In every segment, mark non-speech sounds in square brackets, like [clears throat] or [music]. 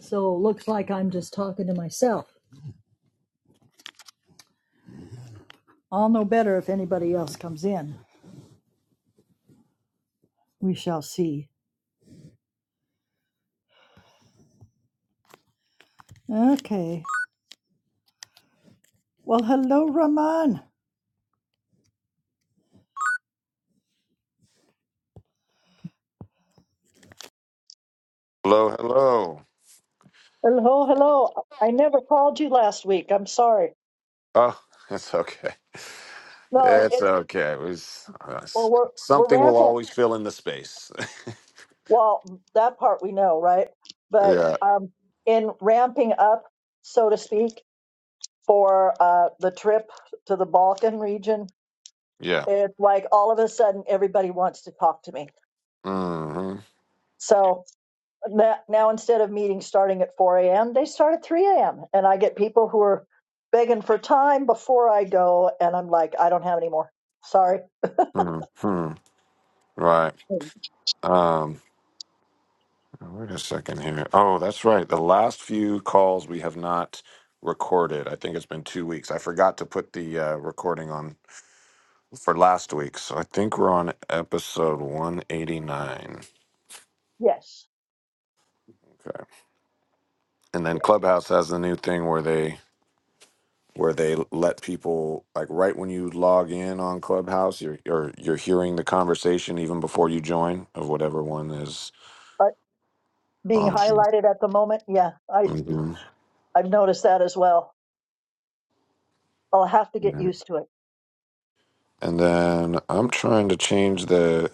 So it looks like I'm just talking to myself. I'll know better if anybody else comes in. We shall see. Okay. Well, hello, Rahman. Hello, hello. Hello, hello. I never called you last week. I'm sorry. Oh, [laughs] it's okay. No, It's it's okay. It was, uh, well, s- we're we're something will rampant. always fill in the space. Well, that part we know, right? [laughs] But yeah, um, in ramping up, so to speak, for uh, the trip to the Balkan region, yeah. it's like all of a sudden everybody wants to talk to me. Mm-hmm. So that now instead of meetings starting at 4 a.m., they start at 3 a.m. And I get people who are begging for time before I go, and I'm like, I don't have any more. Sorry. hmm Right. Um, wait a second here. Oh, that's right. The last few calls we have not recorded. I think it's been two weeks. I forgot to put the uh, recording on for last week. So I think we're on episode 189. Yes. Okay. And then Yeah. Clubhouse has the new thing where they where they let people like right when you log in on Clubhouse, you're you're you're hearing the conversation even before you join of whatever one is But being on. highlighted at the moment, yeah, I Mhm. I've noticed that as well. I'll have to get Yeah. used to it. And then I'm trying to change the.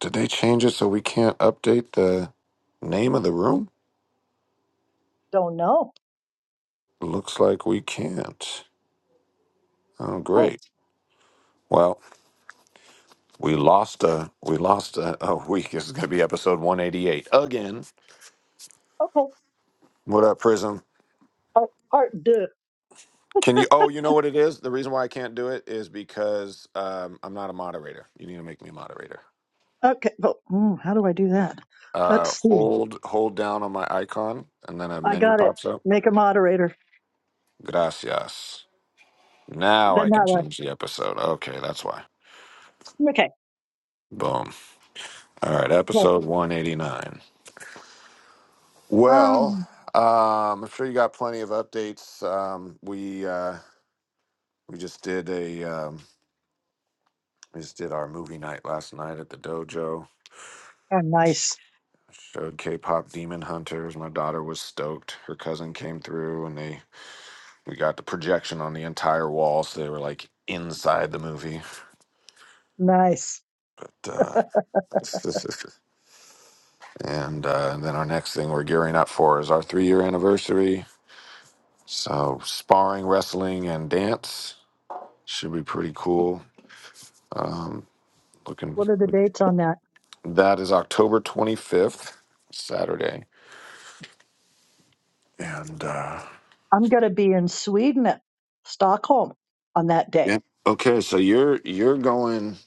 Did they change it so we can't update the name of the room? Don't know. Looks like we can't. Oh, Oh, great. Well, we lost a we lost a, [laughs] a week. This is going to be episode 188 again. okay. What up, Prism? Part, part deux. Can you? Oh, you know what it is. The reason why I can't do it is because um, I'm not a moderator. You need to make me a moderator. Okay. Well, mm, how do I do that? Uh, Let's see. hold hold down on my icon, and then a I menu got it. pops up. Make a moderator. Gracias. Now Then I that can way. change the episode. Okay, that's why. Okay. Boom. All right, Well, episode 189. Well, um, um, I'm sure you got plenty of updates. Um, we uh, we just did a um, we just did our movie night last night at the dojo oh, nice. Showed K-pop Demon Hunters. My daughter was stoked. Her cousin came through, and they we got the projection on the entire wall, so they were like inside the movie. Nice. Duh. [laughs] and uh, and then our next thing we're gearing up for is our three-year anniversary. So sparring, wrestling, and dance should be pretty cool. Um, looking, What are the dates on that? that is October twenty fifth, Saturday, and uh, I'm going to be in Sweden, Stockholm on that day. yeah. Okay, so you're you're going.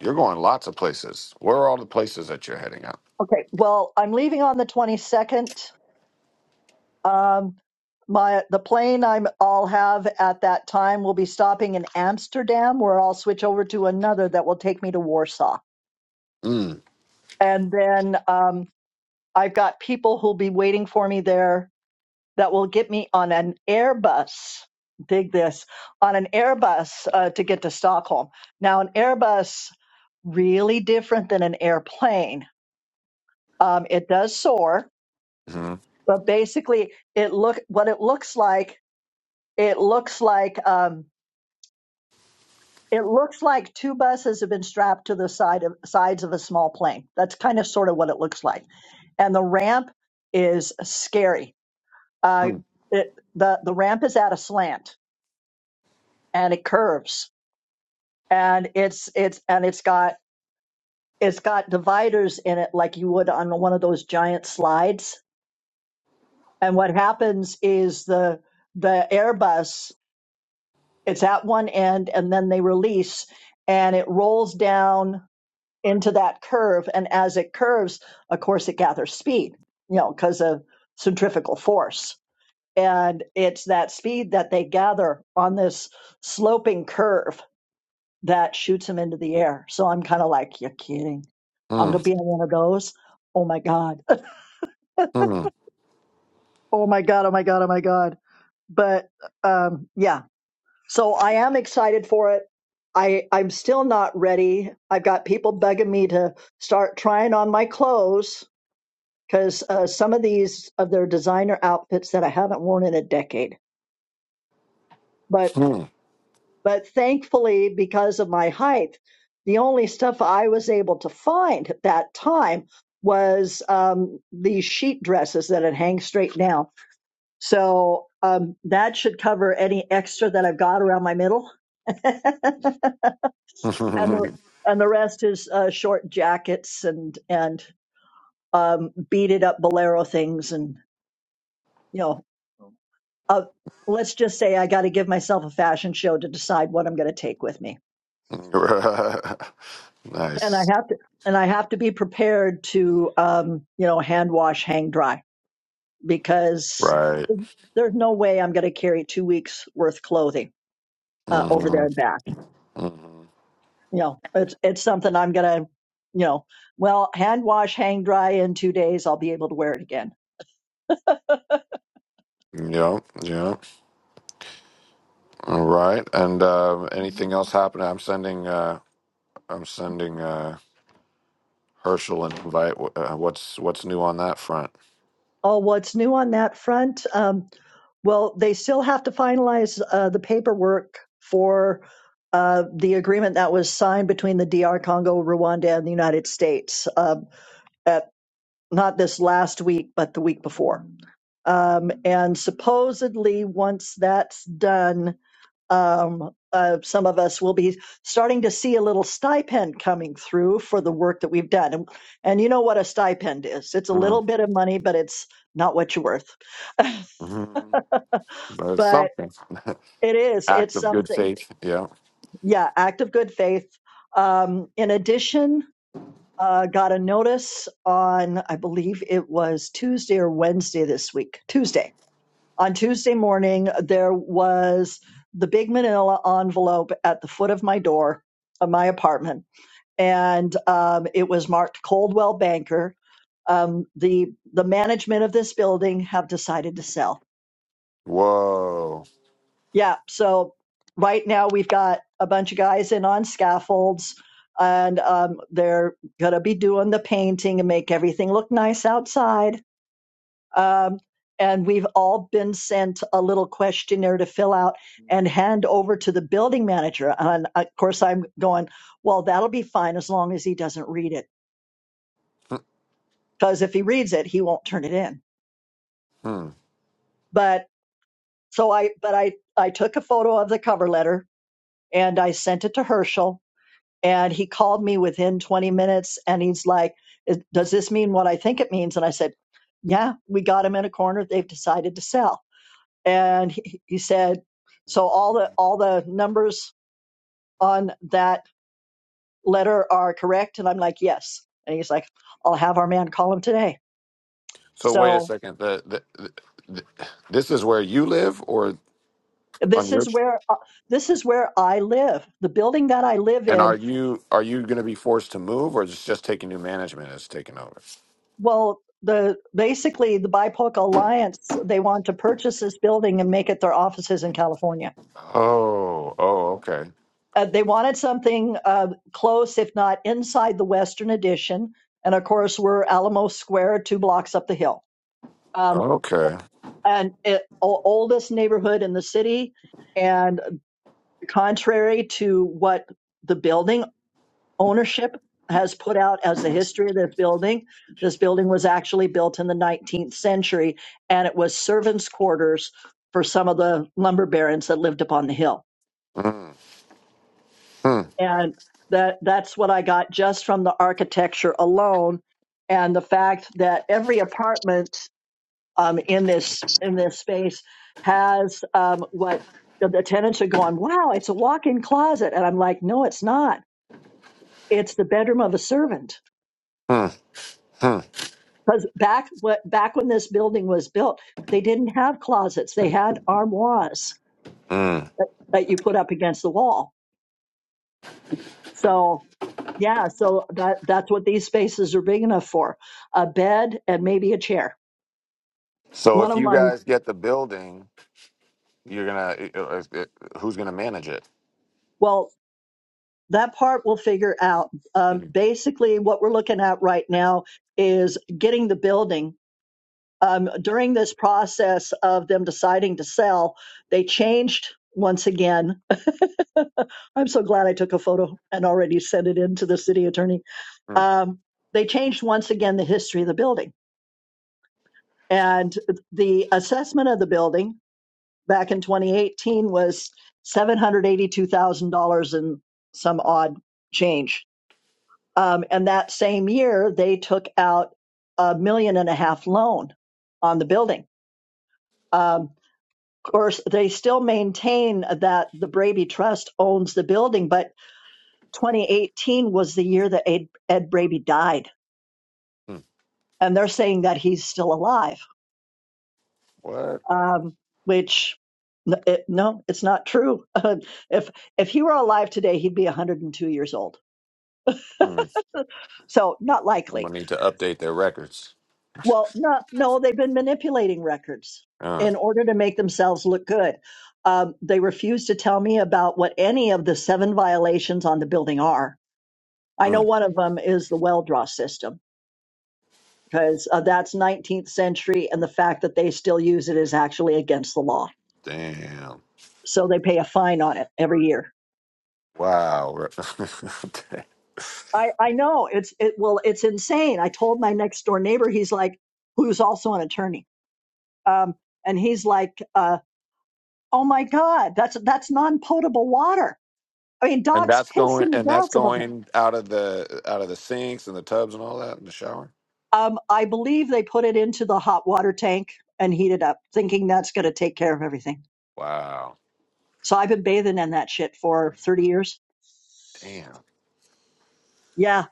You're going lots of places. Where are all the places that you're heading out? Okay. Well, I'm leaving on the 22nd. Um, my the plane I'm, I'll have at that time will be stopping in Amsterdam, where I'll switch over to another that will take me to Warsaw. Mm. And then um, I've got people who'll be waiting for me there that will get me on an Airbus. Dig this on an Airbus uh, to get to Stockholm. Now, an Airbus really different than an airplane. Um, it does soar, Mhm. but basically, it look what it looks like. It looks like um, it looks like two buses have been strapped to the side of sides of a small plane. That's kind of sort of what it looks like, and the ramp is scary. Uh, Mm. it, the the ramp is at a slant and it curves and it's it's and it's got it's got dividers in it like you would on one of those giant slides and what happens is the the airbus it's at one end and then they release and it rolls down into that curve and as it curves of course it gathers speed you know because of centrifugal force and it's that speed that they gather on this sloping curve that shoots him into the air. So I'm kind of like, you're kidding. I'm going to Mm. be on one of those. Oh my God. [laughs] Oh my God. Oh my God. Oh my God. But um, yeah, so I am excited for it. I, I'm still not ready. I've got people begging me to start trying on my clothes because uh, some of these of their designer outfits that I haven't worn in a decade. But Mm. But thankfully, because of my height, the only stuff I was able to find at that time was um, these sheet dresses that had hang straight down. So um, that should cover any extra that I've got around my middle. [laughs] and the Mm. and the rest is uh, short jackets and and um, beaded up bolero things and you know uh, let's just say I got to give myself a fashion show to decide what I'm going to take with me. [laughs] and I nice. have to and I have to be prepared to um, you know hand wash, hang dry because Right. there's no way I'm going to carry two weeks worth clothing uh, over there and Mm-hmm. back. Mm-hmm. You know, it's it's something I'm going to you know well hand wash, hang dry in two days. I'll be able to wear it again. Yep. Yep. All right. And uh, anything else happening? I'm sending. Uh, I'm sending uh, Herschel an invite. Wh- Uh, what's What's new on that front? Oh, what's new on that front? Um, well, they still have to finalize uh, the paperwork for uh, the agreement that was signed between the D.R. Congo, Rwanda, and the United States. Um, not this last week, but the week before. Um, and supposedly, once that's done, um, uh, some of us will be starting to see a little stipend coming through for the work that we've done. And, and you know what a stipend is it's a little bit of money, but it's not what you're worth. Mm-hmm. But it's But something. it [laughs] is, Act it's of good something. faith. Yeah. Yeah, act of good faith. Um, in addition, uh, got a notice on, I believe it was Tuesday or Wednesday this week, Tuesday On Tuesday morning, there was the big manila envelope at the foot of my door of my apartment, and um, it was marked Coldwell Banker. Um, the the management of this building have decided to sell. Whoa. Yeah, so right now we've got a bunch of guys in on scaffolds, and um, they're gonna be doing the painting and make everything look nice outside Um, and we've all been sent a little questionnaire to fill out and hand over to the building manager. And of course, I'm going, well, that'll be fine as long as he doesn't read it. Because if he reads it, he won't turn it in. Hmm. But so I, but I, I took a photo of the cover letter and I sent it to Herschel. And he called me within 20 minutes and he's like, "Is- does this mean what I think it means? And I said, yeah, we got him in a corner. They've decided to sell. and he, he said so all the all the numbers on that letter are correct and i'm like yes and he's like i'll have our man call him today So wait a so second. The, the, the, this is where you live, or on this your is where uh, this is where i live the building that i live and are in you are you going to be forced to move, or is it just taking new management has taken over? well the basically the bipoc alliance they want to purchase this building and make it their offices in california Oh, oh, okay, uh, they wanted something uh, close if not inside the western addition and of course we're alamo square two blocks up the hill Um, okay. an it, oldest neighborhood in the city and contrary to what the building ownership has put out as the history of this building this building was actually built in the 19th century and it was servants quarters for some of the lumber barons that lived upon the hill Mm, mm, and that that's what i got just from the architecture alone and the fact that every apartment um, in this in this space has um, what the, the tenants are going. Wow, it's a walk-in closet, and I'm like, no, it's not. It's the bedroom of a servant. mm, mm, Because back what back when this building was built, they didn't have closets. They had armoires mm. that, that you put up against the wall. So yeah, so that that's what these spaces are big enough for: a bed and maybe a chair. So One if of you my guys get the building, you're gonna uh, uh, who's gonna manage it? well, that part we'll figure out. Um, Mm, basically, what we're looking at right now is getting the building. Um, during this process of them deciding to sell, they changed once again. [laughs] I'm so glad I took a photo and already sent it in to the city attorney. mm, Um, they changed once again the history of the building. And the assessment of the building back in 2018 was $782,000 and some odd change Um, and that same year, they took out a million and a half loan on the building. Um, of course, they still maintain that the Braby Trust owns the building, but 2018 was the year that Ed, Ed Braby died, mm, and they're saying that he's still alive, What? um, which n- it, no, it's not true. [laughs] if if he were alive today, he'd be 102 years old, mm. so not I'm likely gonna need to update their records. Well, no, no, they've been manipulating records Uh, in order to make themselves look good. Um, they refuse to tell me about what any of the seven violations on the building are. I know mm, one of them is the well draw system because uh, that's 19th century, and the fact that they still use it is actually against the law. damn. So they pay a fine on it every year. Wow. [laughs] I, I know it's it well it's insane. I told my next door neighbor, he's like, who's also an attorney, um, and he's like, uh, Oh my God, that's that's non-potable water. I mean, and dogs that's piss going in the and that's grass above it. going out of the out of the sinks and the tubs and all that in the shower. Um, I believe they put it into the hot water tank and heat it up, thinking that's going to take care of everything. Wow. So I've been bathing in that shit for thirty years. Damn. Yeah.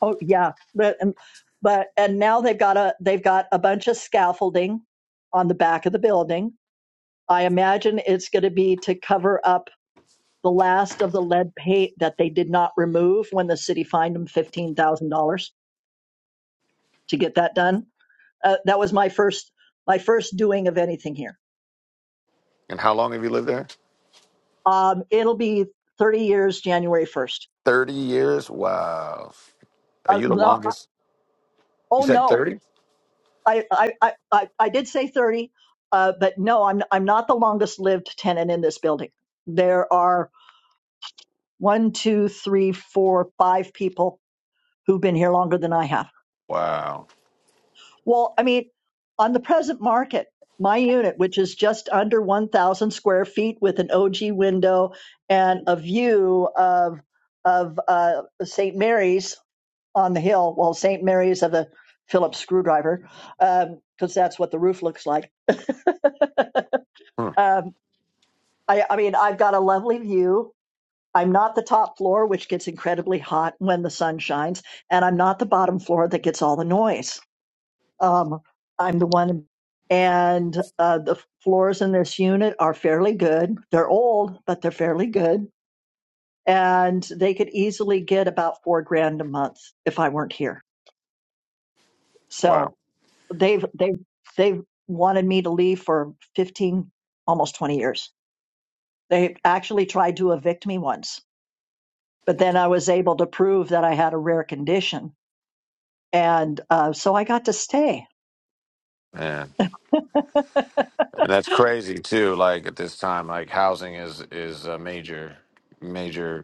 Oh yeah. But and, but and now they've got a they've got a bunch of scaffolding on the back of the building. I imagine it's going to be to cover up the last of the lead paint that they did not remove when the city fined them fifteen thousand dollars to get that done uh, that was my first my first doing of anything here. And how long have you lived there? Um, it'll be 30 years January 1st. Thirty years. Wow. Are Uh, you the no, longest? You oh said no, thirty. I I, I I I did say 30, uh, but no, I'm I'm not the longest lived tenant in this building. There are one, two, three, four, five people who've been here longer than I have Wow. Well, I mean, on the present market, my unit, which is just under 1,000 square feet with an OG window and a view of of uh, St. Mary's on the hill, well, St. Mary's of the Phillips screwdriver, because that's what the roof looks like. [laughs] Hmm. Um, I, I mean, I've got a lovely view. I'm not the top floor, which gets incredibly hot when the sun shines, and I'm not the bottom floor that gets all the noise Um, I'm the one, and uh, the floors in this unit are fairly good. They're old, but they're fairly good, and they could easily get about four grand a month if I weren't here. Wow. So they've they've they've wanted me to leave for 15, almost 20 years. They actually tried to evict me once, but then I was able to prove that I had a rare condition, and uh, so I got to stay. Man. And that's crazy too. Like at this time, like housing is is a major major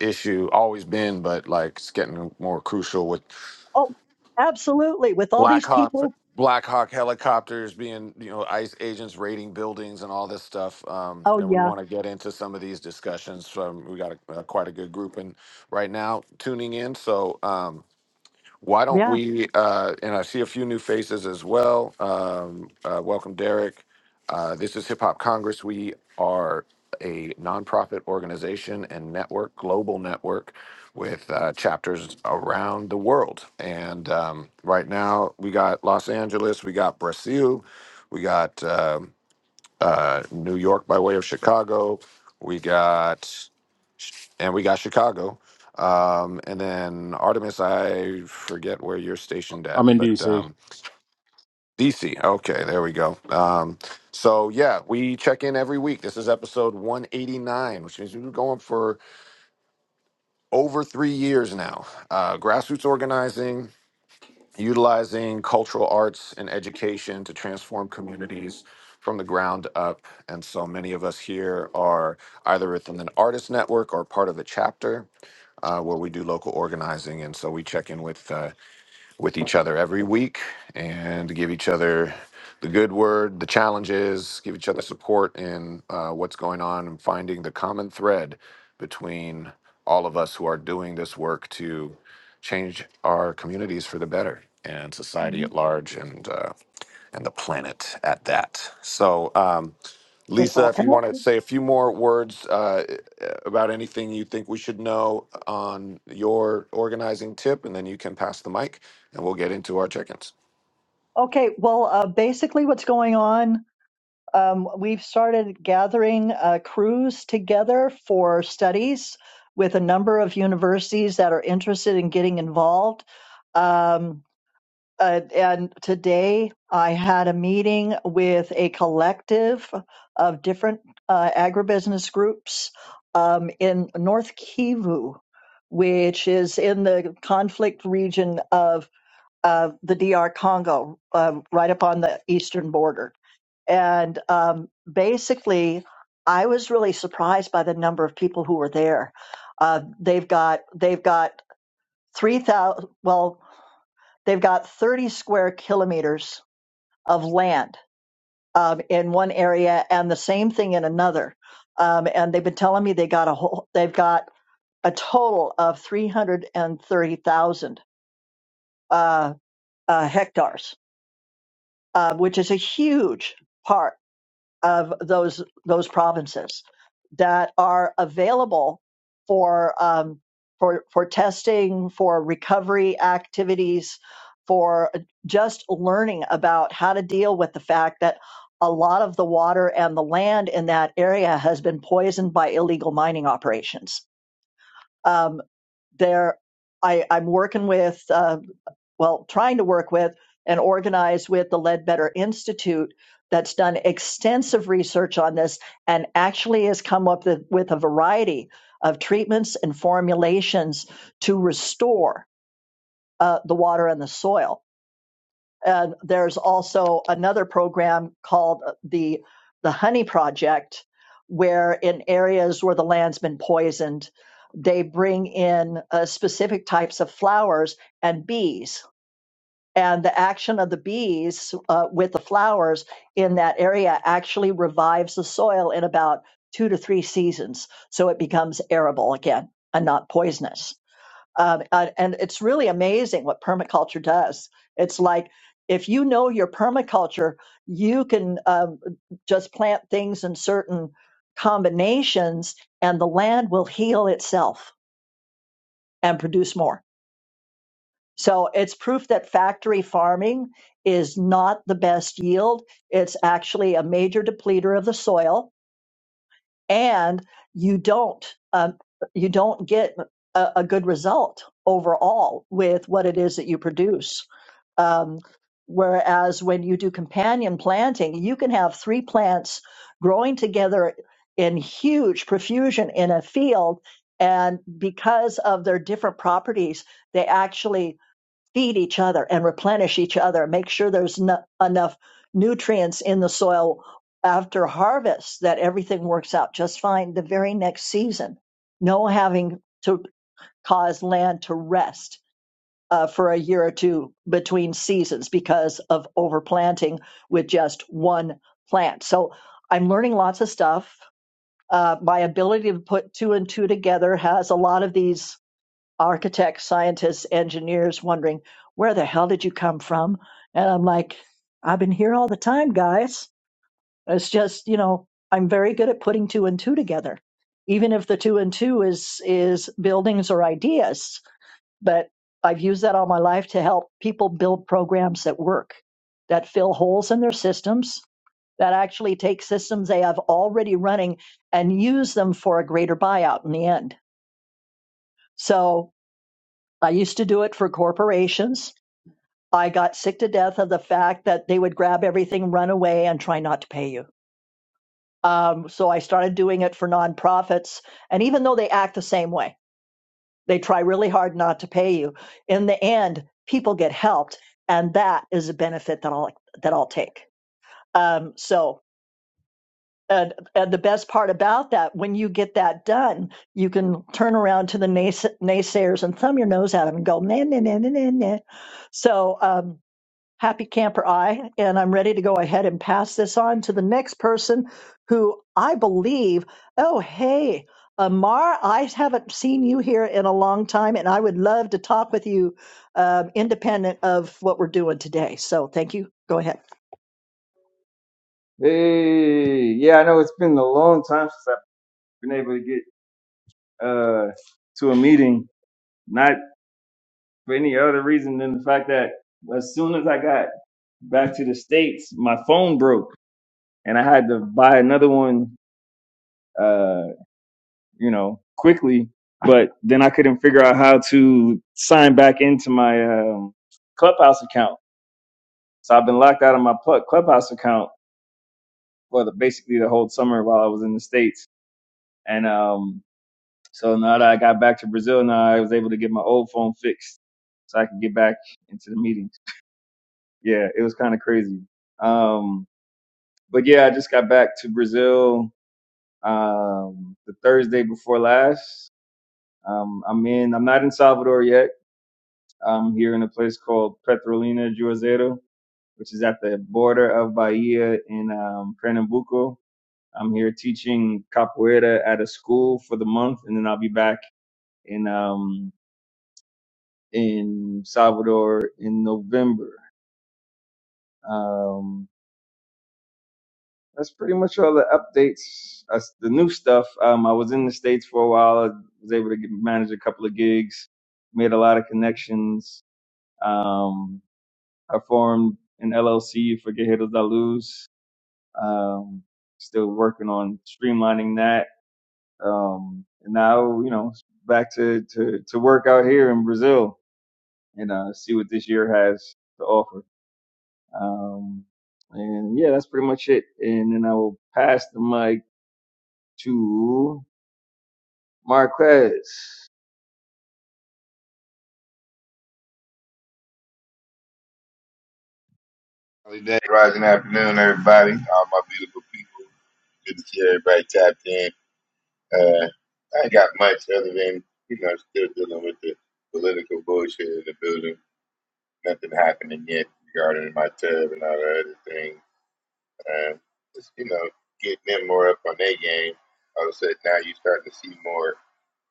issue always been, but like it's getting more crucial with Oh, absolutely, with all Black these Hawk, people. Black Hawk helicopters being, you know, ICE agents raiding buildings and all this stuff. Um, Oh and we yeah, want to get into some of these discussions. From we got a, uh, quite a good group in right now tuning in. So. Um, why don't yeah we? Uh, and I see a few new faces as well. Um, uh, welcome, Derek. Uh, this is Hip Hop Congress. We are a nonprofit organization and network, global network, with uh, chapters around the world. And um, right now, we got Los Angeles, we got Brazil, we got um uh, New York by way of Chicago, we got and we got Chicago. Um, and then Artemis, I forget where you're stationed at, I'm in but DC. um, DC. Okay, there we go. Um, so yeah, we check in every week. This is episode 189, which means we've been going for over three years now. Uh, grassroots organizing, utilizing cultural arts and education to transform communities from the ground up. And so many of us here are either within an artist network or part of a chapter uh, where we do local organizing. And so we check in with uh, with each other every week and give each other the good word, the challenges, give each other support in uh, what's going on and finding the common thread between all of us who are doing this work to change our communities for the better and society at Mhm. large and uh, and the planet at that. So. Um, It's Lisa, all if you want to connected. say a few more words uh, about anything you think we should know on your organizing tip, and then you can pass the mic, and we'll get into our chickens. Okay, well, uh, basically, what's going on? Um, we've started gathering uh, crews together for studies with a number of universities that are interested in getting involved. Um, uh, and today, I had a meeting with a collective of different uh, agribusiness groups um, in North Kivu, which is in the conflict region of. of the DR Congo, um, right up on the eastern border. And um, basically, I was really surprised by the number of people who were there. Uh, they've got they've got three thousand. Well, they've got thirty square kilometers of land um, in one area, and the same thing in another. Um, and they've been telling me they got a whole. They've got a total of three hundred and thirty thousand uh, uh, hectares uh, which is a huge part of those those provinces that are available for um, for for testing, for recovery activities, for uh, just learning about how to deal with the fact that a lot of the water and the land in that area has been poisoned by illegal mining operations. Um, there, I, I'm working with. Um, well, trying to work with and organize with the Ledbetter Institute that's done extensive research on this and actually has come up with, a variety of treatments and formulations to restore uh, the water and the soil. And there's also another program called uh, the the Honey Project, where in areas where the land's been poisoned, they bring in uh, specific types of flowers and bees and the action of the bees uh, with the flowers in that area actually revives the soil in about two to three seasons so it becomes arable again and not poisonous um, and and it's really amazing what permaculture does it's like if you know your permaculture you can um, just plant things in certain combinations and the land will heal itself and produce more so it's proof that factory farming is not the best yield. It's actually a major depleter of the soil, and you don't um, you don't get a, a good result overall with what it is that you produce. Um, whereas when you do companion planting, you can have three plants growing together in huge profusion in a field. And because of their different properties, they actually feed each other and replenish each other, make sure there's no, enough nutrients in the soil after harvest that everything works out just fine the very next season. No having to cause land to rest uh, for a year or two between seasons because of overplanting with just one plant. So I'm learning lots of stuff. Uh, my ability to put two and two together has a lot of these architects, scientists, engineers wondering, where the hell did you come from? And I'm like, I've been here all the time, guys. It's just, you know, I'm very good at putting two and two together. Even if the two and two is is buildings or ideas, but I've used that all my life to help people build programs that work, that fill holes in their systems, that actually take systems they have already running and use them for a greater buyout in the end. So I used to do it for corporations. I got sick to death of the fact that they would grab everything, run away, and try not to pay you. Um, so I started doing it for nonprofits. And even though they act the same way, they try really hard not to pay you. In the end, people get helped, and that is a benefit that I'll that I'll take. Um, so. And, and the best part about that, when you get that done, you can turn around to the nays- naysayers and thumb your nose at them and go, nah, nah, nah, nah, nah, nah. So, um, happy camper I, and I'm ready to go ahead and pass this on to the next person who I believe, oh, hey, Amar, I haven't seen you here in a long time, and I would love to talk with you um, independent of what we're doing today. So thank you. Go ahead. Hey, yeah, I know it's been a long time since I've been able to get uh to a meeting, not for any other reason than the fact that as soon as I got back to the States, my phone broke and I had to buy another one uh, you know, quickly, but then I couldn't figure out how to sign back into my um Clubhouse account. So I've been locked out of my Plu- Clubhouse account for the basically the whole summer while I was in the States. And um So now that I got back to Brazil, now I was able to get my old phone fixed so I could get back into the meetings. Yeah, it was kind of crazy. Um, but yeah, I just got back to Brazil um, the Thursday before last. Um, I'm in. I'm not in Salvador yet. I'm here in a place called Petrolina Juazeiro, which is at the border of Bahia in um, Pernambuco. I'm here teaching capoeira at a school for the month, and then I'll be back in. Um, in Salvador in November. Um, that's pretty much all the updates. That's the new stuff. Um, I was in the States for a while. I was able to get, manage a couple of gigs, made a lot of connections. Um, I formed an LLC for Guerreros da Luz. Um, still working on streamlining that. Um, and now, you know, back to, to, to work out here in Brazil and uh, see what this year has to offer. Um, and yeah, that's pretty much it. And then I will pass the mic to Marquez. Early day, rising afternoon, everybody. All my beautiful people. Good to see everybody tapped in. Uh, I ain't got much other than, you know, still dealing with the political bullshit in the building. Nothing happening yet regarding my tub and all the other things. Uh, just, you know, getting them more up on their game. All of a sudden, now you're starting to see more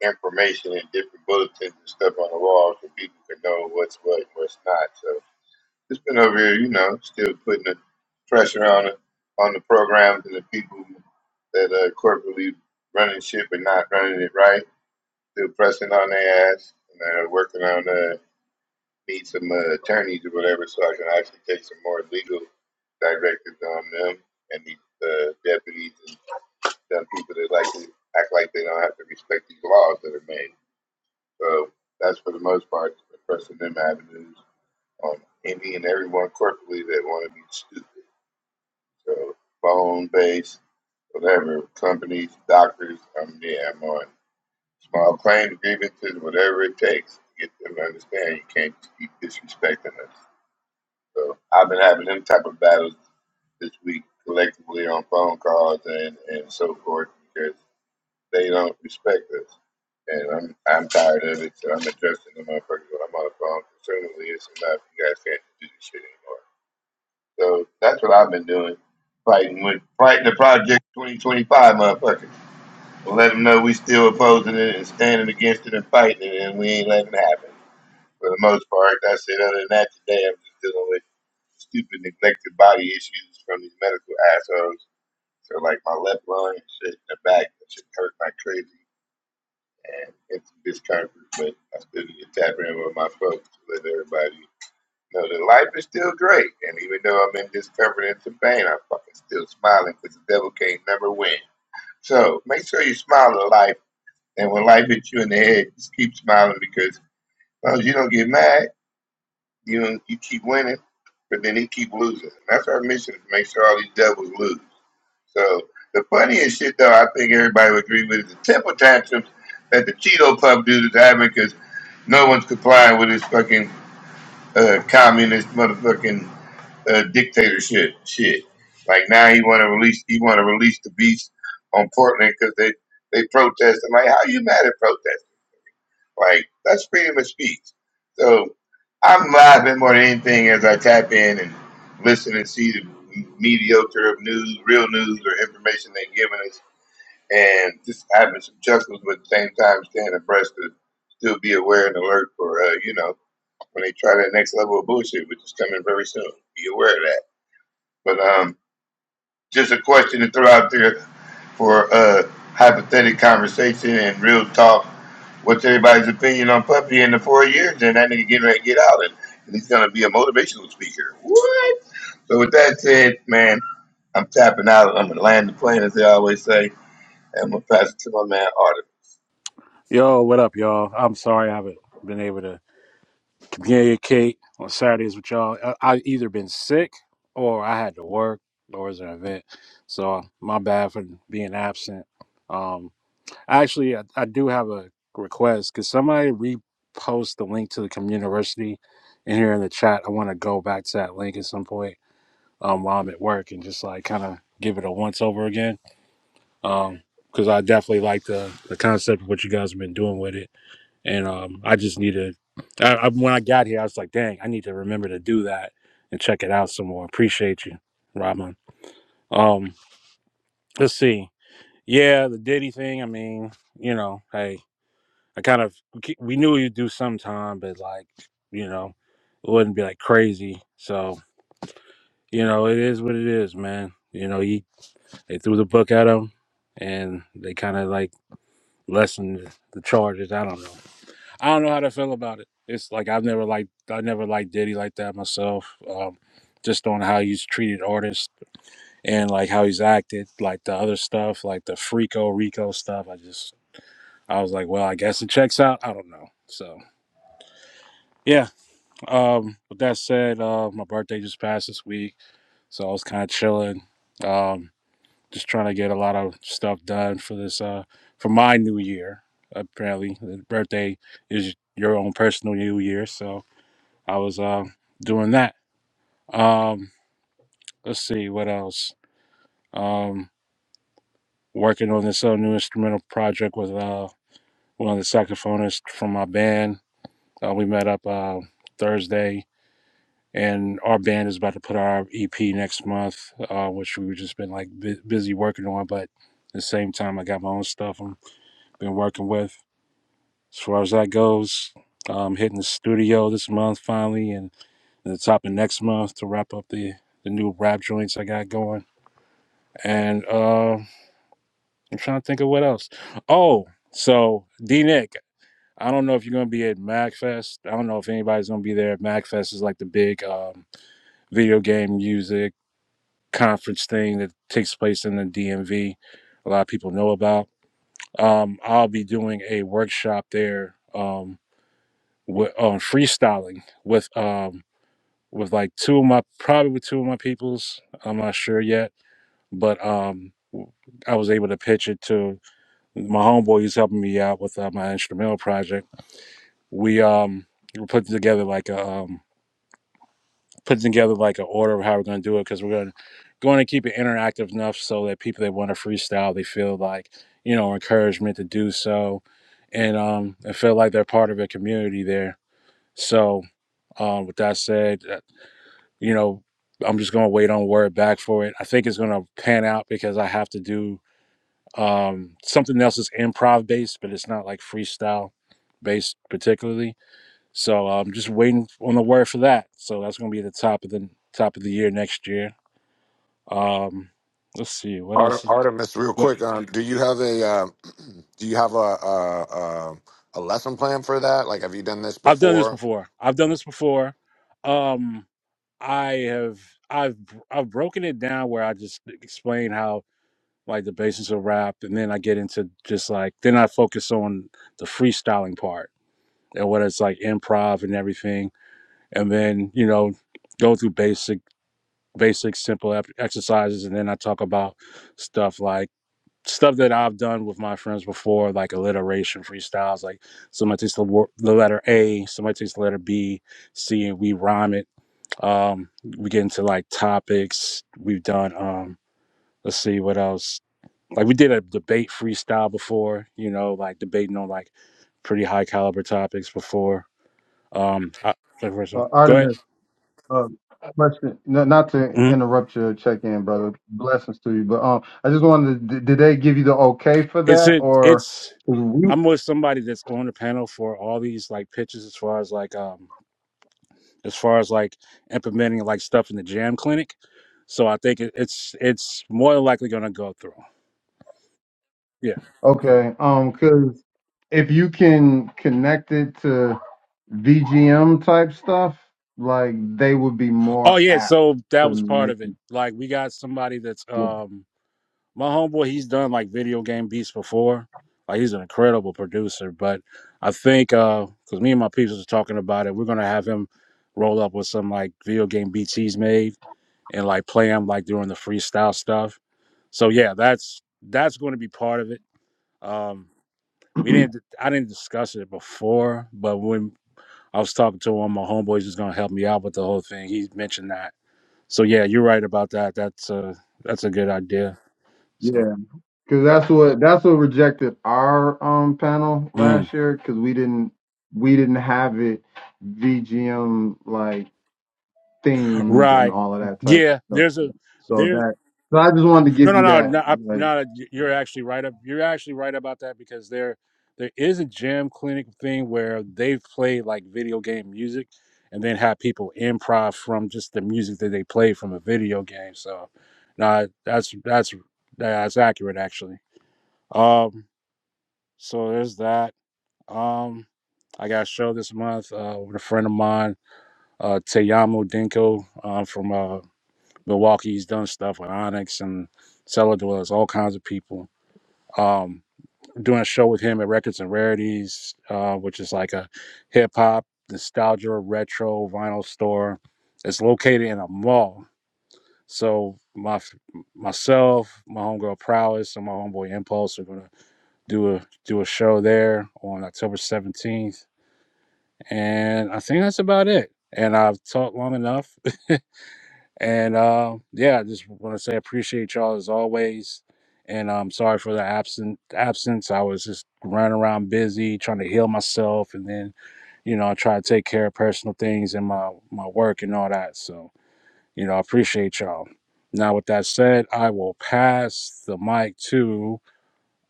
information and different bulletins and stuff on the wall so people can know what's what and what's not. So. It's been over here, you know, still putting the pressure on the on the programs and the people that are corporately running shit but not running it right. Still pressing on their ass and uh, working on uh, need some uh, attorneys or whatever so I can actually take some more legal directives on them and these uh, deputies and dumb people that like to act like they don't have to respect these laws that are made. So that's for the most part pressing them avenues on any and everyone corporately that want to be stupid. So phone based, whatever, companies, doctors, I'm there, I'm on. Small claims, grievances, whatever it takes to get them to understand you can't keep disrespecting us. So I've been having them type of battles this week collectively on phone calls and, and so forth because they don't respect us. And I'm I'm tired of it, so I'm addressing the motherfuckers when I'm on the phone. Certainly, it's enough. You guys can't do this shit anymore. So that's what I've been doing, fighting with fighting the Project 2025 motherfuckers. Let them know we still opposing it and standing against it and fighting it, and we ain't letting it happen. For the most part, that's it. Other than that, today I'm just dealing with stupid neglected body issues from these medical assholes. So like my left lung and shit, the back, that shit hurt like crazy, and it's discomfort. But I still need to tap in with my folks, to let everybody no, the life is still great, and even though I'm in discomfort and some pain, I'm fucking still smiling because the devil can't never win. So make sure you smile at life, and when life hits you in the head, just keep smiling because as long as you don't get mad, you don't, you keep winning, but then he keep losing. And That's our mission: is to make sure all these devils lose. So the funniest shit, though, I think everybody would agree with is the temper tantrums that the Cheeto Puff dude is having because no one's complying with his fucking uh, communist motherfucking uh, dictatorship shit. Like now he want to release he want to release the beats on Portland because they they protest. I'm like, how you mad at protest? Like that's freedom of speech. So I'm laughing more than anything as I tap in and listen and see the mediocre of news, real news or information they're giving us, and just having some chuckles, but at the same time staying abreast to still be aware and alert for uh, you know when they try that next level of bullshit, which is coming very soon. Be aware of that. But um, just a question to throw out there for uh, hypothetical conversation and real talk. What's everybody's opinion on Puppy in the four years? And that nigga getting ready to get out, and and he's gonna be a motivational speaker. What? So with that said, man, I'm tapping out. I'm gonna land the plane, as they always say. And I'm gonna pass it to my man Artemis. Yo, what up, y'all? I'm sorry I haven't been able to communicate on Saturdays with y'all. I, I either been sick or I had to work or was an event. So my bad for being absent. Um, actually, I, I do have a request. Could somebody repost the link to the community in here in the chat? I want to go back to that link at some point um, while I'm at work and just like kind of give it a once over again. Um, because I definitely like the the concept of what you guys have been doing with it and um, I just need to. I, I, when I got here, I was like, "Dang, I need to remember to do that and check it out some more." Appreciate you, Rahman. Um, let's see. Yeah, the Diddy thing. I mean, you know, hey, I kind of we knew you'd do sometime, but like, you know, it wouldn't be like crazy. So you know, it is what it is, man. You know, he they threw the book at him, and they kind of like lessened the charges. I don't know. I don't know how to feel about it. It's like I've never liked I never liked Diddy like that myself. Um, just on how he's treated artists and like how he's acted, like the other stuff, like the Freako Rico stuff. I just I was like, well, I guess it checks out. I don't know. So yeah. Um, with that said, uh, my birthday just passed this week, so I was kind of chilling. Um, just trying to get a lot of stuff done for this uh for my new year. Apparently, the birthday is your own personal new year, so I was uh, doing that. Um, let's see what else. Um, working on this uh, new instrumental project with uh, one of the saxophonists from my band. Uh, we met up uh, Thursday, and our band is about to put our EP next month, uh, which we've just been like bu- busy working on. But at the same time, I got my own stuff I'm been working with. As far as that goes, um, hitting the studio this month finally, and, and the top of next month to wrap up the the new rap joints I got going And uh, I'm trying to think of what else. Oh, so D Nick, I don't know if you're gonna be at MagFest. I don't know if anybody's gonna be there. MagFest is like the big um, video game music conference thing that takes place in the DMV. A lot of people know about. Um, I'll be doing a workshop there um, with, on freestyling with um, with like two of my probably with two of my peoples. I'm not sure yet, but um, I was able to pitch it to my homeboy he's helping me out with uh, my instrumental project we um we're putting together like a um putting together like an order of how we're going to do it because we're going to going to keep it interactive enough so that people that want to freestyle they feel like you know encouragement to do so and um and feel like they're part of a community there so um with that said uh, you know i'm just going to wait on word back for it i think it's going to pan out because i have to do Um, something else is improv based, but it's not like freestyle based particularly. So I'm um, just waiting on the word for that. So that's going to be at the top of the top of the year next year. Um, let's see what Ar- else. Is, Artemis, real what, quick, um, do you have a uh, [clears throat] do you have a, a, a a lesson plan for that? Like, have you done this I've done this before? before. I've done this before. Um, I have I've I've broken it down where I just explain how like the basis of rap, and then I get into just like then I focus on the freestyling part and what it's like improv and everything and then you know go through basic basic simple exercises and then i talk about stuff like stuff that i've done with my friends before like alliteration freestyles like somebody takes the, wor- the letter a somebody takes the letter b c and we rhyme it um we get into like topics we've done um let's see what else like we did a debate freestyle before you know like debating on like pretty high caliber topics before um I, Uh, go Artemis, uh, question, n- not to ahead interrupt your check-in, brother. Blessings to you, but um, I just wanted, to, did they give you the okay for It's that, it. or It's. we? I'm with somebody that's on the panel for all these like pitches as far as like um as far as like implementing like stuff in the jam clinic. So I think it, it's it's more than likely going to go through. Yeah. Okay, um, because if you can connect it to VGM type stuff, like they would be Oh more yeah. apt So to that was part make of it. it. Like we got somebody that's Yeah, um my homeboy. He's done like video game beats before. Like he's an incredible producer. But I think uh because me and my peeps was talking about it, we're gonna have him roll up with some like video game beats he's made and like play them like during the freestyle stuff. So yeah, that's that's going to be part of it. Um, we didn't I didn't discuss it before, but when I was talking to one of my homeboys who's going to help me out with the whole thing, he mentioned that. So yeah, you're right about that. That's a that's a good idea. So yeah, because that's what that's what rejected our um panel mm, last year because we didn't we didn't have it VGM like themed and right, all of that type of yeah. There's a stuff. So there. that so I just wanted to No, give no, you no, that no, I- like no. You're actually right. ab- You're actually right about that because there, there is a jam clinic thing where they've played like video game music, and then have people improv from just the music that they play from a video game. So, no, that's that's that's accurate actually. Um, so there's that. Um, I got a show this month uh, with a friend of mine, uh, Teyamo Dinko uh, from uh, Milwaukee. He's done stuff with Onyx and Cellar Dwellers, all kinds of people um, doing a show with him at Records and Rarities, uh, which is like a hip hop, nostalgia, retro vinyl store. It's located in a mall. So my myself, my homegirl Prowess, and my homeboy Impulse are gonna do a do a show there on October seventeenth, and I think that's about it. And I've talked long enough. [laughs] And uh, yeah, I just want to say I appreciate y'all as always. And I'm sorry for the absent absence. I was just running around busy trying to heal myself, and then you know I try to take care of personal things and my my work and all that. So you know I appreciate y'all. Now with that said, I will pass the mic to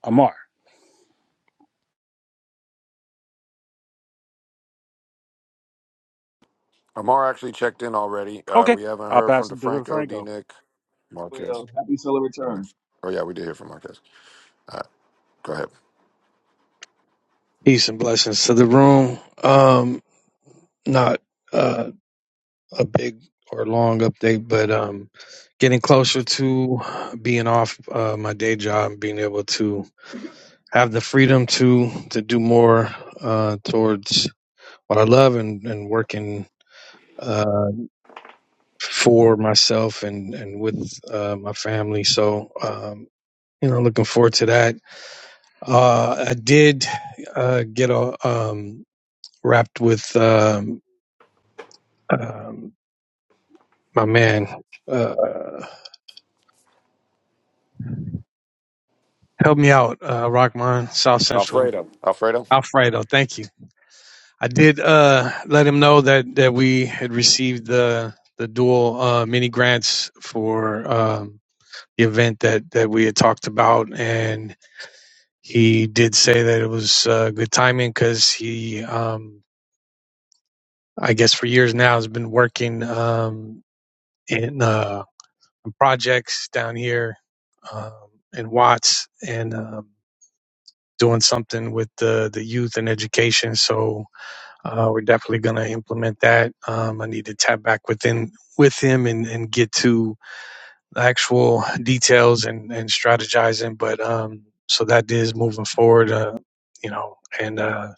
Amar. Amar actually checked in already. Uh, Okay, we haven't I'll heard pass from it to DeFranco, Franco. D. Nick, Wait, Marquez. um, happy solar Or- return. Oh yeah, we did hear from Marquez. Uh, go ahead, Peace and blessings to the room. Um, not uh, a big or long update, but um, getting closer to being off uh, my day job, and being able to have the freedom to to do more uh, towards what I love and and working uh, for myself and and with uh, my family. So um, you know, looking forward to that. Uh, I did uh, get a, um, wrapped with. Um, um, my man. Uh, help me out, uh, Rockman, South Central. Alfredo. Alfredo. Alfredo, thank you. I did uh, let him know that, that we had received the the dual uh, mini grants for um, the event that, that we had talked about, and he did say that it was uh, good timing because he, um, I guess, for years now has been working um, in uh, projects down here um, in Watts, and um, doing something with the, the youth and education. So uh, we're definitely going to implement that. Um, I need to tap back within with him and, and get to actual details and, and strategizing. But um, so that is moving forward, uh, you know, and uh,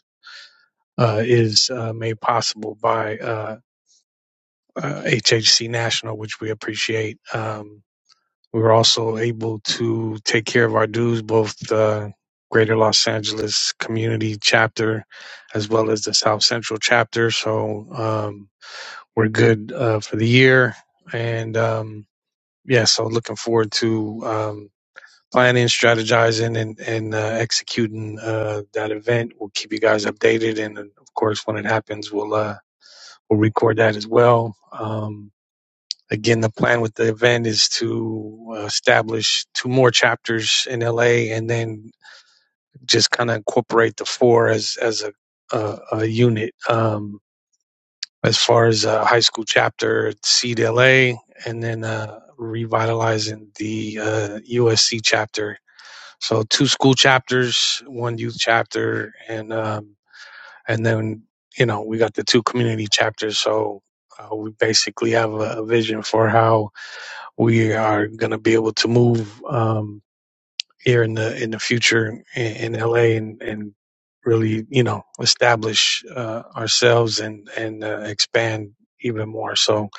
uh, is uh, made possible by uh, uh, HHC National, which we appreciate. Um, we were also able to take care of our dues, both the Greater Los Angeles Community Chapter as well as the South Central Chapter. So um, we're good uh, for the year, and um, yeah, so looking forward to um, planning, strategizing, and and uh, executing uh, that event. We'll keep you guys updated, and uh, of course, when it happens, we'll uh, we'll record that as well. Um, Again, the plan with the event is to uh, establish two more chapters in LA, and then just kind of incorporate the four as as a a, a unit. Um, as far as a high school chapter, Seed LA, and then uh, revitalizing the uh, USC chapter. So two school chapters, one youth chapter, and um, and then you know we got the two community chapters. So uh, we basically have a, a vision for how we are going to be able to move um, here in the in the future in, in LA and and really you know establish uh, ourselves and and uh, expand even more. So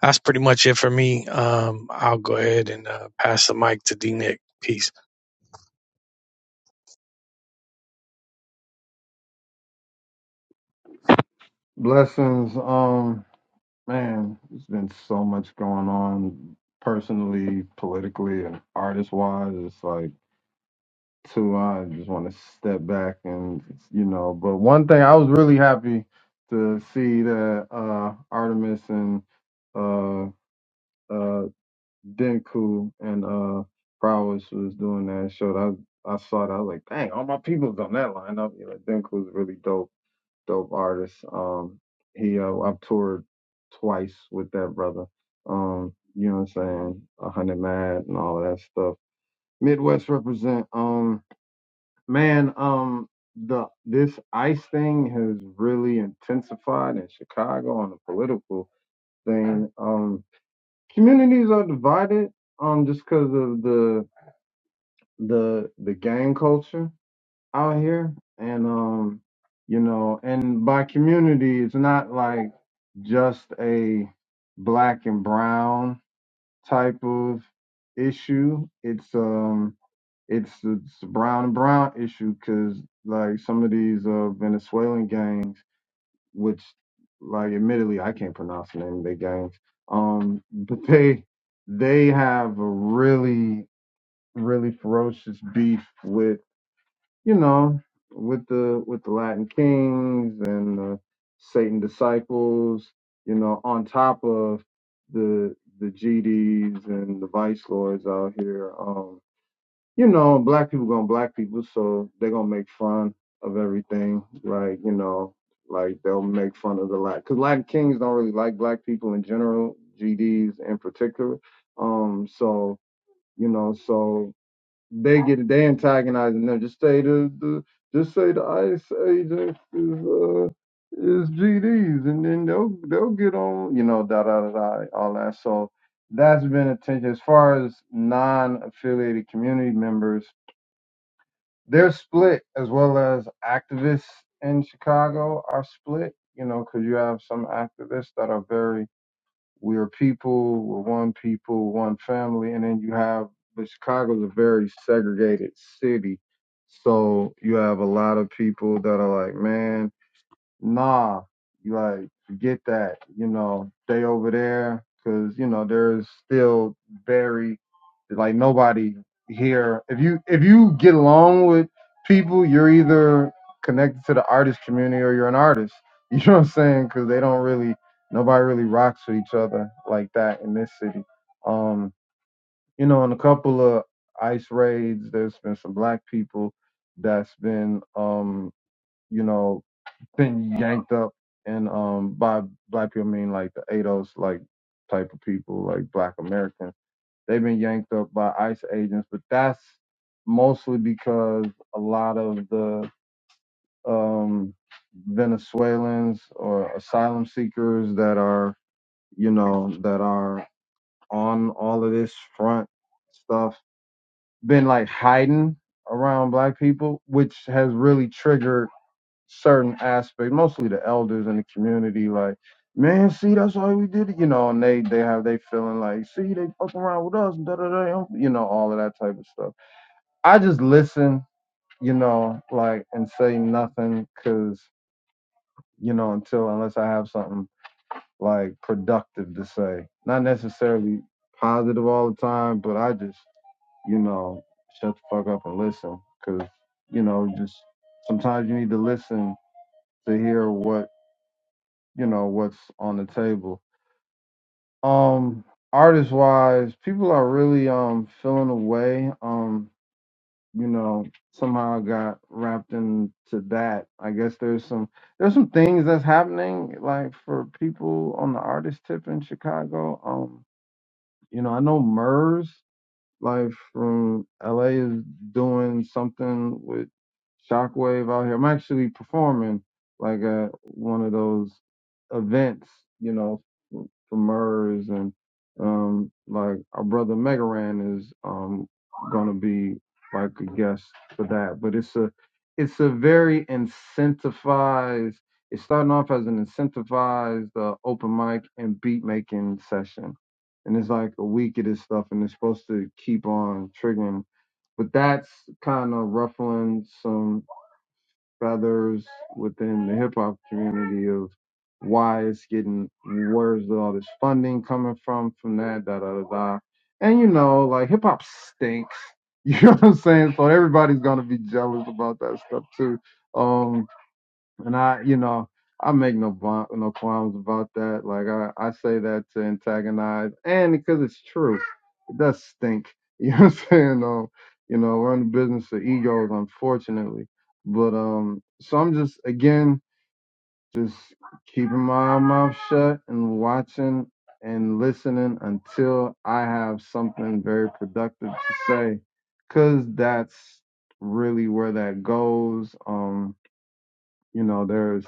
that's pretty much it for me. Um, I'll go ahead and uh, pass the mic to D Nick. Peace. blessings. Um man, there's been so much going on personally, politically and artist wise. It's like too I just want to step back and you know, but one thing I was really happy to see that uh Artemis and uh uh Denku and uh Prowess was doing that show. I I saw that. I was like, dang, all my people's on that lineup. You know, Denku's a really dope, dope artist. Um, he uh, I've toured twice with that brother. Um, you know what I'm saying? A hundred mad and all of that stuff. Midwest represent. Um, man, um, the this ice thing has really intensified in Chicago on the political thing. Um, communities are divided um just because of the the the gang culture out here and um you know and by community it's not like just a black and brown type of issue it's um it's it's a brown and brown issue because like some of these uh venezuelan gangs which like admittedly I can't pronounce the name of their games. Um, [laughs] but they they have a really really ferocious beef with you know with the with the Latin Kings and the Satan disciples. You know, on top of the the GDs and the vice lords out here. Um, you know, black people gonna black people, so they're gonna make fun of everything. Like, you know, like they'll make fun of the Latin, cause Latin kings don't really like black people in general, GDs in particular. Um, so you know, so they get they antagonizing them. Just say the, the just say the Ice Age is uh, is GDs, and then they'll they'll get on, you know, da da da da, all that. So that's been attention as far as non-affiliated community members they're split as well as activists in Chicago are split, you know, because you have some activists that are very, we're people, we're one people, one family. And then you have, but Chicago's a very segregated city. So you have a lot of people that are like, man, nah, like forget that. You know, stay over there because you know there's still very like nobody here. If you if you get along with people, you're either connected to the artist community or you're an artist. [laughs] You know what I'm saying? Because they don't really nobody really rocks with each other like that in this city. Um, you know, in a couple of ice raids, there's been some black people that's been um, you know been yanked up and um by black people I mean like the ADOS like type of people like black Americans. They've been yanked up by ICE agents, but that's mostly because a lot of the um Venezuelans or asylum seekers that are you know that are on all of this front stuff been like hiding around black people, which has really triggered certain aspect, mostly the elders in the community, like, man, see, that's why we did it, you know, and they they have they feeling like, see, they fuck around with us, da da da, you know, all of that type of stuff. I just listen, you know, like, and say nothing, cause you know, until unless I have something like productive to say, not necessarily positive all the time, but I just, you know, shut the fuck up and listen, cause you know, just sometimes you need to listen to hear what you know what's on the table. Um, artist wise, people are really um feeling away. Um, you know, somehow I got wrapped into that. I guess there's some there's some things that's happening like for people on the artist tip in Chicago. Um, you know, I know Murs like from LA is doing something with Shockwave out here. I'm actually performing like at one of those events, you know, the Murs and um like our brother Megaran is um gonna be like a guest for that. But it's a it's a very incentivized it's starting off as an incentivized uh, open mic and beat making session. And it's like a week of this stuff and it's supposed to keep on triggering. But that's kind of ruffling some feathers within the hip hop community of why it's getting where's all this funding coming from from that da da da da. And you know, like hip hop stinks. [laughs] You know what I'm saying? So everybody's gonna be jealous about that stuff too. Um and I, you know, I make no bon- no qualms about that. Like I, I say that to antagonize, and because it's true, it does stink. [laughs] You know what I'm saying? Um, you know, we're in the business of egos, unfortunately. But um, so I'm just again just keeping my mouth shut and watching and listening until I have something very productive to say, cause that's really where that goes. Um, you know, there's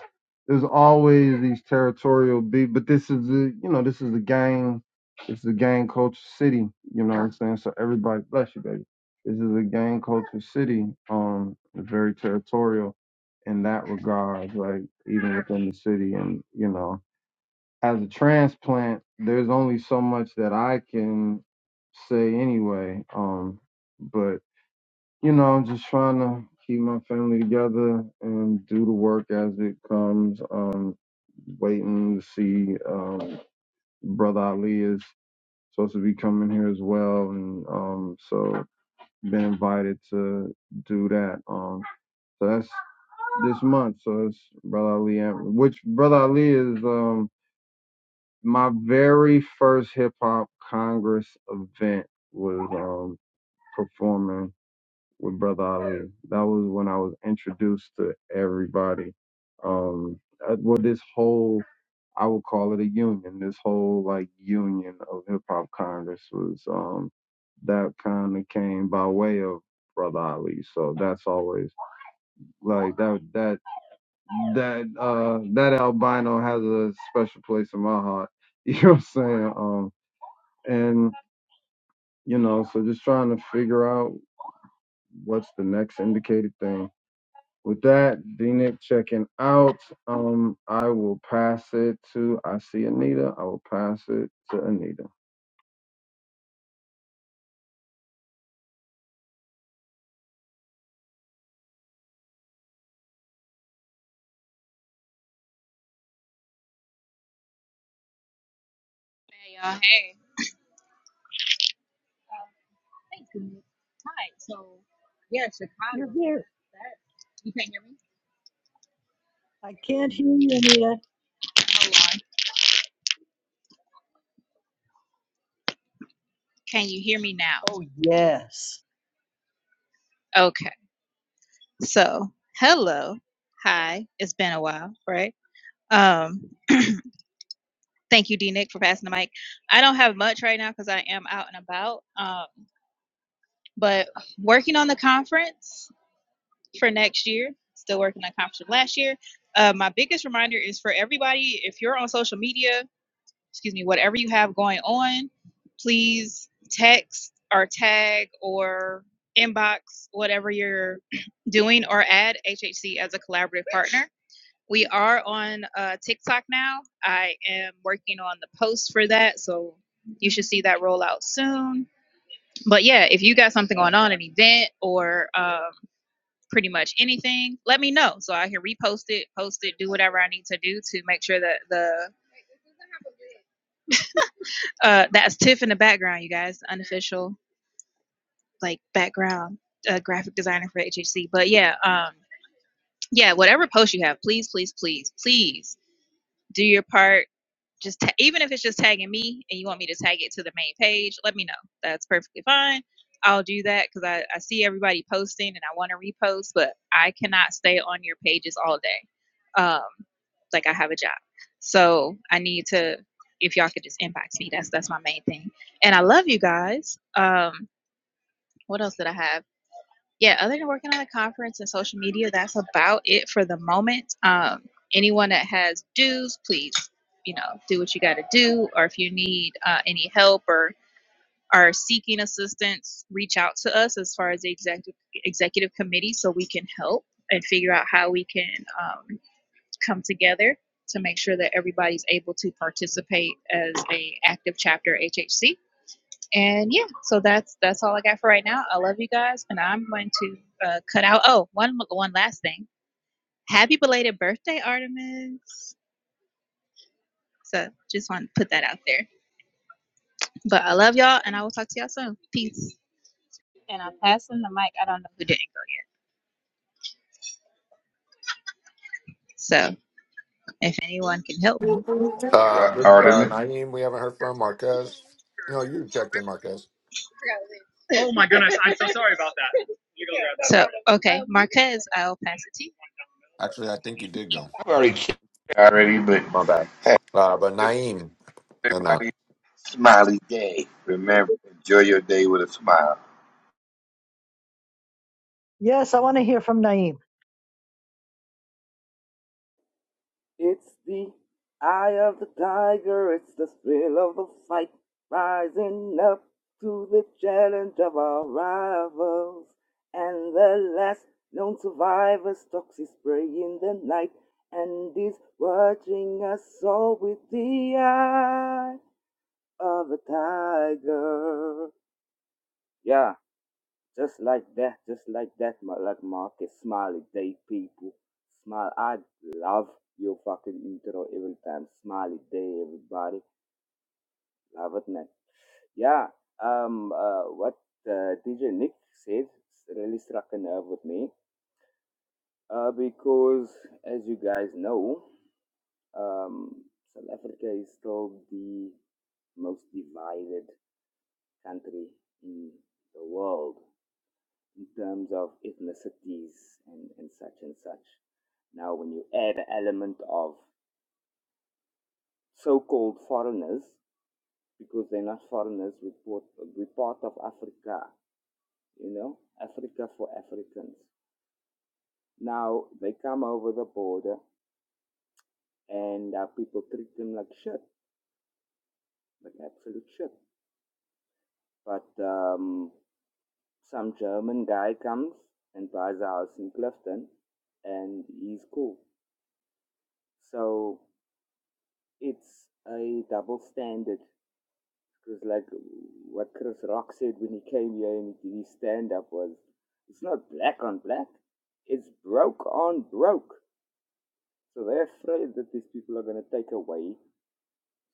there's always these territorial beef, but this is the you know this is the gang, it's is a gang culture city. You know what I'm saying? So everybody, bless you, baby. This is a gang culture city. Um, very territorial in that regard, like even within the city, and you know, as a transplant, there's only so much that I can say anyway. Um, but you know, I'm just trying to keep my family together and do the work as it comes. Um, waiting to see um, brother Ali is supposed to be coming here as well, and um, so been invited to do that. Um, so that's this month. So it's brother Ali, and- which brother Ali is um my very first hip hop congress event was um performing with Brother Ali. That was when I was introduced to everybody. Um, uh, well, this whole I would call it a union. This whole like union of hip hop Congress was um that kind of came by way of Brother Ali. So that's always like that that that uh that albino has a special place in my heart. [laughs] You know what I'm saying? Um and you know, so just trying to figure out what's the next indicated thing With that, D-Nick checking out. Um, I will pass it to, I see Anita. I will pass it to Anita. Hey y'all, hey. Um, thank you. Hi. So, yeah, You're Chicago, man. here. That, that you can't hear me. I can't hear you, Anita. Hold on. Can you hear me now? Oh, yes. Okay. So, hello. Hi. It's been a while, right? Um, thank you, D Nick, for passing the mic. I don't have much right now because I am out and about. Um, but working on the conference for next year. Still working on the conference from last year. Uh, my biggest reminder is for everybody: if you're on social media. excuse me, whatever you have going on, please text or tag or inbox whatever you're [clears throat] doing or add HHC as a collaborative partner. We are on uh, TikTok now. I am working on the post for that, so you should see that roll out soon. But yeah, if you got something going on, an event or um, pretty much anything, let me know so I can repost it, post it, do whatever I need to do to make sure that the Uh, that's Tiff in the background, you guys. Unofficial, like background uh, graphic designer for HHC. But yeah, um, yeah, whatever post you have, please, please, please, please do your part just ta- even if it's just tagging me and you want me to tag it to the main page, let me know. That's perfectly fine. I'll do that because I, I see everybody posting and I want to repost, but I cannot stay on your pages all day. Um, like I have a job, so I need to. If y'all could just inbox me, that's that's my main thing. And I love you guys. Um, what else did I have? yeah, other than working on the conference and social media, that's about it for the moment. Um, anyone that has dues, please, you know, do what you got to do. Or if you need uh, any help or are seeking assistance, reach out to us as far as the executive executive committee so we can help and figure out how we can um, come together to make sure that everybody's able to participate as a active chapter HHC and yeah, so that's that's all I got for right now. I love you guys, and I'm going to uh, cut out. Oh, one one last thing. Happy belated birthday, Artemis. So just want to put that out there. But I love y'all, and I will talk to y'all soon. Peace. And I'm passing the mic. I don't know who did it. So if anyone can help me. Hey, Uh, Ro- but, uh, Artemis. Naeem, we haven't heard from Marquez. No, you checked in, Marquez. Oh my goodness, I'm so sorry about that. You go grab that. So okay, Marquez, I'll pass it to you. Actually, I think he did go. I've already checked already, but My bad. Uh, but just Naeem, and that. everybody smiley day. Remember, enjoy your day with a smile. Yes, I want to hear from Naeem. It's the eye of the tiger, it's the thrill of the fight, rising up to the challenge of our rivals. And the last known survivor stalks his prey in the night and is watching us all with the eye of the tiger. Yeah. Just like that, just like that, my like Marcus Smiley Day people. Smile I love your fucking intro every time. Smiley Day everybody. Love it man. Yeah. Um uh what uh, DJ Nick said really struck a nerve with me. Uh because as you guys know, um South Africa is still the most divided country in the world. in terms of ethnicities and, and such and such. Now, when you add an element of so called foreigners, because they're not foreigners, we're part, of Africa, you know, Africa for Africans. Now, they come over the border and uh, people treat them like shit, like absolute shit. But um, some German guy comes and buys a house in Clifton and he's cool. So it's a double standard because like what chris rock said when he came here and he did his stand up was it's not black on black it's broke on broke so they're afraid that these people are going to take away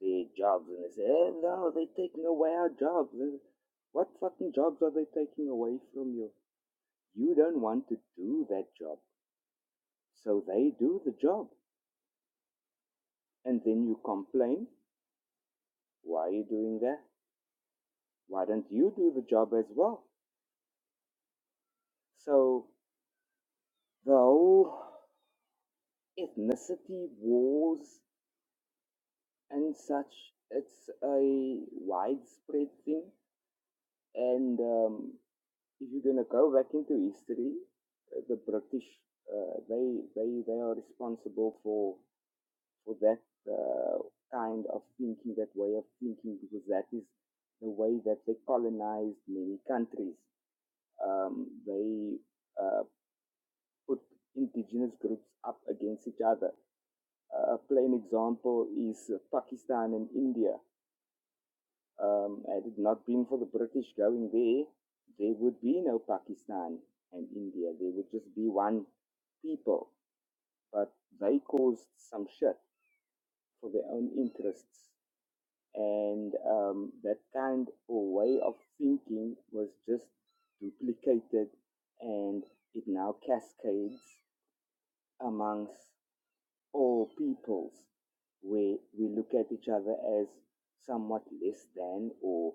their jobs and they say eh, no they're taking away our jobs Eh, what fucking jobs are they taking away from you you don't want to do that job so they do the job and then you complain why are you doing that why don't you do the job as well So the whole ethnicity wars and such, it's a widespread thing. And um, if you're gonna go back into history, uh, the British uh, they they they are responsible for for that uh, kind of thinking, that way of thinking, because that is the way that they colonized many countries. Um, they uh, put indigenous groups up against each other A plain example is Pakistan and India. Um, had it not been for the British going there, there would be no Pakistan and India. There would just be one people. But they caused some shit for their own interests. And um, that kind of way of thinking was just duplicated and it now cascades amongst all peoples, where we look at each other as somewhat less than or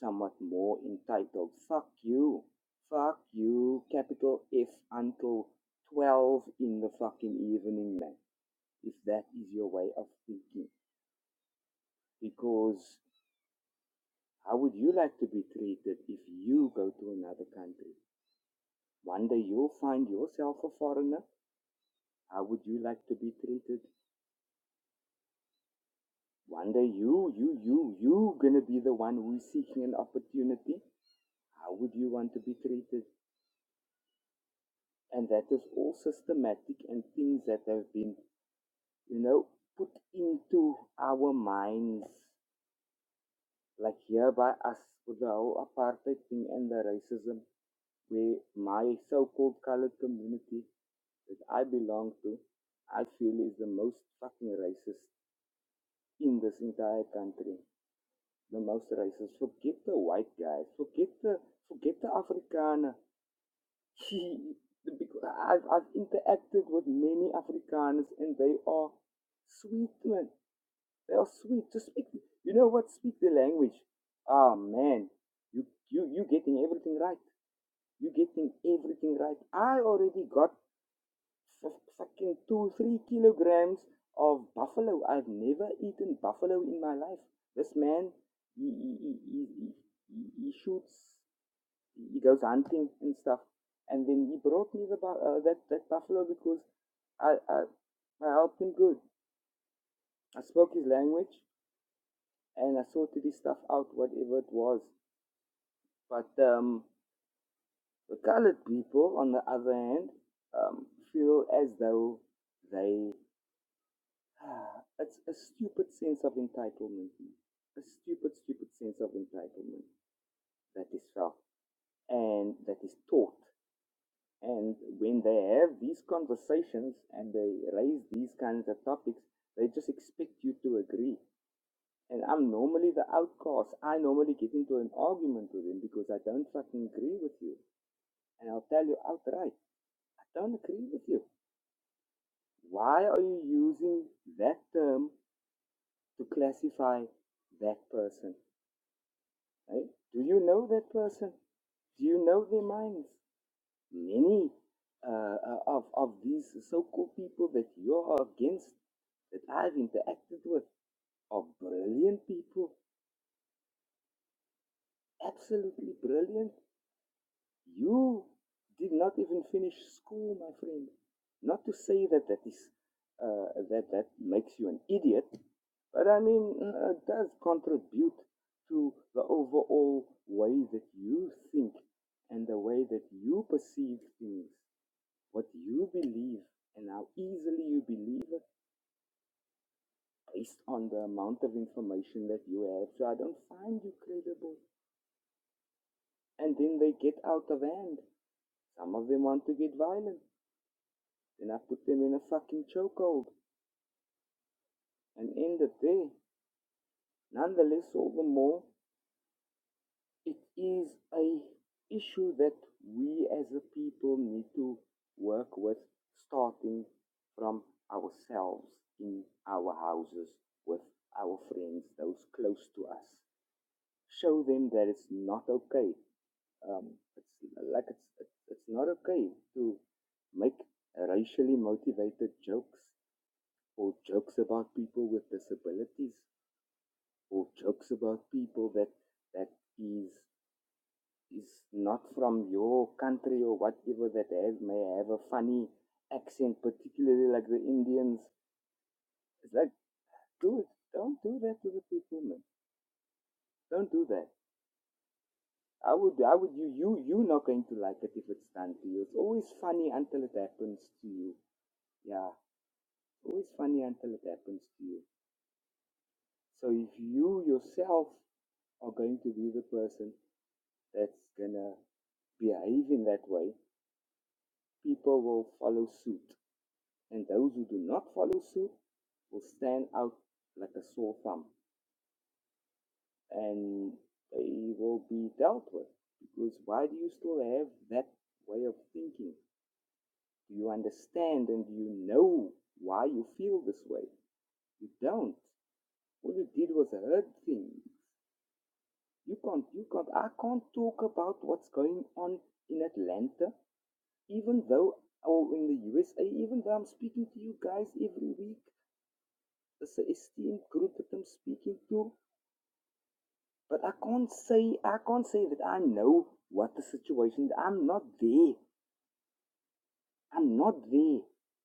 somewhat more entitled. Fuck you. Fuck you. Capital F until 12 in the fucking evening, man. If that is your way of thinking. Because how would you like to be treated if you go to another country? One day you'll find yourself a foreigner. How would you like to be treated? One day you, you, you, you gonna be the one who is seeking an opportunity. How would you want to be treated? And that is all systematic and things that have been, you know, put into our minds, like here by us with the whole apartheid thing and the racism, where my so-called colored community that I belong to, I feel is the most fucking racist in this entire country. the most races. Forget the white guys. Forget the forget the Afrikaner. [laughs] because I've I've interacted with many Afrikaners and they are sweet man. They are sweet. Just speak. You know what? Speak the language. Ah man, you you you getting everything right. You getting everything right. I already got fuck- fucking two, three kilograms of buffalo. I've never eaten buffalo in my life. This man, he, he, he, he, he he- he shoots, he goes hunting and stuff. And then he brought me the bu- uh, that, that buffalo because I, I, I helped him good. I spoke his language and I sorted his stuff out, whatever it was. But um, the colored people, on the other hand, um, feel as though they [sighs] Ah, It's a stupid sense of entitlement. man. A stupid, stupid sense of entitlement that is felt and that is taught. And when they have these conversations and they raise these kinds of topics, they just expect you to agree. And I'm normally the outcast. I normally get into an argument with them because I don't fucking agree with you. And I'll tell you outright, I don't agree with you. Why are you using that term to classify that person? right? Do you know that person? Do you know their minds? Many uh, uh, of, of these so called people that you are against, that I've interacted with, are brilliant people, absolutely brilliant. You did not even finish school, my friend. Not to say that that is uh, that that makes you an idiot, but I mean uh, it does contribute to the overall way that you think and the way that you perceive things, what you believe, and how easily you believe it based on the amount of information that you have. So I don't find you credible. And then they get out of hand. Some of them want to get violent. Then I put them in a fucking chokehold and end it there. Nonetheless, all the more, it is a issue that we as a people need to work with, starting from ourselves in our houses with our friends, those close to us. Show them that it's not okay. Um, it's like it's it's it's not okay to make racially motivated jokes or jokes about people with disabilities. who jokes about people that that is is not from your country or whatever that have, may have a funny accent, particularly like the Indians. It's like, dude, don't do that to the people, man. Don't do that. I would, I would, you, you, you not going to like it if it's done to you. It's always funny until it happens to you. Yeah, always funny until it happens to you. So if you yourself are going to be the person that's gonna behave in that way, people will follow suit, and those who do not follow suit will stand out like a sore thumb, and they will be dealt with. Because why do you still have that way of thinking? Do you understand and do you know why you feel this way? You don't. All you did was hurt things. You can't, you can't, I can't talk about what's going on in Atlanta, even though, or in the USA, even though I'm speaking to you guys every week Dis 'n esteemed group that I'm speaking to, but I can't say I can't say that I know what the situation. is. I'm not there. I'm not there.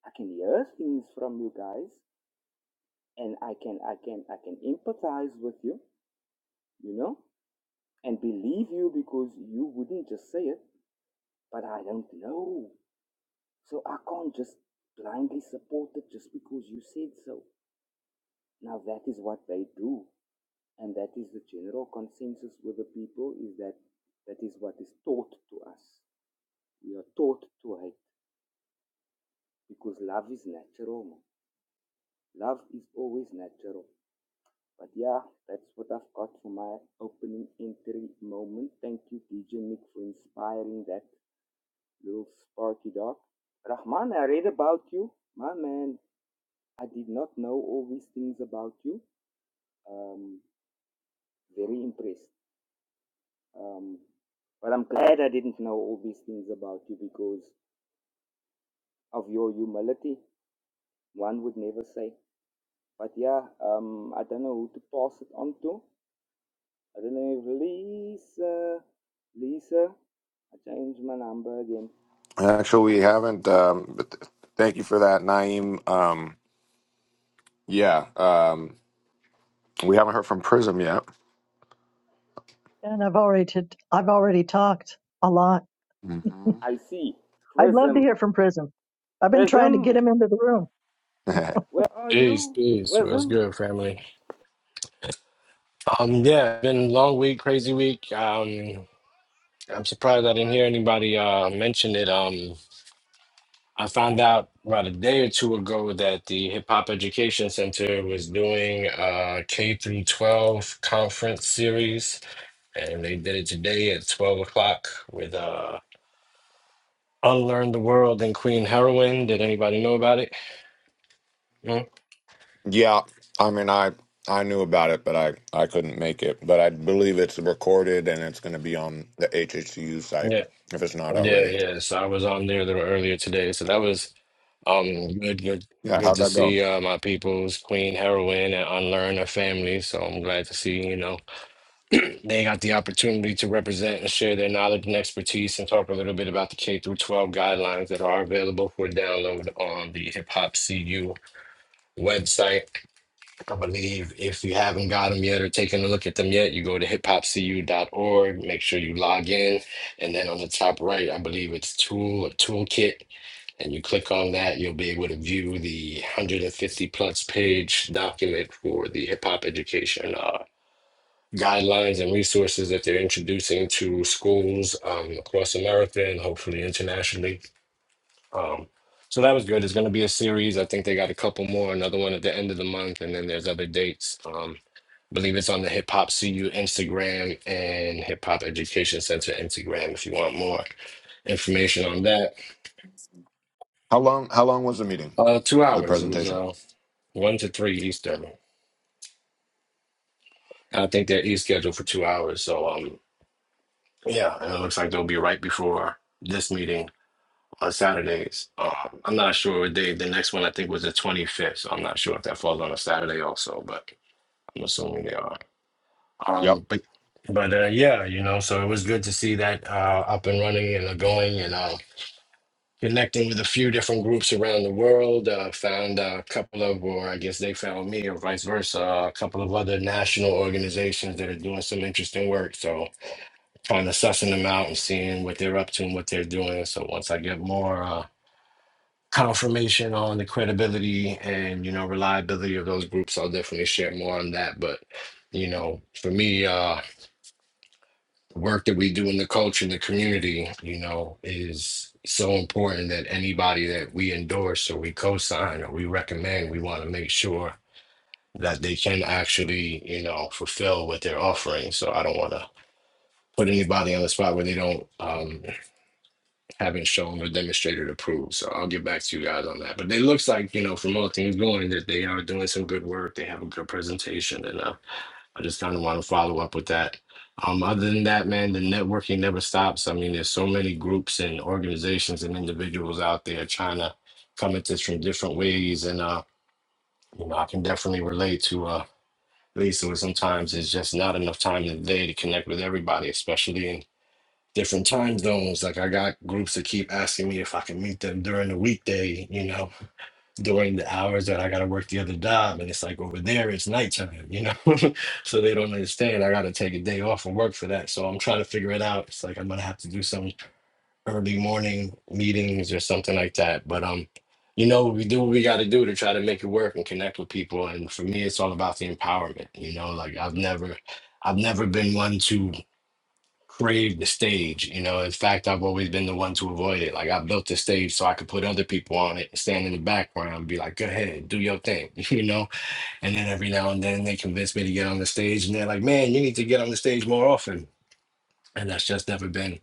I can hear things from you guys, and I can I can I can empathize with you, you know, and believe you because you wouldn't just say it. But I don't know, so I can't just blindly support it just because you said so. Now that is what they do. and that is the general consensus with the people is that that is what is taught to us. We are taught to hate because love is natural. Love is always natural. But yeah, that's what I've got for my opening entry moment. Thank you, DJ Nick, for inspiring that little sparky dog. Rahman, I read about you. My man, I did not know all these things about you. Um, very impressed. Um, but I'm glad I didn't know all these things about you because of your humility, one would never say. But yeah, um, I don't know who to pass it on to. I don't know if Lisa, Lisa, I changed my number again. Actually, we haven't. Huh? Um, but th- thank you for that, Naeem. Um, yeah, um, we haven't heard from Prism yet. And I've already, t- I've already talked a lot. hmm I see. I'd love to Prism. hear from Prism. I've been trying to get Prism, him into the room. [laughs] where are Peace, you? peace. What's Prism? good, family? Um, yeah, been a long week, crazy week. Um, I'm surprised I didn't hear anybody uh mention it. Um, I found out about a day or two ago that the Hip Hop Education Center was doing a K through 12 conference series, and they did it today at 12 o'clock with uh Unlearn the World and Queen Heroin. Did anybody know about it? Hmm? yeah, I mean, I I knew about it, but I I couldn't make it. But I believe it's recorded and it's going to be on the HHCU site Yeah, if it's not yeah, already. yeah. So I was on there a little earlier today. So that was. Um, good, good, Yeah, good how'd to that go? see uh, my people's Queen Heroine and Unlearn her family. So I'm glad to see, you know, they got the opportunity to represent and share their knowledge and expertise and talk a little bit about the K through 12 guidelines that are available for download on the Hip Hop CU website. I believe if you haven't got them yet or taken a look at them yet, you go to hiphopcu.org, make sure you log in, and then on the top right, I believe it's tool or toolkit and you click on that, you'll be able to view the 150 plus page document for the hip hop education uh, guidelines and resources that they're introducing to schools um, across America and hopefully internationally. Um, so that was good. It's going to be a series. I think they got a couple more, another one at the end of the month, and then there's other dates. Um, believe it's on the Hip Hop CU Instagram and Hip Hop Education Center Instagram if you want more information on that. How long? How long was the meeting? Uh, two The hours. It was. presentation. uh, One to three Eastern. I think they're East scheduled for two hours. So um yeah, and it looks like they'll be right before this meeting on Saturdays. Um, I'm not sure what day. The next one I think was the 25th. So I'm not sure if that falls on a Saturday also, but I'm assuming they are. Yep. Um, but but uh, yeah, you know, so it was good to see that uh, up and running and uh, going and um. connecting with a few different groups around the world. Uh, found a couple of, or I guess they found me, or vice versa, a couple of other national organizations that are doing some interesting work. So kind of sussing them out and seeing what they're up to and what they're doing. So once I get more uh, confirmation on the credibility and you know reliability of those groups, I'll definitely share more on that. But you know, for me, uh, the work that we do in the culture and the community, you know, is so important that anybody that we endorse or we co-sign or we recommend, we want to make sure that they can actually, you know, fulfill what they're offering. So I don't want to put anybody on the spot where they don't um, haven't shown or demonstrated approval. So I'll get back to you guys on that. But it looks like, you know, from all things going that they are doing some good work. They have a good presentation and uh, I just kind of want to follow up with that. Um, other than that, man, the networking never stops. I mean, there's so many groups and organizations and individuals out there trying to come at this from different ways. And, uh, you know, I can definitely relate to uh, Lisa, where sometimes it's just not enough time in the day to connect with everybody, especially in different time zones. Like, I got groups that keep asking me if I can meet them during the weekday, you know, during the hours that I gotta work the other job, and it's like over there it's nighttime, you know. [laughs] so they don't understand. I gotta take a day off and work for that. So I'm trying to figure it out. It's like I'm gonna have to do some early morning meetings or something like that. But um, you know, we do what we gotta do to try to make it work and connect with people. And for me, it's all about the empowerment. You know, like I've never, I've never been one to crave the stage. You know, in fact, I've always been the one to avoid it. Like I built the stage so I could put other people on it and stand in the background and be like, go ahead, do your thing, [laughs] you know? And then every now and then they convince me to get on the stage and they're like, man, you need to get on the stage more often. And that's just never been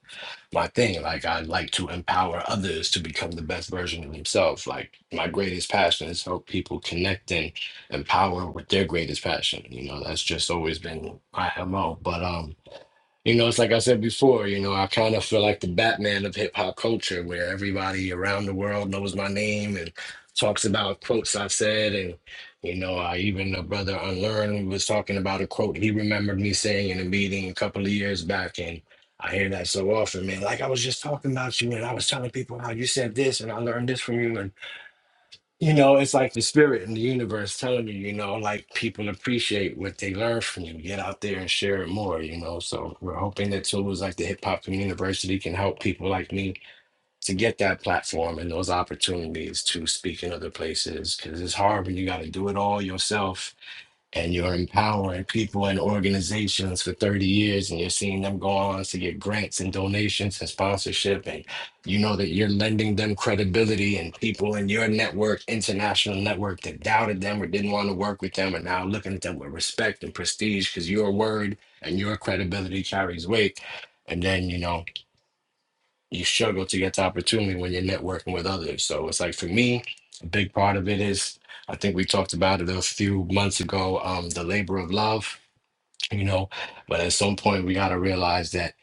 my thing. Like I like to empower others to become the best version of themselves. Like my greatest passion is help people connect and empower with their greatest passion. You know, that's just always been my MO. But um you know, it's like I said before, you know, I kind of feel like the Batman of hip hop culture where everybody around the world knows my name and talks about quotes I've said. And, you know, I even a brother Unlearn was talking about a quote he remembered me saying in a meeting a couple of years back. And I hear that so often, man. Like I was just talking about you and I was telling people how you said this and I learned this from you. and. You know, it's like the spirit in the universe telling you, you know, like people appreciate what they learn from you. Get out there and share it more, you know. So we're hoping that tools like the Hip Hop University can help people like me to get that platform and those opportunities to speak in other places. Because it's hard when you got to do it all yourself and you're empowering people and organizations for 30 years and you're seeing them go on to get grants and donations and sponsorship and you know that you're lending them credibility and people in your network international network that doubted them or didn't want to work with them are now looking at them with respect and prestige because your word and your credibility carries weight and then you know you struggle to get the opportunity when you're networking with others. So it's like for me, a big part of it is I think we talked about it a few months ago, um, the labor of love, you know, but at some point we gotta realize that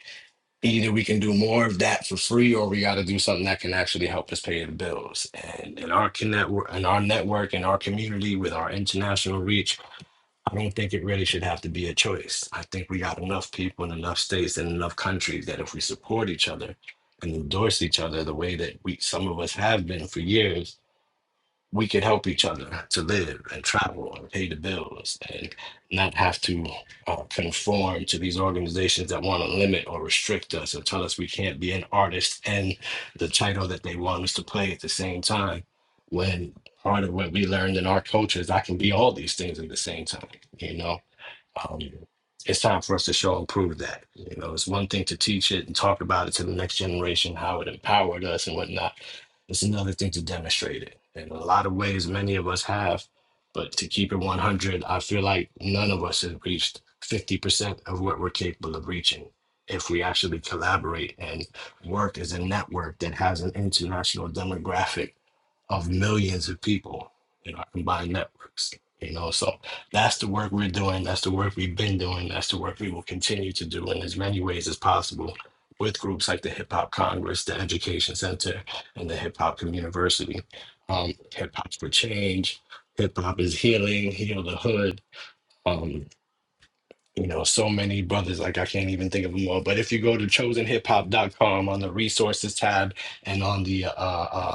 either we can do more of that for free or we gotta do something that can actually help us pay the bills. And in our connect in our network, in our community, with our international reach, I don't think it really should have to be a choice. I think we got enough people in enough states and enough countries that if we support each other and endorse each other the way that we some of us have been for years, we could help each other to live and travel and pay the bills and not have to uh, conform to these organizations that want to limit or restrict us or tell us we can't be an artist and the title that they want us to play at the same time. When part of what we learned in our culture is I can be all these things at the same time, you know? Um, it's time for us to show and prove that. You know, it's one thing to teach it and talk about it to the next generation, how it empowered us and whatnot. It's another thing to demonstrate it. In a lot of ways, many of us have, but to keep it 100, I feel like none of us have reached 50% of what we're capable of reaching if we actually collaborate and work as a network that has an international demographic of millions of people in our combined networks. You know, so that's the work we're doing. That's the work we've been doing. That's the work we will continue to do in as many ways as possible with groups like the Hip Hop Congress, the Education Center, and the Hip Hop University. Um, Hip Hop's for Change. Hip Hop is Healing, Heal the Hood. Um, you know, so many brothers, like I can't even think of them all. But if you go to chosenhiphop.com on the resources tab and on the uh, uh,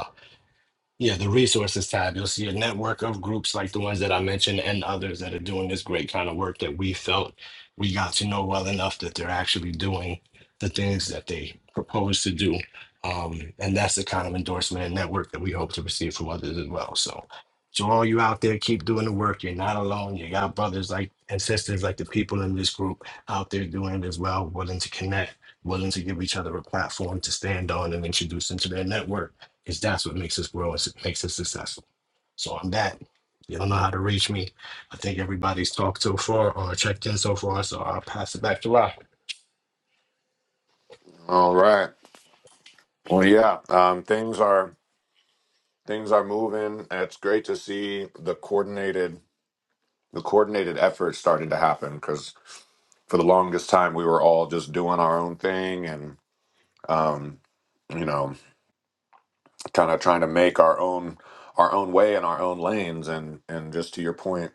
yeah, the resources tab. You'll see a network of groups like the ones that I mentioned and others that are doing this great kind of work that we felt we got to know well enough that they're actually doing the things that they propose to do. Um, and that's the kind of endorsement and network that we hope to receive from others as well. So, to all you out there, keep doing the work. You're not alone. You got brothers like and sisters like the people in this group out there doing it as well, willing to connect, willing to give each other a platform to stand on and introduce into their network because that's what makes us grow. It makes us successful. So on that, you don't know how to reach me. I think everybody's talked so far or checked in so far, so I'll pass it back to Rob. All right. Well, yeah. Um, things are things are moving. It's great to see the coordinated the coordinated effort starting to happen because for the longest time we were all just doing our own thing and um, you know kind of trying to make our own our own way in our own lanes and and just to your point,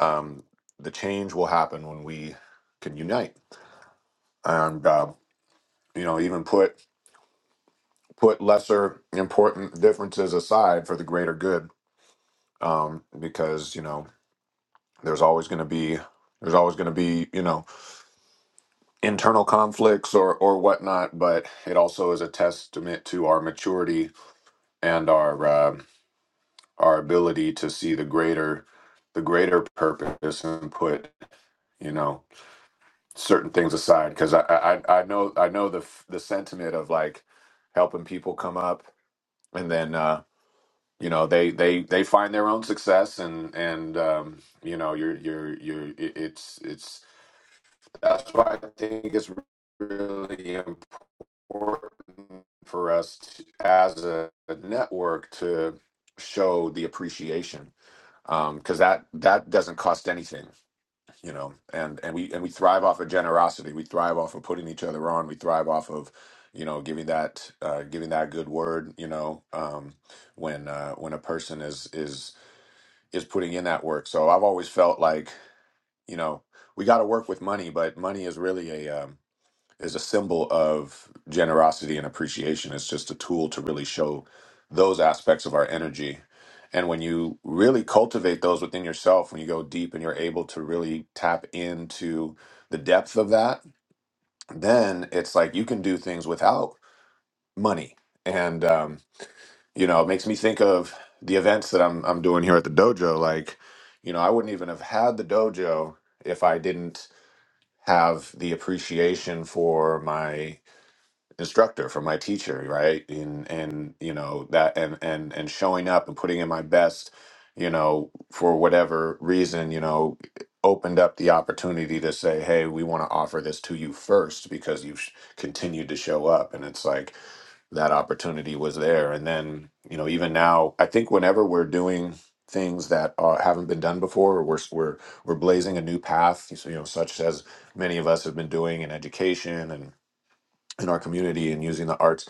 um, the change will happen when we can unite and uh, you know even put put lesser important differences aside for the greater good um, because you know there's always going to be there's always going to be you know internal conflicts or or whatnot but it also is a testament to our maturity and our uh, our ability to see the greater the greater purpose and put you know certain things aside because I, I i know i know the f- the sentiment of like helping people come up and then uh you know they they they find their own success and and um you know you're you're you're it- it's it's that's why i think it's really important for us to, as a, a network to show the appreciation um because that that doesn't cost anything you know and and we and we thrive off of generosity we thrive off of putting each other on we thrive off of you know giving that uh giving that good word you know um when uh when a person is is is putting in that work so i've always felt like you know we got to work with money but money is really a um is a symbol of generosity and appreciation. It's just a tool to really show those aspects of our energy. And when you really cultivate those within yourself, when you go deep and you're able to really tap into the depth of that, then it's like you can do things without money. And, um, you know, it makes me think of the events that I'm, I'm doing here at the dojo. Like, you know, I wouldn't even have had the dojo if I didn't have the appreciation for my instructor from my teacher right and and you know that and and and showing up and putting in my best you know for whatever reason you know opened up the opportunity to say hey we want to offer this to you first because you've sh- continued to show up and it's like that opportunity was there and then you know even now i think whenever we're doing things that are, haven't been done before or we're, s- we're we're blazing a new path so, you know such as many of us have been doing in education in our community and using the arts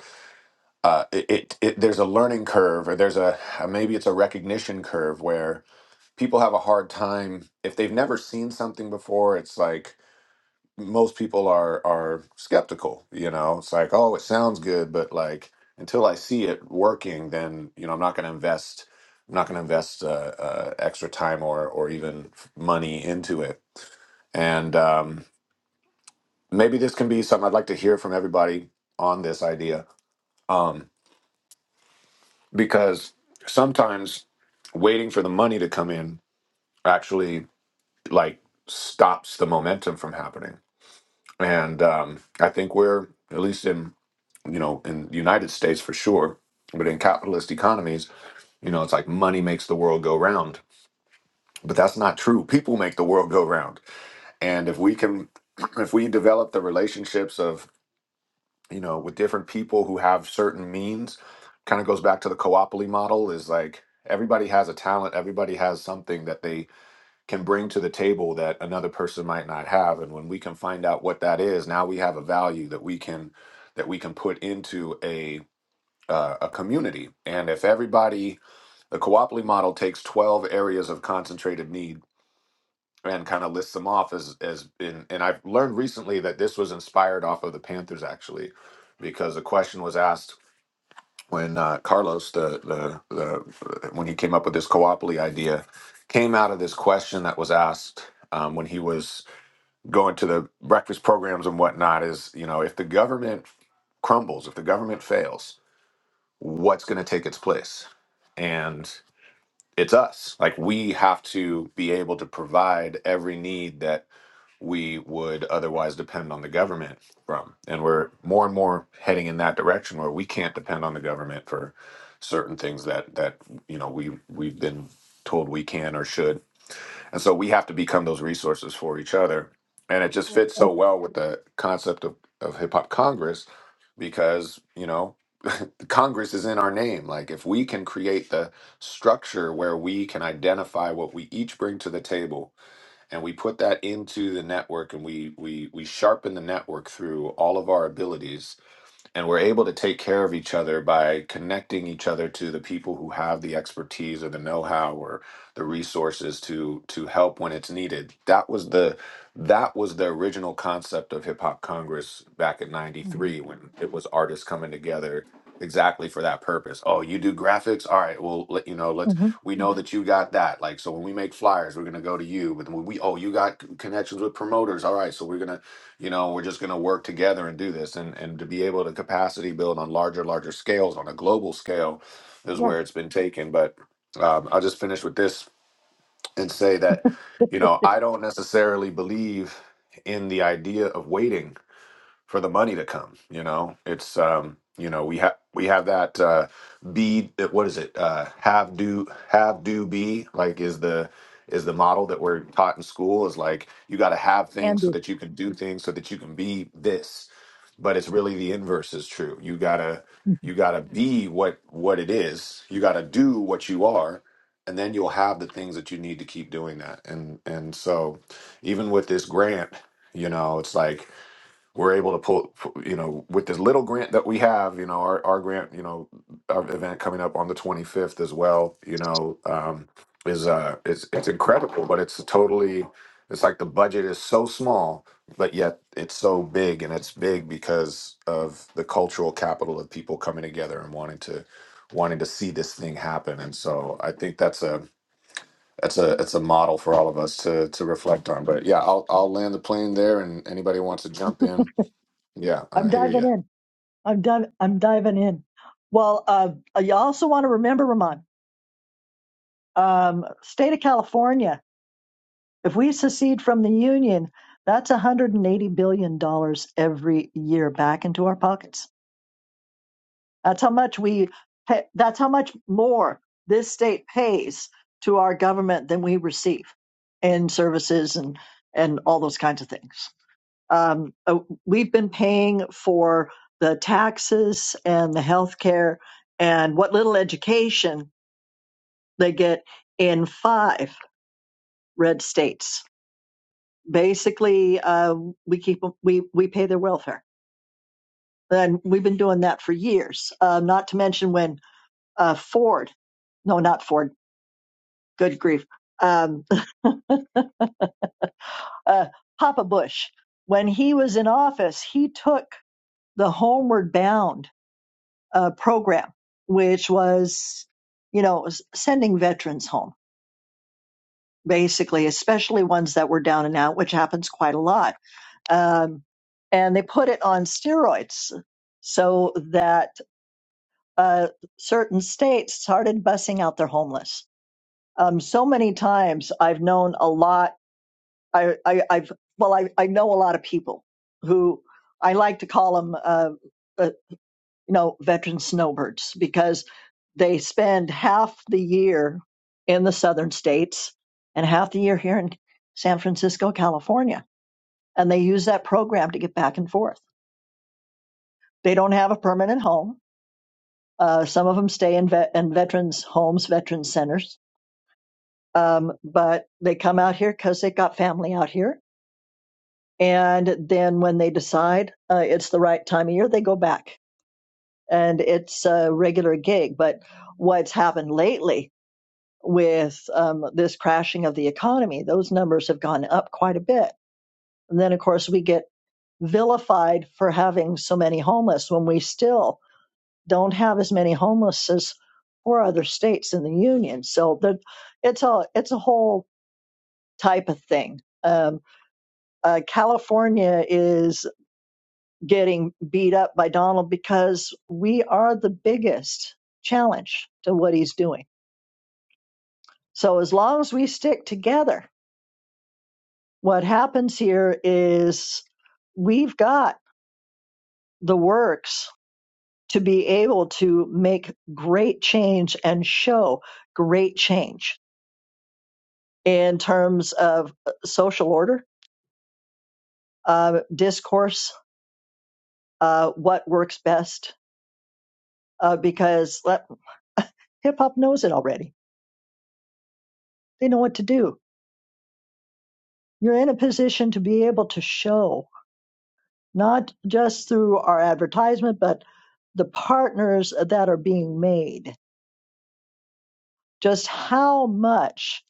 uh, it, it, it there's a learning curve or there's a uh, maybe it's a recognition curve where people have a hard time if they've never seen something before it's like most people are are skeptical you know it's like oh it sounds good but like until i see it working then you know i'm not going to invest i'm not going to invest uh, uh, extra time or or even money into it and um, maybe this can be something i'd like to hear from everybody on this idea Um, because sometimes waiting for the money to come in actually like stops the momentum from happening and um, i think we're at least in you know in the united states for sure but in capitalist economies you know it's like money makes the world go round but that's not true people make the world go round and if we can [clears throat] if we develop the relationships of. you know, with different people who have certain means. Kind of goes back to the co-opoly model is like everybody has a talent, everybody has something that they can bring to the table that another person might not have. And when we can find out what that is, now we have a value that we can that we can put into a uh, a community. And if everybody, the co-opoly model takes 12 areas of concentrated need and kind of lists them off as as in and I've learned recently that this was inspired off of the Panthers actually because the question was asked when uh, Carlos, the, the the when he came up with this coopoly idea, came out of this question that was asked um, when he was going to the breakfast programs and whatnot. Is you know if the government crumbles, if the government fails, what's going to take its place? And it's us. Like we have to be able to provide every need that we would otherwise depend on the government from. And we're more and more heading in that direction where we can't depend on the government for certain things that that you know we we've been told we can or should. And so we have to become those resources for each other. And it just fits so Well, well with the concept of, of hip hop Congress because, you know, [laughs] Congress is in our name. Like if we can create the structure where we can identify what we each bring to the table and we put that into the network and we we we sharpen the network through all of our abilities and we're able to take care of each other by connecting each other to the people who have the expertise or the know-how or the resources to to help when it's needed that was the that was the original concept of hip hop congress back in 93 when it was artists coming together exactly for that purpose oh you do graphics all right well let you know let's hmm we know that you got that like so when we make flyers we're going to go to you but when we oh you got c- connections with promoters all right so we're going to you know we're just going to work together and do this and and to be able to capacity build on larger larger scales on a global scale is Yeah, where it's been taken but um, i'll just finish with this and say that you know i don't necessarily believe in the idea of waiting for the money to come. You know, it's um, you know we have we have that uh, be that- what is it uh, have do have do be like is the is the model that we're taught in school is like you got to have can things so do. that you can do things so that you can be this, but it's really the inverse is true. You gotta Mhm. you gotta be what what it is. You gotta do what you are. And then you'll have the things that you need to keep doing that, and and so even with this grant, you know, it's like we're able to pull, you know, with this little grant that we have, you know, our, our grant, you know, our event coming up on the 25th as well, you know, um, is, uh, it's, it's incredible, but it's totally, it's like the budget is so small, but yet it's so big and it's big because of the cultural capital of people coming together and wanting to, wanting to see this thing happen. And so I think that's a, that's a, it's a model for all of us to, to reflect on, but yeah, I'll, I'll land the plane there and anybody wants to jump in yeah, I I'm hear diving you. in. I'm div- I'm diving in. Well, uh, uh, you also want to remember, Ramon, um, state of California. If we secede from the union, that's 180 billion dollars every year back into our pockets. That's how much we. Pay, that's how much more this state pays to our government than we receive in services and and all those kinds of things. Um, uh, we've been paying for the taxes and the health care and what little education they get in five red states. Basically, uh, we keep we we pay their welfare, and we've been doing that for years. Uh, not to mention when uh, Ford, no, not Ford, good grief, um, [laughs] uh, Papa Bush, when he was in office, he took the homeward bound uh, program, which was, you know, sending veterans home, basically, especially ones that were down and out, which happens quite a lot. Um, and they put it on steroids so that uh, certain states started bussing out their homeless. Um, so many times I've known a lot. I, I, I've well, I, I know a lot of people who I like to call them. Uh, uh, you know, veteran snowbirds because they spend half the year in the southern states and half the year here in San Francisco, California. And they use that program to get back and forth. They don't have a permanent home. Uh, some of them stay in, vet- in veterans' homes, veterans' centers, um, but they come out here because they've got family out here. And then when they decide uh, it's the right time of year, they go back. And it's a regular gig. But what's happened lately with um, this crashing of the economy. Those numbers have gone up quite a bit. And then, of course, we get vilified for having so many homeless when we still don't have as many homeless as four other states in the union. So the, it's a it's a whole type of thing. Um, uh, California is getting beat up by Donald because we are the biggest challenge to what he's doing. So as long as we stick together What happens here is we've got the works to be able to make great change and show great change in terms of uh, social order, uh, discourse, uh, what works best, uh, because hip hop knows it already. They know what to do. You're in a position to be able to show, not just through our advertisement, but the partners that are being made, just how much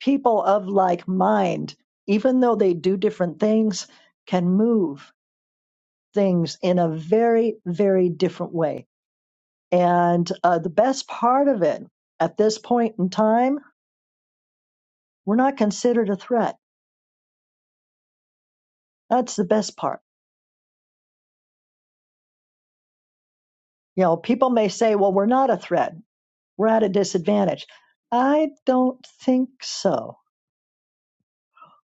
people of like mind, even though they do different things, can move things in a very, very different way. And uh, the best part of it at this point in time, we're not considered a threat. That's the best part. You know, people may say, well, we're not a threat, we're at a disadvantage. I don't think so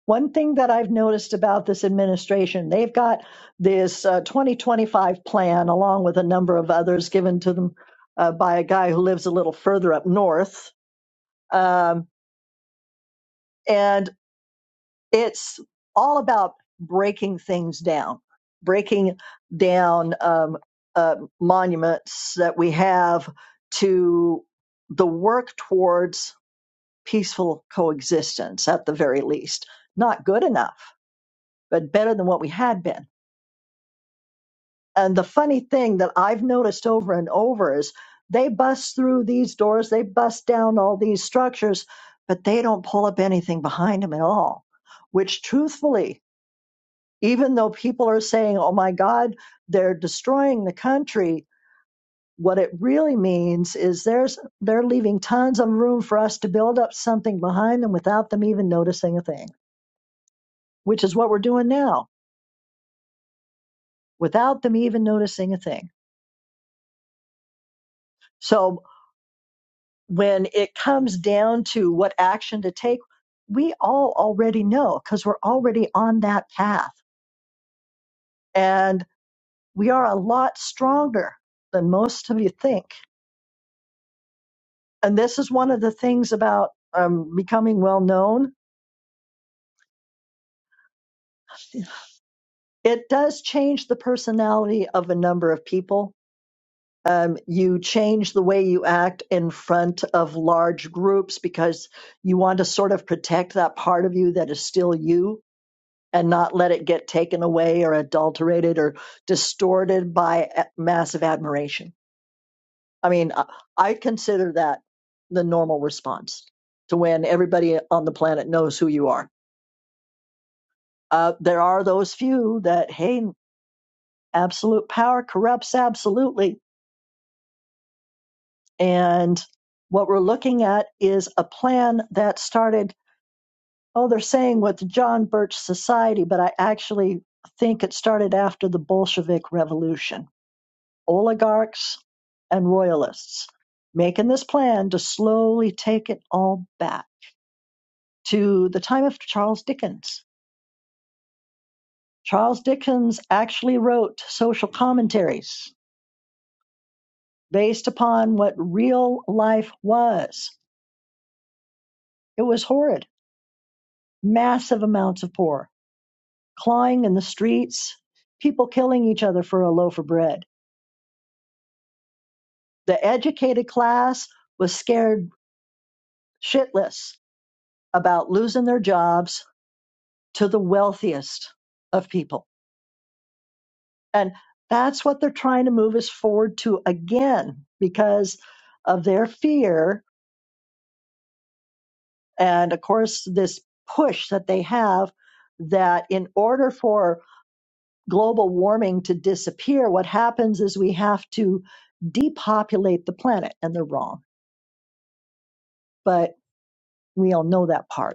One thing that I've noticed about this administration, they've got this uh, 2025 plan along with a number of others given to them uh, by a guy who lives a little further up north. Um, and it's all about breaking things down, breaking down um, uh, monuments that we have to the work towards peaceful coexistence at the very least. Not good enough, but better than what we had been And the funny thing that I've noticed over and over is they bust through these doors, they bust down all these structures, but they don't pull up anything behind them at all. Which, truthfully, even though people are saying, oh my God, they're destroying the country, what it really means is there's, they're leaving tons of room for us to build up something behind them without them even noticing a thing, which is what we're doing now, without them even noticing a thing. So when it comes down to what action to take, we all already know because we're already on that path. And we are a lot stronger than most of you think. And this is one of the things about um, becoming well known. It does change the personality of a number of people. Um, you change the way you act in front of large groups because you want to sort of protect that part of you that is still you and not let it get taken away or adulterated or distorted by a- massive admiration. I mean, I I consider that the normal response to when everybody on the planet knows who you are. Uh, there are those few that, hey, absolute power corrupts absolutely. And what we're looking at is a plan that started, oh, they're saying with the John Birch Society, but I actually think it started after the Bolshevik Revolution oligarchs and royalists, making this plan to slowly take it all back to the time of Charles Dickens. Charles Dickens actually wrote social commentaries based upon what real life was. It was horrid. Massive amounts of poor, clawing in the streets, people killing each other for a loaf of bread. The educated class was scared shitless about losing their jobs to the wealthiest of people. And that's what they're trying to move us forward to again because of their fear. And of course, this push that they have that in order for global warming to disappear, what happens is we have to depopulate the planet. And they're wrong, but we all know that part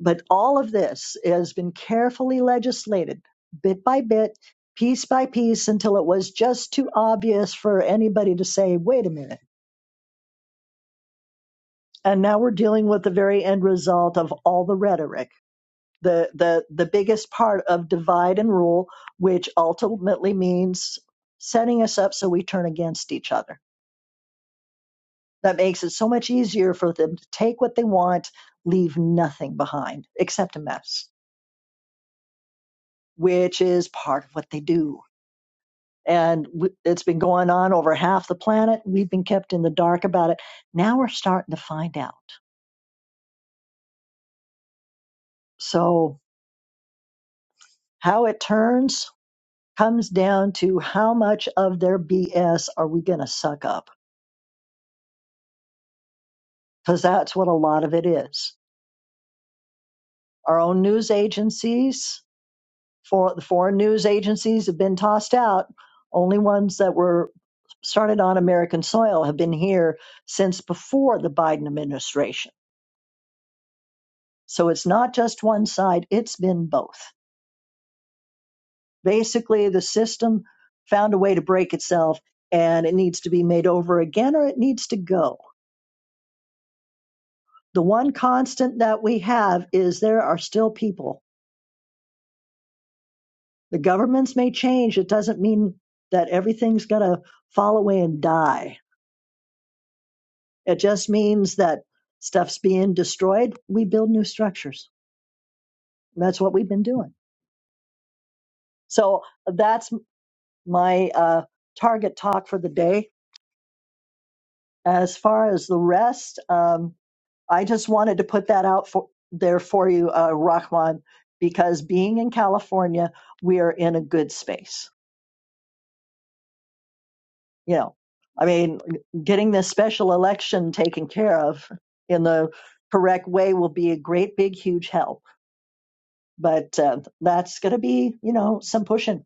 But all of this has been carefully legislated bit by bit, piece by piece, until it was just too obvious for anybody to say, wait a minute. And now we're dealing with the very end result of all the rhetoric, the, the, the biggest part of divide and rule, which ultimately means setting us up so we turn against each other. That makes it so much easier for them to take what they want, leave nothing behind except a mess, which is part of what they do and w- it's been going on over half the planet. We've been kept in the dark about it. Now we're starting to find out. So, how it turns comes down to how much of their BS are we going to suck up? Because that's what a lot of it is. Our own news agencies, for the foreign news agencies have been tossed out. Only ones that were started on American soil have been here since before the Biden administration. So it's not just one side, it's been both. basically the system found a way to break itself and it needs to be made over again or it needs to go. The one constant that we have is there are still people. The governments may change. It doesn't mean that everything's going to fall away and die. It just means that stuff's being destroyed. We build new structures. And that's what we've been doing. So that's my uh, target talk for the day. As far as the rest, um, I just wanted to put that out for there for you, uh, Rahman, because being in California, we are in a good space. You know, I mean, getting this special election taken care of in the correct way will be a great, big, huge help. But uh, that's going to be, you know, some pushing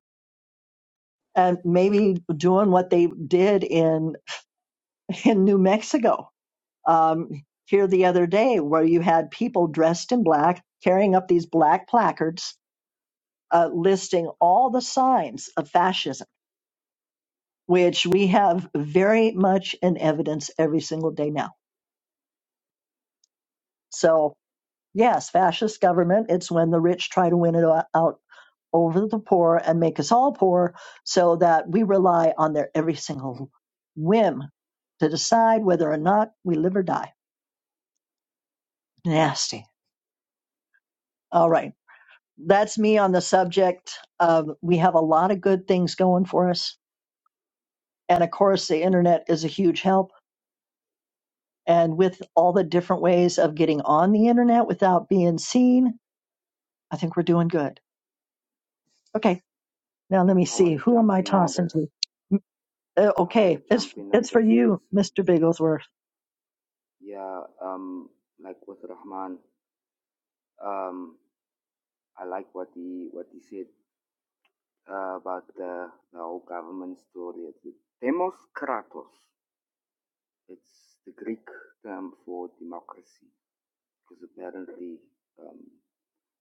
and maybe doing what they did in in New Mexico. Um, here the other day where you had people dressed in black carrying up these black placards uh, listing all the signs of fascism, which we have very much in evidence every single day now. So, yes, fascist government, it's when the rich try to win it o- out over the poor and make us all poor so that we rely on their every single whim to decide whether or not we live or die. Nasty. All right. That's me on the subject. Um, we have a lot of good things going for us. And of course, the internet is a huge help And with all the different ways of getting on the internet without being seen, I think we're doing good. Okay, now let me I want see. to Who am jump I in on tossing this. to? Uh, I want okay, to jump it's in on it's for this, you, Lisa. Mr. Bigglesworth. Yeah, um, like with Rahman, um, I like what he what he said. uh, about the, the whole government story. It's Demos Kratos. It's the Greek term for democracy, because apparently um,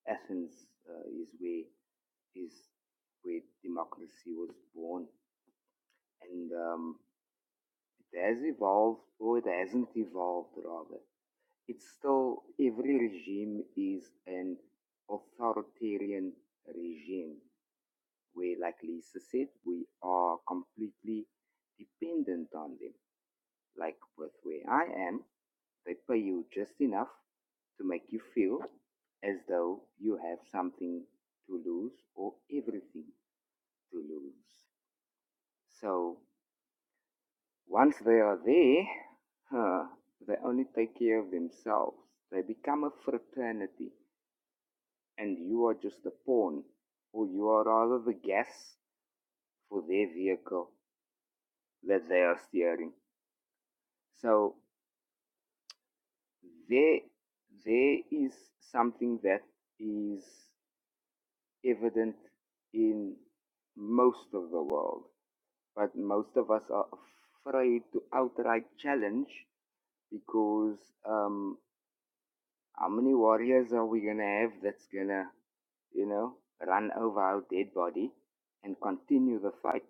Athens uh, is where is where democracy was born, and um, it has evolved, or it hasn't evolved rather. It's still every regime is an authoritarian regime we likely succeed, we are completely dependent on them. Like with where I am, they pay you just enough to make you feel as though you have something to lose or everything to lose. So once they are there, huh, they only take care of themselves. They become a fraternity, and you are just a pawn, or you are rather the gas for their vehicle that they are steering. So there, there is something that is evident in most of the world, but most of us are afraid to outright challenge because um, how many warriors are we gonna have that's gonna, you know, run over our dead body and continue the fight,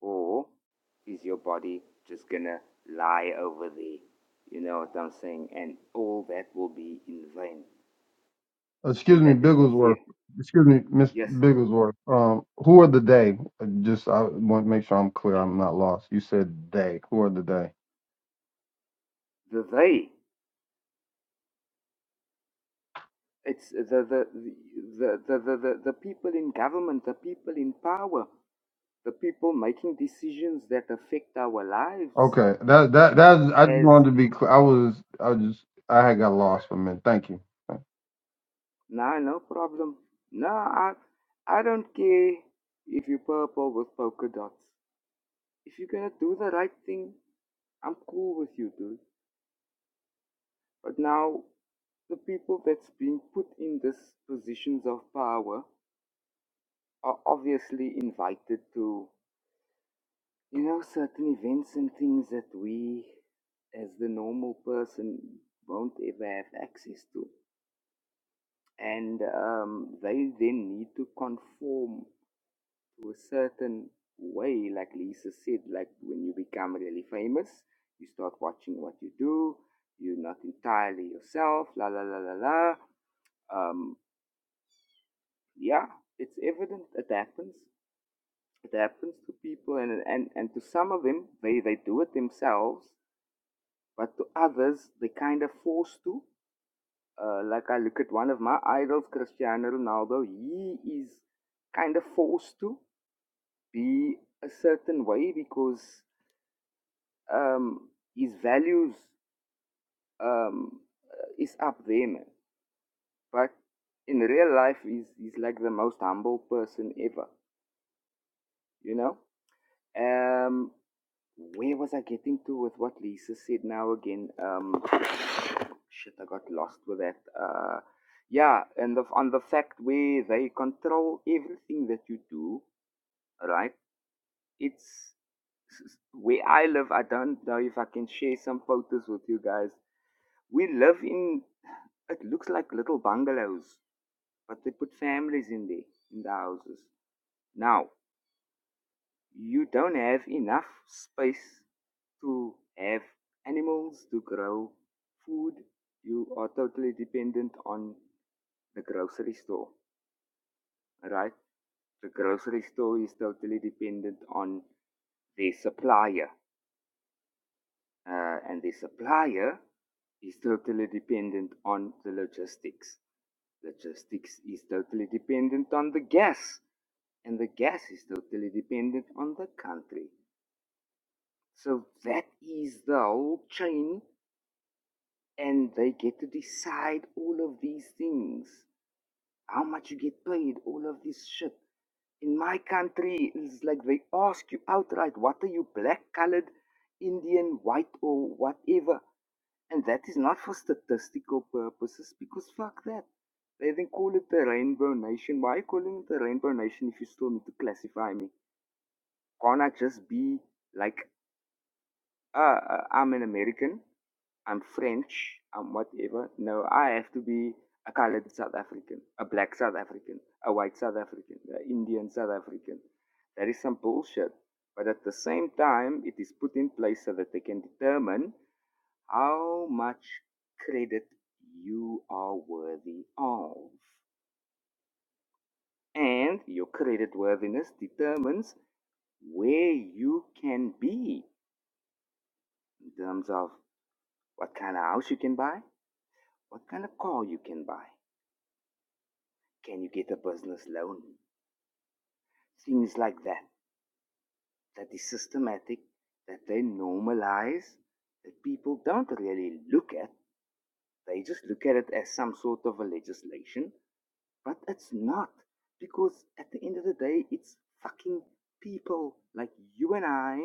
or is your body just gonna lie over there? You know what I'm saying? And all that will be in vain. Excuse and me, that is the fear. Bigglesworth. Excuse me, Miss Yes, Bigglesworth. Um, who are the day? Uh, Just I want to make sure I'm clear. I'm not lost. You said they. Who are the day? the they. It's the the the the the, the, the people in government, the people in power, the people making decisions that affect our lives. Okay. That that that. I just As wanted to be clear. I was. I was just. I had got lost for a minute. Thank you. nah, no problem. Nah, I I don't care if you purple with polka dots. If you're gonna do the right thing, I'm cool with you, dude. But now the people that's being put in these positions of power are obviously invited to You know, certain events and things that we, as the normal person, won't ever have access to. And um, they then need to conform to a certain way, like Lisa said, like when you become really famous, you start watching what you do, you're not entirely yourself, la la la la la. Um, yeah, it's evident it happens. It happens to people, and, and, and to some of them, they, they do it themselves but to others they kind of forced to. Uh, like I look at one of my idols, Cristiano Ronaldo, he is kind of forced to be a certain way because um, his values um, uh, is up there, man. But in real life, he's, he's like the most humble person ever, you know? Um, where was I getting to with what Lisa said now again? Um, Shit, I got lost with that. Uh, yeah, and the, on the fact where they control everything that you do, right? It's where I live. I don't know if I can share some photos with you guys. We live in it looks like little bungalows, but they put families in there in the houses. Now you don't have enough space to have animals to grow food. You are totally dependent on the grocery store, right? The grocery store is totally dependent on their supplier, uh, and the supplier is totally dependent on the logistics. Logistics is totally dependent on the gas, and the gas is totally dependent on the country. So that is the whole chain, and they get to decide all of these things. How much you get paid, all of this shit. In my country, it's like they ask you outright, what are you, black, colored, Indian, white, or whatever? And that is not for statistical purposes because fuck that. They then call it the Rainbow Nation. Why are you calling it the Rainbow Nation if you still need to classify me? Can't I just be like uh, uh, I'm an American. I'm French. I'm whatever. No, I have to be a colored South African, a black South African, a white South African, an Indian South African. That is some bullshit. But at the same time, it is put in place so that they can determine how much credit you are worthy of. And your credit worthiness determines where you can be in terms of what kind of house you can buy, What kind of car you can buy? Can you get a business loan? Things like that. That is systematic, that they normalize, that people don't really look at. They just look at it as some sort of a legislation, but it's not. Because at the end of the day, it's fucking people like you and I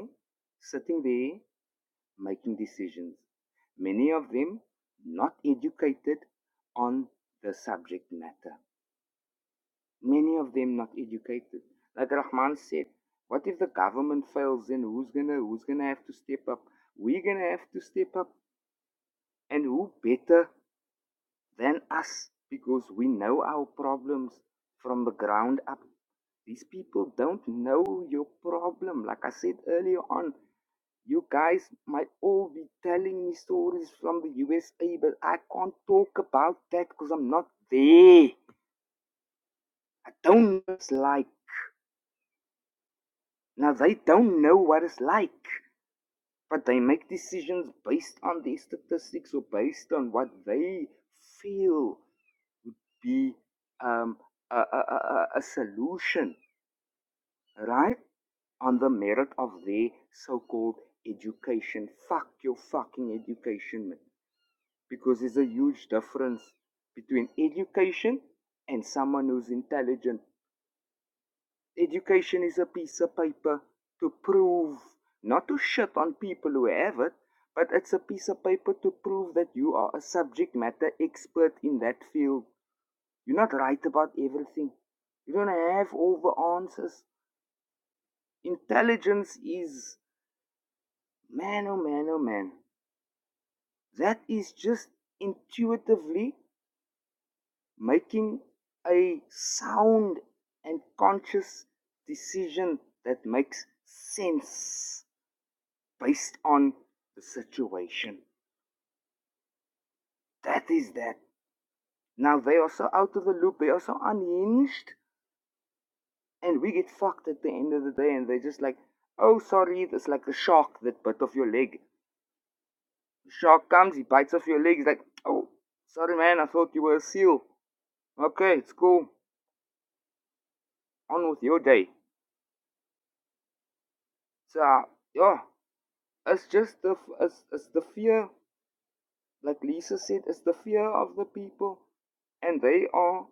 sitting there making decisions. Many of them not educated on the subject matter. Many of them not educated. Like Rahman said, what if the government fails? Then who's gonna who's gonna have to step up? We're gonna have to step up, and who better than us? Because we know our problems from the ground up. These people don't know your problem. Like I said earlier on, you guys might all be telling me stories from the USA, but I can't talk about that because I'm not there. I don't know what it's like. Now they don't know what it's like. but they make decisions based on these statistics or based on what they feel be um, a, a, a, a a solution, right? On the merit of their so called education. Fuck your fucking education, man. Because there's a huge difference between education and someone who's intelligent. Education is a piece of paper to prove, not to shit on people who have it, but it's a piece of paper to prove that you are a subject matter expert in that field. You're not right about everything. You don't have all the answers. Intelligence is, man, oh man, oh man. That is just intuitively making a sound and conscious decision that makes sense. based on the situation. That is that. Now they are so out of the loop, they are so unhinged, and we get fucked at the end of the day, and they're just like, oh, sorry, it's like the shark that bit off your leg. The shark comes, he bites off your leg, he's like, oh, sorry, man, I thought you were a seal. Okay, it's cool. On with your day. So, yeah, it's just the, it's, it's the fear like Lisa said, it's the fear of the people, and they are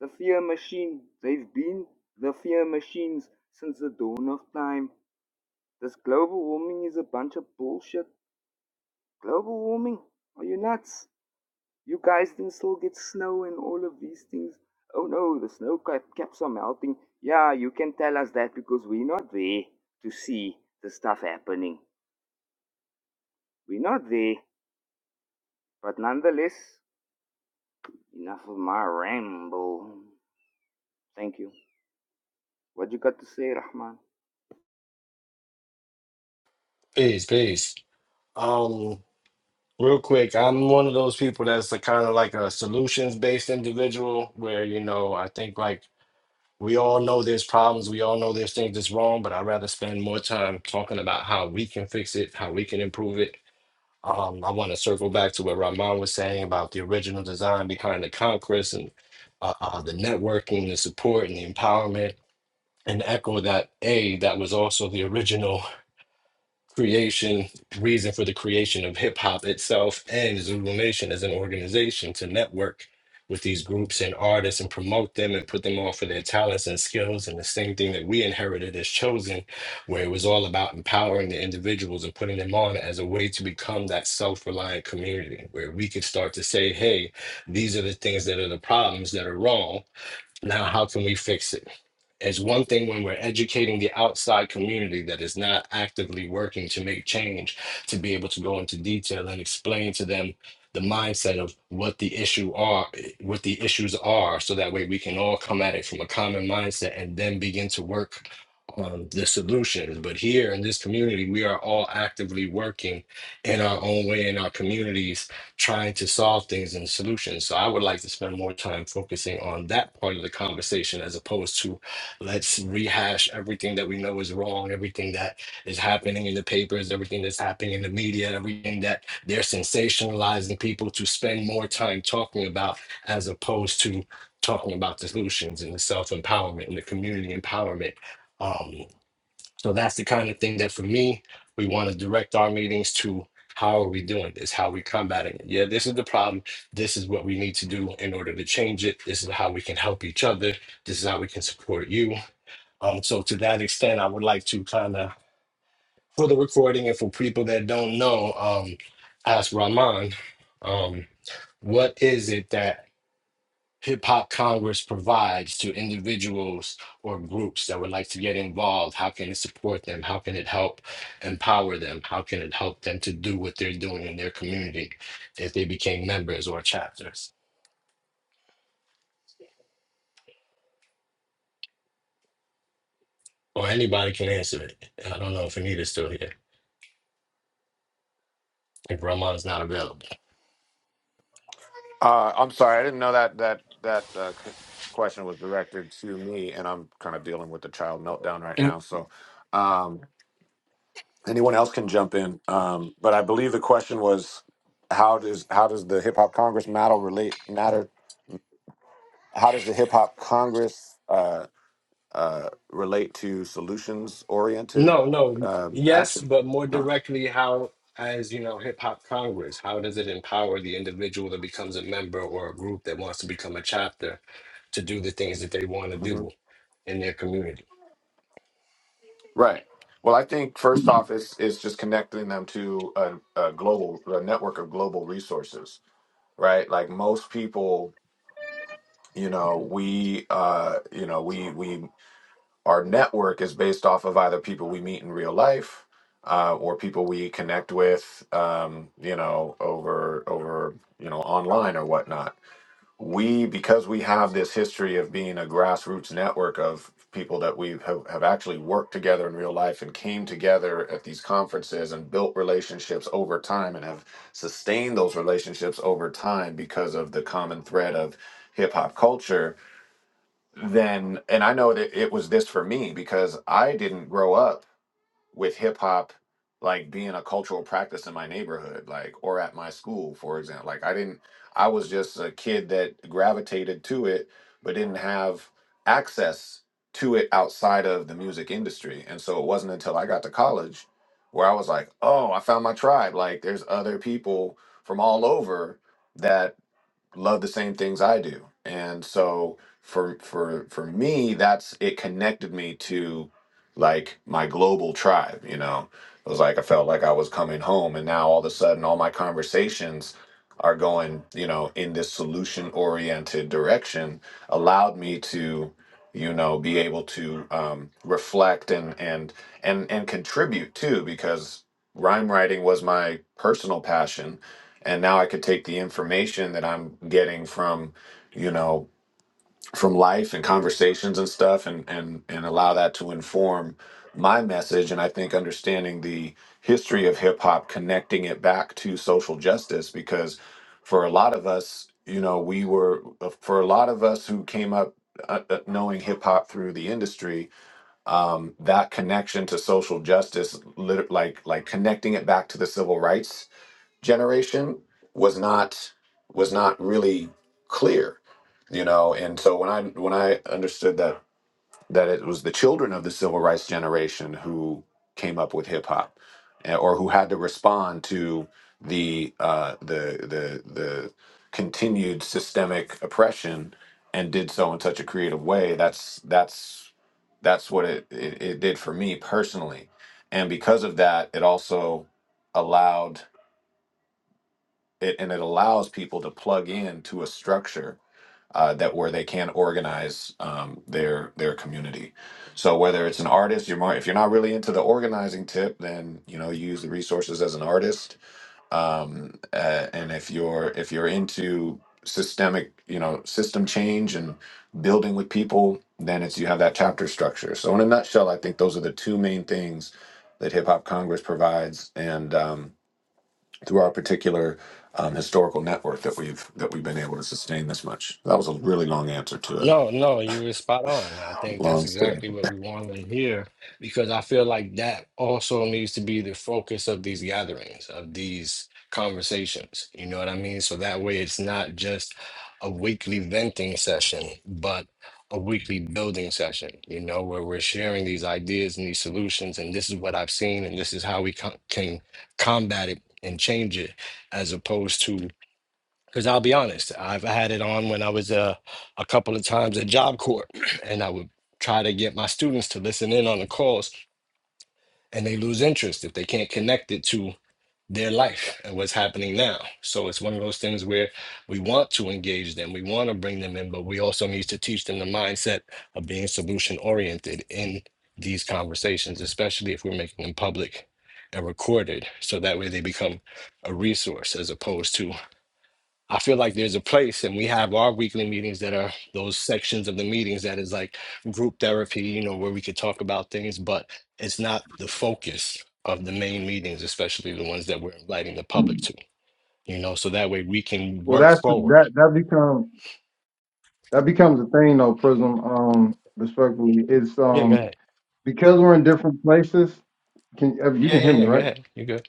the fear machine. They've been the fear machines since the dawn of time. This global warming is a bunch of bullshit. Global warming? Are you nuts? You guys can still get snow and all of these things. Oh no, the snow cap- caps are melting. Yeah, you can tell us that because we're not there to see the stuff happening. We're not there, but nonetheless, enough of my ramble. Thank you. What you got to say, Rahman? Peace, peace. Um, real quick, I'm one of those people that's a kind of like a solutions based individual where you know I think like we all know there's problems, we all know there's things that's wrong, but I'd rather spend more time talking about how we can fix it, how we can improve it, Um, I want to circle back to what Rahman was saying about the original design behind the Congress and uh, uh, the networking, the support, and the empowerment, and echo that A, that was also the original creation, reason for the creation of hip hop itself and Zulu Nation as an organization to network with these groups and artists and promote them and put them on for their talents and skills. And the same thing that we inherited as chosen, where it was all about empowering the individuals and putting them on as a way to become that self reliant community where we could start to say, hey, these are the things that are the problems that are wrong now, how can we fix it? It's one thing when we're educating the outside community that is not actively working to make change, to be able to go into detail and explain to them the mindset of what the issue are, what the issues are, so that way we can all come at it from a common mindset and then begin to work on the solutions. But here in this community, we are all actively working in our own way in our communities trying to solve things and solutions. So I would like to spend more time focusing on that part of the conversation as opposed to let's rehash everything that we know is wrong, everything that is happening in the papers, everything that's happening in the media, everything that they're sensationalizing people to spend more time talking about as opposed to talking about the solutions and the self-empowerment and the community empowerment. Um. So that's the kind of thing that for me, we want to direct our meetings to how are we doing this? How are we combating it? Yeah, this is the problem. This is what we need to do in order to change it. This is how we can help each other. This is how we can support you. Um, so to that extent, I would like to kind of for the recording and for people that don't know, um, ask Rahman, um, what is it that Hip Hop Congress provides to individuals or groups that would like to get involved? How can it support them? How can it help empower them? How can it help them to do what they're doing in their community if they became members or chapters? Or anybody can answer it. I don't know if Anita's still here. If Ramon is not available. Uh, I'm sorry, I didn't know that that that uh, c- question was directed to me, and I'm kind of dealing with the child meltdown right now. So, um, anyone else can jump in. Um, but I believe the question was, how does how does the Hip Hop Congress matter relate matter? How does the Hip Hop Congress uh, uh, relate to solutions oriented No, no. um, Yes, action? but more No. directly, how, as you know, Hip Hop Congress, how does it empower the individual that becomes a member or a group that wants to become a chapter to do the things that they want to Mm-hmm. do in their community? Right. Well, I think first off, it's it's just connecting them to a, a global a network of global resources, right? Like most people, you know, we uh, you know, we we our network is based off of either people we meet in real life, uh, or people we connect with, um, you know, over over you know online or whatnot we because we have this history of being a grassroots network of people that we have, have actually worked together in real life and came together at these conferences and built relationships over time and have sustained those relationships over time because of the common thread of hip hop culture then and I know that it was this for me because I didn't grow up with hip hop like being a cultural practice in my neighborhood like or at my school for example like i didn't i was just a kid that gravitated to it but didn't have access to it outside of the music industry and so it wasn't until i got to college where i was like oh i found my tribe like there's other people from all over that love the same things I do. And so for for for me, that's it connected me to like my global tribe, you know. It was like I felt like I was coming home and now all of a sudden all my conversations are going, you know, in this solution oriented direction allowed me to you know be able to um, reflect and and and and contribute too because rhyme writing was my personal passion and now I could take the information that I'm getting from, you know, from life and conversations and stuff, and and and allow that to inform my message. And I think understanding the history of hip hop, connecting it back to social justice, because for a lot of us, you know, we were uh, for a lot of us who came up. Uh, uh, knowing hip hop through the industry, um, that connection to social justice, lit- like like connecting it back to the civil rights generation was not was not really clear you know and so when i when i understood that that it was the children of the civil rights generation who came up with hip hop eh, or who had to respond to the uh the the the continued systemic oppression and did so in such a creative way that's that's that's what it it, it did for me personally and because of that it also allowed it and it allows people to plug in to a structure uh, that where they can organize um, their their community. So whether it's an artist, you're more if you're not really into the organizing tip, then you know you use the resources as an artist. Um, uh, and if you're if you're into systemic, you know, system change and building with people, then it's you have that chapter structure. So in a nutshell, I think those are the two main things that Hip Hop Congress provides, and um, through our particular um, historical network that we've that we've been able to sustain this much. That was a really long answer to a No, no, you were spot on. I think that's long story. exactly what we want to hear because I feel like that also needs to be the focus of these gatherings, of these conversations. You know what I mean? So that way it's not just a weekly venting session, but a weekly building session, you know, where we're sharing these ideas and these solutions. And this is what I've seen, and this is how we co- can combat it and change it, as opposed to because I'll be honest, I've had it on when I was uh, a couple of times at Job Corps, [clears throat] and I would try to get my students to listen in on the calls, and they lose interest if they can't connect it to their life and what's happening now. So it's one of those things where we want to engage them, we want to bring them in, but we also need to teach them the mindset of being solution oriented in these conversations, especially if we're making them public and recorded, so that way they become a resource as opposed to I feel like there's a place, and we have our weekly meetings that are those sections of the meetings that is like group therapy, you know, where we could talk about things, but it's not the focus of the main meetings, especially the ones that we're inviting the public to, you know, so that way we can Well, work that's the, forward. that that becomes that becomes a thing though. Prism. Um, respectfully, it's Yeah, go um. ahead. because we're in different places. Can uh, you can Yeah, hear me yeah, yeah, go right? ahead. You're good.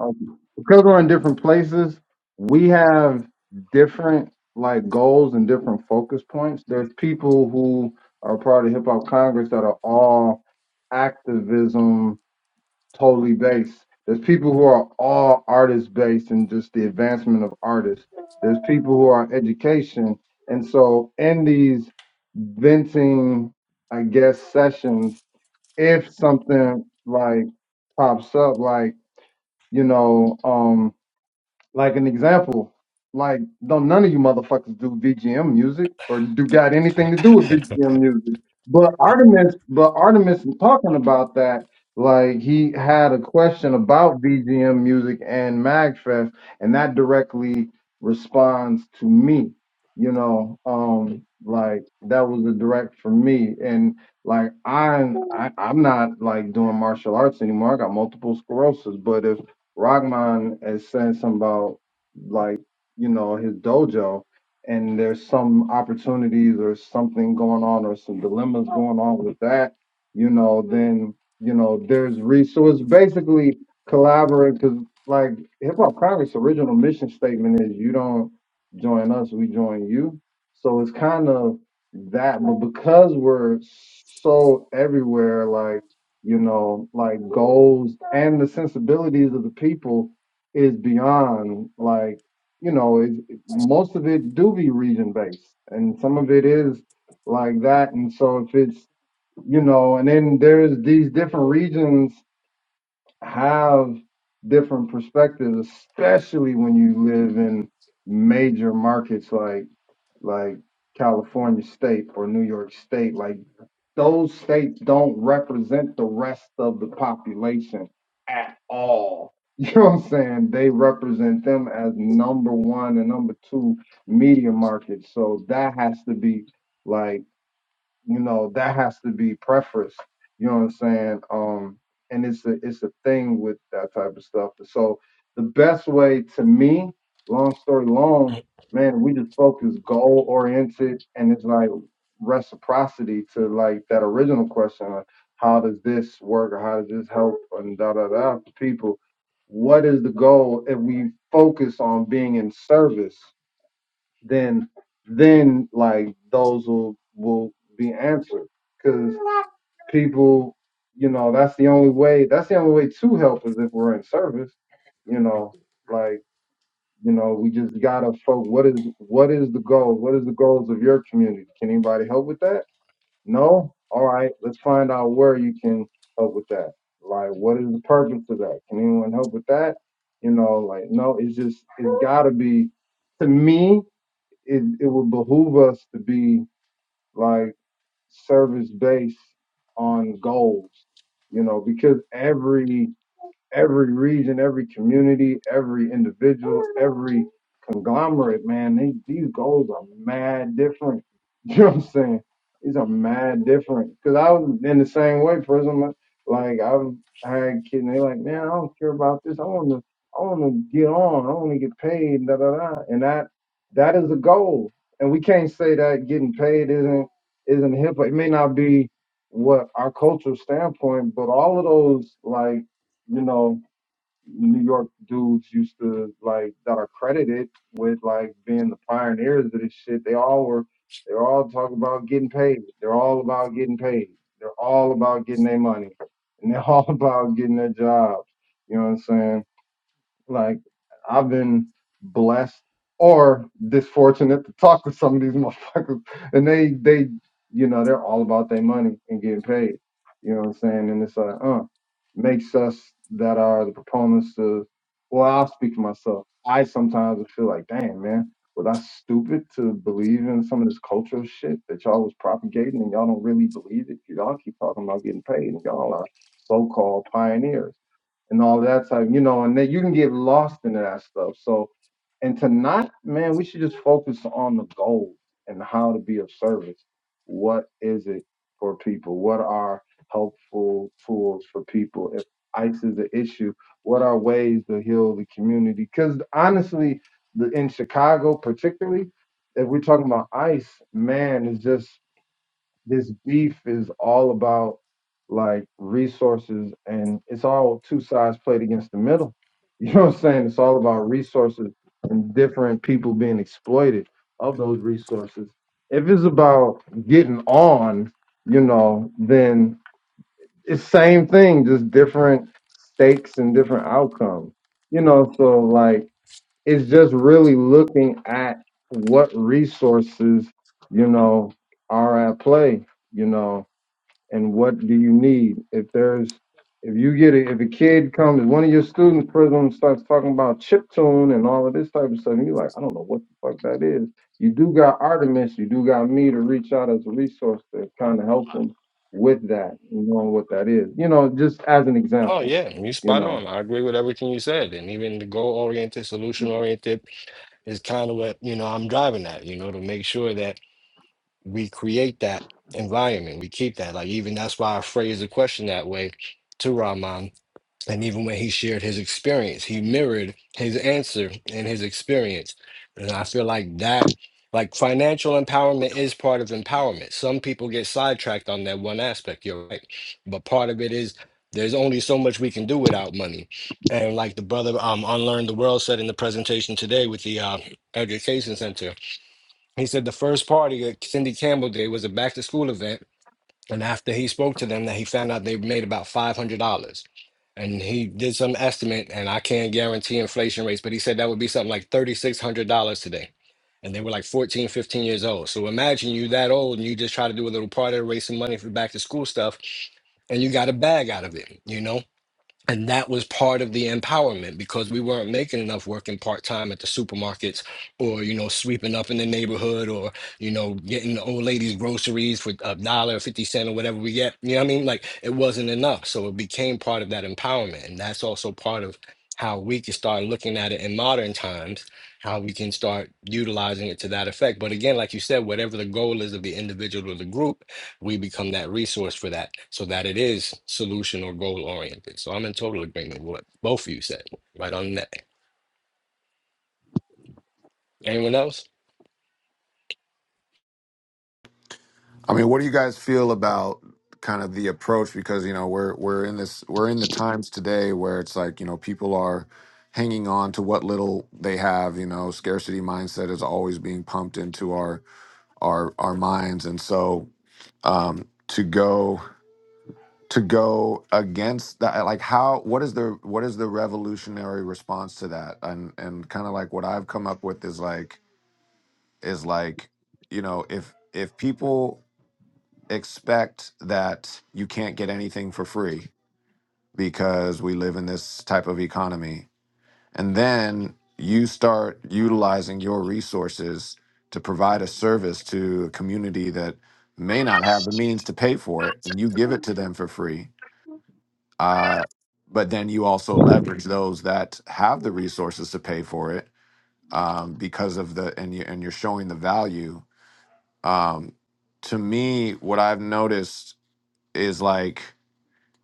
Um, because we're in different places, we have different like goals and different focus points. There's people who are part of Hip Hop Congress that are all activism totally based. There's people who are all artist based and just the advancement of artists. There's people who are education, and so in these venting, I guess, sessions if something like pops up, like you know, um, like an example, like don't none of you motherfuckers do VGM music or do got anything to do with [laughs] VGM music. But Artemis, but Artemis was talking about that, like he had a question about VGM music and MagFest, and that directly responds to me. You know, um, like that was a direct from me, and like I'm, I, I'm not like doing martial arts anymore. I got multiple sclerosis, but if Rahman is saying something about like you know his dojo, and there's some opportunities or something going on or some dilemmas going on with that. You know, then you know there's re- so it's basically collaborating because like Hip Hop Congress' original mission statement is you don't join us, we join you. So it's kind of that, but because we're so everywhere, like you know, like goals and the sensibilities of the people is beyond like, you know, it, it- most of it do be region based and some of it is like that. And so if it's, you know, and then there's these different regions have different perspectives, especially when you live in major markets like, like California state or New York state. like those states don't represent the rest of the population at all. [laughs] You know what I'm saying? They represent them as number one and number two media markets. So that has to be like you know that has to be preferenced you know what i'm saying um and it's a it's a thing with that type of stuff so the best way to me long story long Mm. man we just focus goal oriented and it's like reciprocity to like that original question like how does this work or how does this help and da da da for people what is the goal if we focus on being in service then then like those will will be answered because people you know that's the only way that's the only way to help is if we're in service you know like you know we just gotta focus what is what is the goal what is the goals of your community can anybody help with that no all right let's find out where you can help with that like what is the purpose of that can anyone help with that you know like no it's just it's gotta be to me it, it would behoove us to be like service based on goals, you know, because every every region, every community, every individual, every conglomerate, man, they, these goals are mad different. [laughs] You know what I'm saying? These are mad different. Cause I was in the same way, prison. Like I've had kids, and they like, man, I don't care about this. I want to, I want to get on. I want to get paid. Da da da. And that, that is a goal. And we can't say that getting paid isn't isn't hip. It may not be what our cultural standpoint, but all of those like you know, New York dudes used to like that are credited with like being the pioneers of this shit. They all were they're all talking about getting paid. They're all about getting paid. They're all about getting their money. And they're all [laughs] about getting their jobs. You know what I'm saying? Like I've been blessed or disfortunate to talk with some of these [laughs] motherfuckers, and they they you know they're all about their money and getting paid. You know what I'm saying? And it's like, uh, makes us that are the proponents of. Well, I'll speak for myself. I sometimes would feel like, damn man, was I stupid to believe in some of this cultural shit that y'all was propagating and y'all don't really believe it? Y'all keep talking about getting paid and y'all are so-called pioneers and all that type, you know, and then you can get lost into that stuff. So, and to not, man, we should just focus on the goal and how to be of service. What is it for people? What are helpful tools for people? If ICE is an issue, what are ways to heal the community? Because honestly, the, in Chicago particularly, if we're talking about ICE, man, it's just this beef is all about like resources and it's all two sides played against the middle. [laughs] You know what I'm saying? It's all about resources and different people being exploited of those resources. If it's about getting on, you know, then it's same thing, just different stakes and different outcomes. You know, so like it's just really looking at what resources, you know, are at play, you know and what do you need? If there's if you get a, if a kid comes, one of your students, Prism, starts talking about chiptune and all of this type of stuff, and you're like, I don't know what the fuck that is. You do got Artemis, you do got me to reach out as a resource to kind of help them with that, You know what that is. You know, just as an Oh, example, yeah, you you spot know. on. I agree with everything you said. And even the goal oriented, solution oriented is kind of what, you know, I'm driving at, you know, to make sure that we create that environment. We keep that. Like even that's why I phrased the question that way to Rahman. And even when he shared his experience, he mirrored his answer and his experience. And I feel like that, like financial empowerment is part of empowerment. Some people get sidetracked on that one aspect. You're right. But part of it is there's only so much we can do without money. And like the brother um Unlearn the World said in the presentation today with the uh, education center, he said the first party that Cindy Campbell did was a back to school event, and after he spoke to them, that he found out they made about five hundred dollars, and he did some estimate, and I can't guarantee inflation rates, but he said that would be something like thirty six hundred dollars today, and they were like 14, 15 years old. So imagine you that old, and you just try to do a little party to raise some money for back to school stuff, and you got a bag out of it, you know. And that was part of the empowerment because we weren't making enough working part time at the supermarkets or, you know, sweeping up in the neighborhood or, you know, getting the old ladies groceries for a dollar, 50 cent or whatever we get. You know what I mean? Like it wasn't enough. So it became part of that empowerment. And that's also part of how we can start looking at it in modern times, how we can start utilizing it to that effect. But again, like you said, whatever the goal is of the individual or the group, we become that resource for that so that it is solution or goal oriented. So I'm in total agreement with what both of you said right on that. Anyone else? I mean, what do you guys feel about kind of the approach? Because you know we're we're in this we're in the times today where it's like you know people are hanging on to what little they have. You know, scarcity mindset is always being pumped into our our our minds, and so um, to go. to go against that like how what is the what is the revolutionary response to that and and kind of like what i've come up with is like is like you know if if people expect that you can't get anything for free because we live in this type of economy and then you start utilizing your resources to provide a service to a community that may not have the means to pay for it and you give it to them for free Uh, but then you also leverage those that have the resources to pay for it um, because of the and you and you're showing the value. Um, to me, what I've noticed is like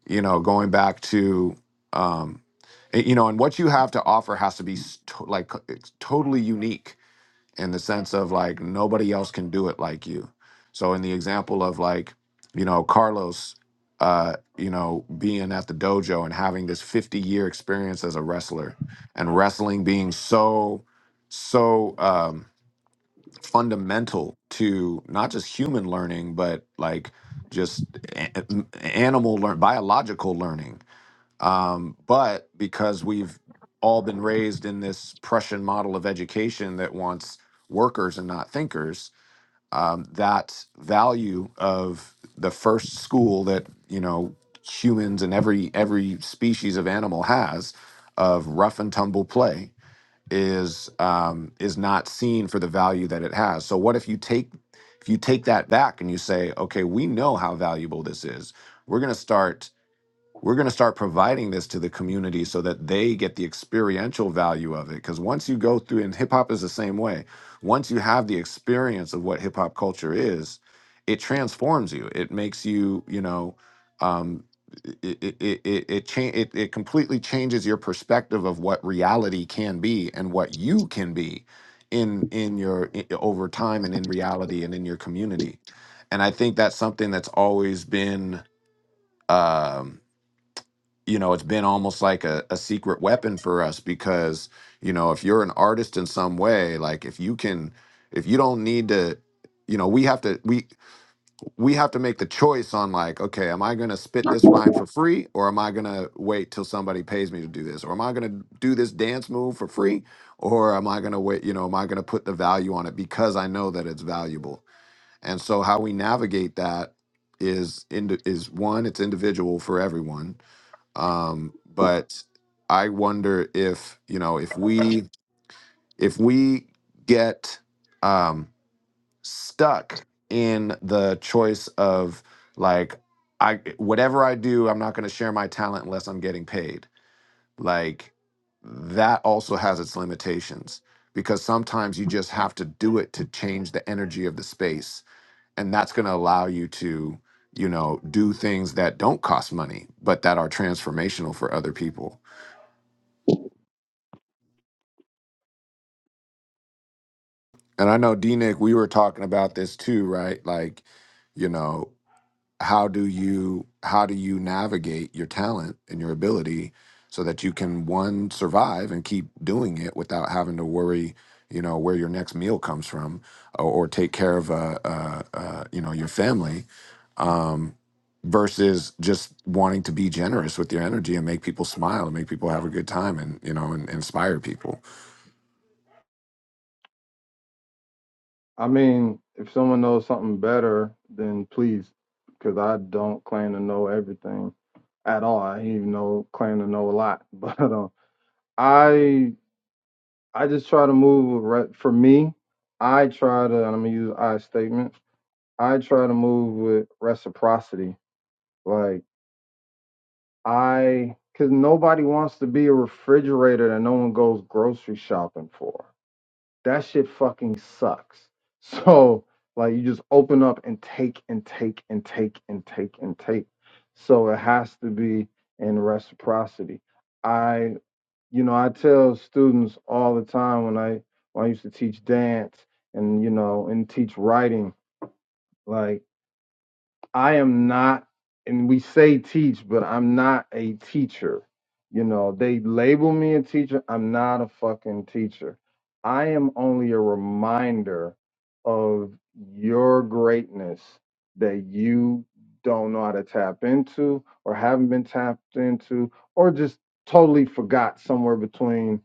you know going back to um, eh, you know and what you have to offer has to be s- to- like c- it's totally unique in the sense of like nobody else can do it like you. So in the example of like, you know, Carlos, uh, you know, being at the dojo and having this 50 year experience as a wrestler and wrestling being so, so um, fundamental to not just human learning, but like just a- a- animal learn biological learning um, but because we've all been raised in this Prussian model of education that wants workers and not thinkers, um, that value of the first school that you know humans and every every species of animal has of rough and tumble play is um, is not seen for the value that it has. So what if you take if you take that back and you say, okay, we know how valuable this is. We're going to start we're going to start providing this to the community so that they get the experiential value of it. Because once you go through, and hip hop is the same way, once you have the experience of what hip hop culture is, it transforms you. It makes you, you know, um, it it it it, it, cha- it it completely changes your perspective of what reality can be and what you can be in in your i- over time and in reality and in your community. And I think that's something that's always been. Um, you know it's been almost like a, a secret weapon for us because you know if you're an artist in some way like if you can if you don't need to you know we have to we we have to make the choice on like okay am i going to spit this rhyme for free or am i going to wait till somebody pays me to do this or am i going to do this dance move for free or am i going to wait you know am i going to put the value on it because i know that it's valuable and so how we navigate that is indi- is one it's individual for everyone um, but I wonder if you know if we if we get um, stuck in the choice of like I whatever I do, I'm not going to share my talent unless I'm getting paid. Like that also has its limitations because sometimes you just have to do it to change the energy of the space, and that's going to allow you to you know do things that don't cost money but that are transformational for other people And I know D Nick, we were talking about this too, right? Like, you know, how do you how do you navigate your talent and your ability so that you can one survive and keep doing it without having to worry, you know, where your next meal comes from or, or take care of uh, uh, uh, you know your family versus just wanting to be generous with your energy and make people smile and make people have a good time and you know and and inspire people, I mean, if someone knows something better, then please, because I don't claim to know everything at all. I even know claim to know a lot, [laughs] but um, I I just try to move with re- for me. I try to, and I'm gonna use I statement. I try to move with reciprocity. Like I, because nobody wants to be a refrigerator that no one goes grocery shopping for. That shit fucking sucks. [laughs] So like you just open up and take and take and take and take and take. So it has to be in reciprocity. I you know, I tell students all the time when I when I used to teach dance and you know and teach writing, like I am not, and we say teach, but I'm not a teacher. You know, they label me a teacher. I'm not a fucking teacher. I am only a reminder of your greatness that you don't know how to tap into or haven't been tapped into or just totally forgot somewhere between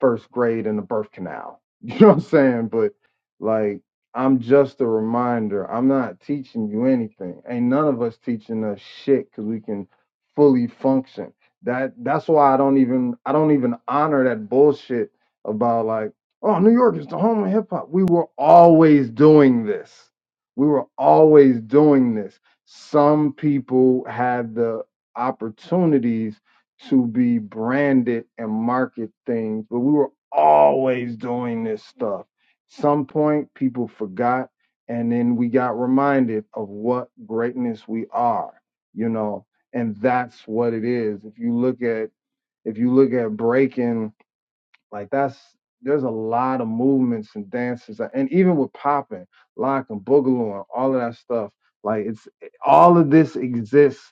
first grade and the birth canal. [laughs] You know what I'm saying? But like. I'm just a reminder. I'm not teaching you anything. Ain't none of us teaching us shit because we can fully function. That that's why I don't even I don't even honor that bullshit about like, oh, New York is the home of hip hop. We were always doing this. We were always doing this. Some people had the opportunities to be branded and market things, but we were always doing this stuff some point people forgot, and then we got reminded of what greatness we are, you know, and that's what it is. If you look at if you look at breaking, like that's there's a lot of movements and dances, and even with popping, lock and boogaloo and all of that stuff, like it's all of this exists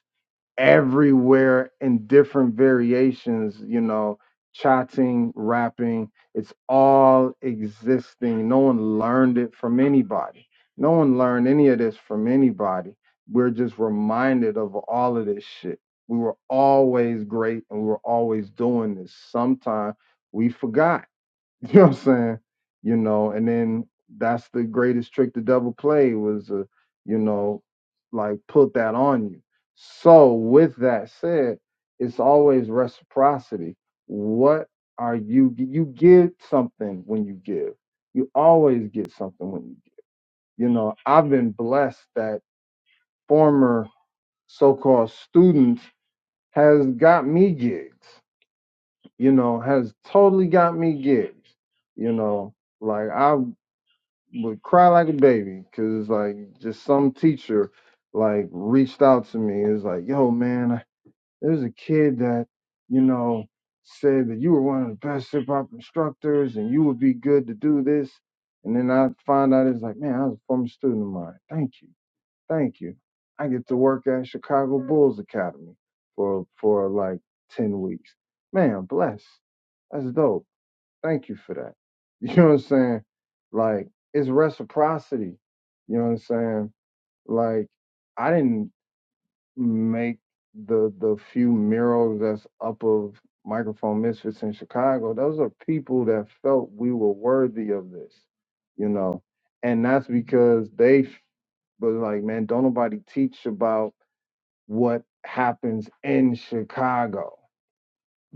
everywhere in different variations, you know, chatting, rapping. It's all existing. No one learned it from anybody. No one learned any of this from anybody. We're just reminded of all of this shit. We were always great and we were always doing this. Sometime we forgot [laughs] You know what I'm saying? You know, and then that's the greatest trick the devil played was, uh, you know, like put that on you. So with that said, it's always reciprocity. What are you? You get something when you give. You always get something when you give. You know, I've been blessed that former so-called students has got me gigs. You know, has totally got me gigs. You know, like I would cry like a baby because like just some teacher like reached out to me and was like, "Yo, man, I- there's a kid that you know said that you were one of the best hip hop instructors and you would be good to do this." And then I find out it's like, man, I was a former student of mine. Thank you, thank you. I get to work at Chicago Bulls Academy for for like ten weeks. Man, bless. That's dope. Thank you for that. [laughs] You know what I'm saying? Like, it's reciprocity. You know what I'm saying? Like, I didn't make the the few murals that's up of microphone misfits in Chicago. Those are people that felt we were worthy of this, you know. And that's because they was like, man, don't nobody teach about what happens in Chicago.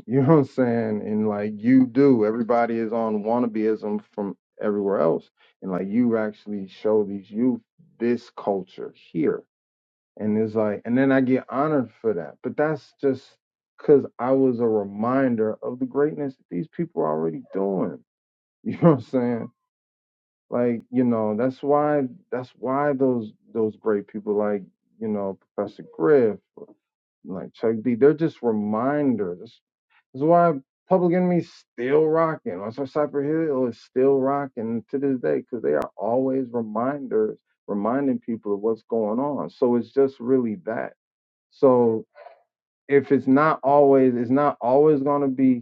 You know what I'm saying? And like you do, everybody is on wannabeism from everywhere else. And like you actually show these youth this culture here. And it's like, and then I get honored for that. But that's just because I was a reminder of the greatness that these people are already doing. [laughs] You know what I'm saying? Like, you know, that's why that's why those those great people like, you know, Professor Griff, like Chuck D, they're just reminders. That's why Public Enemy's still rocking. That's why Cypher Hill is still rocking to this day because they are always reminders, reminding people of what's going on. So it's just really that. So if it's not always, it's not always going to be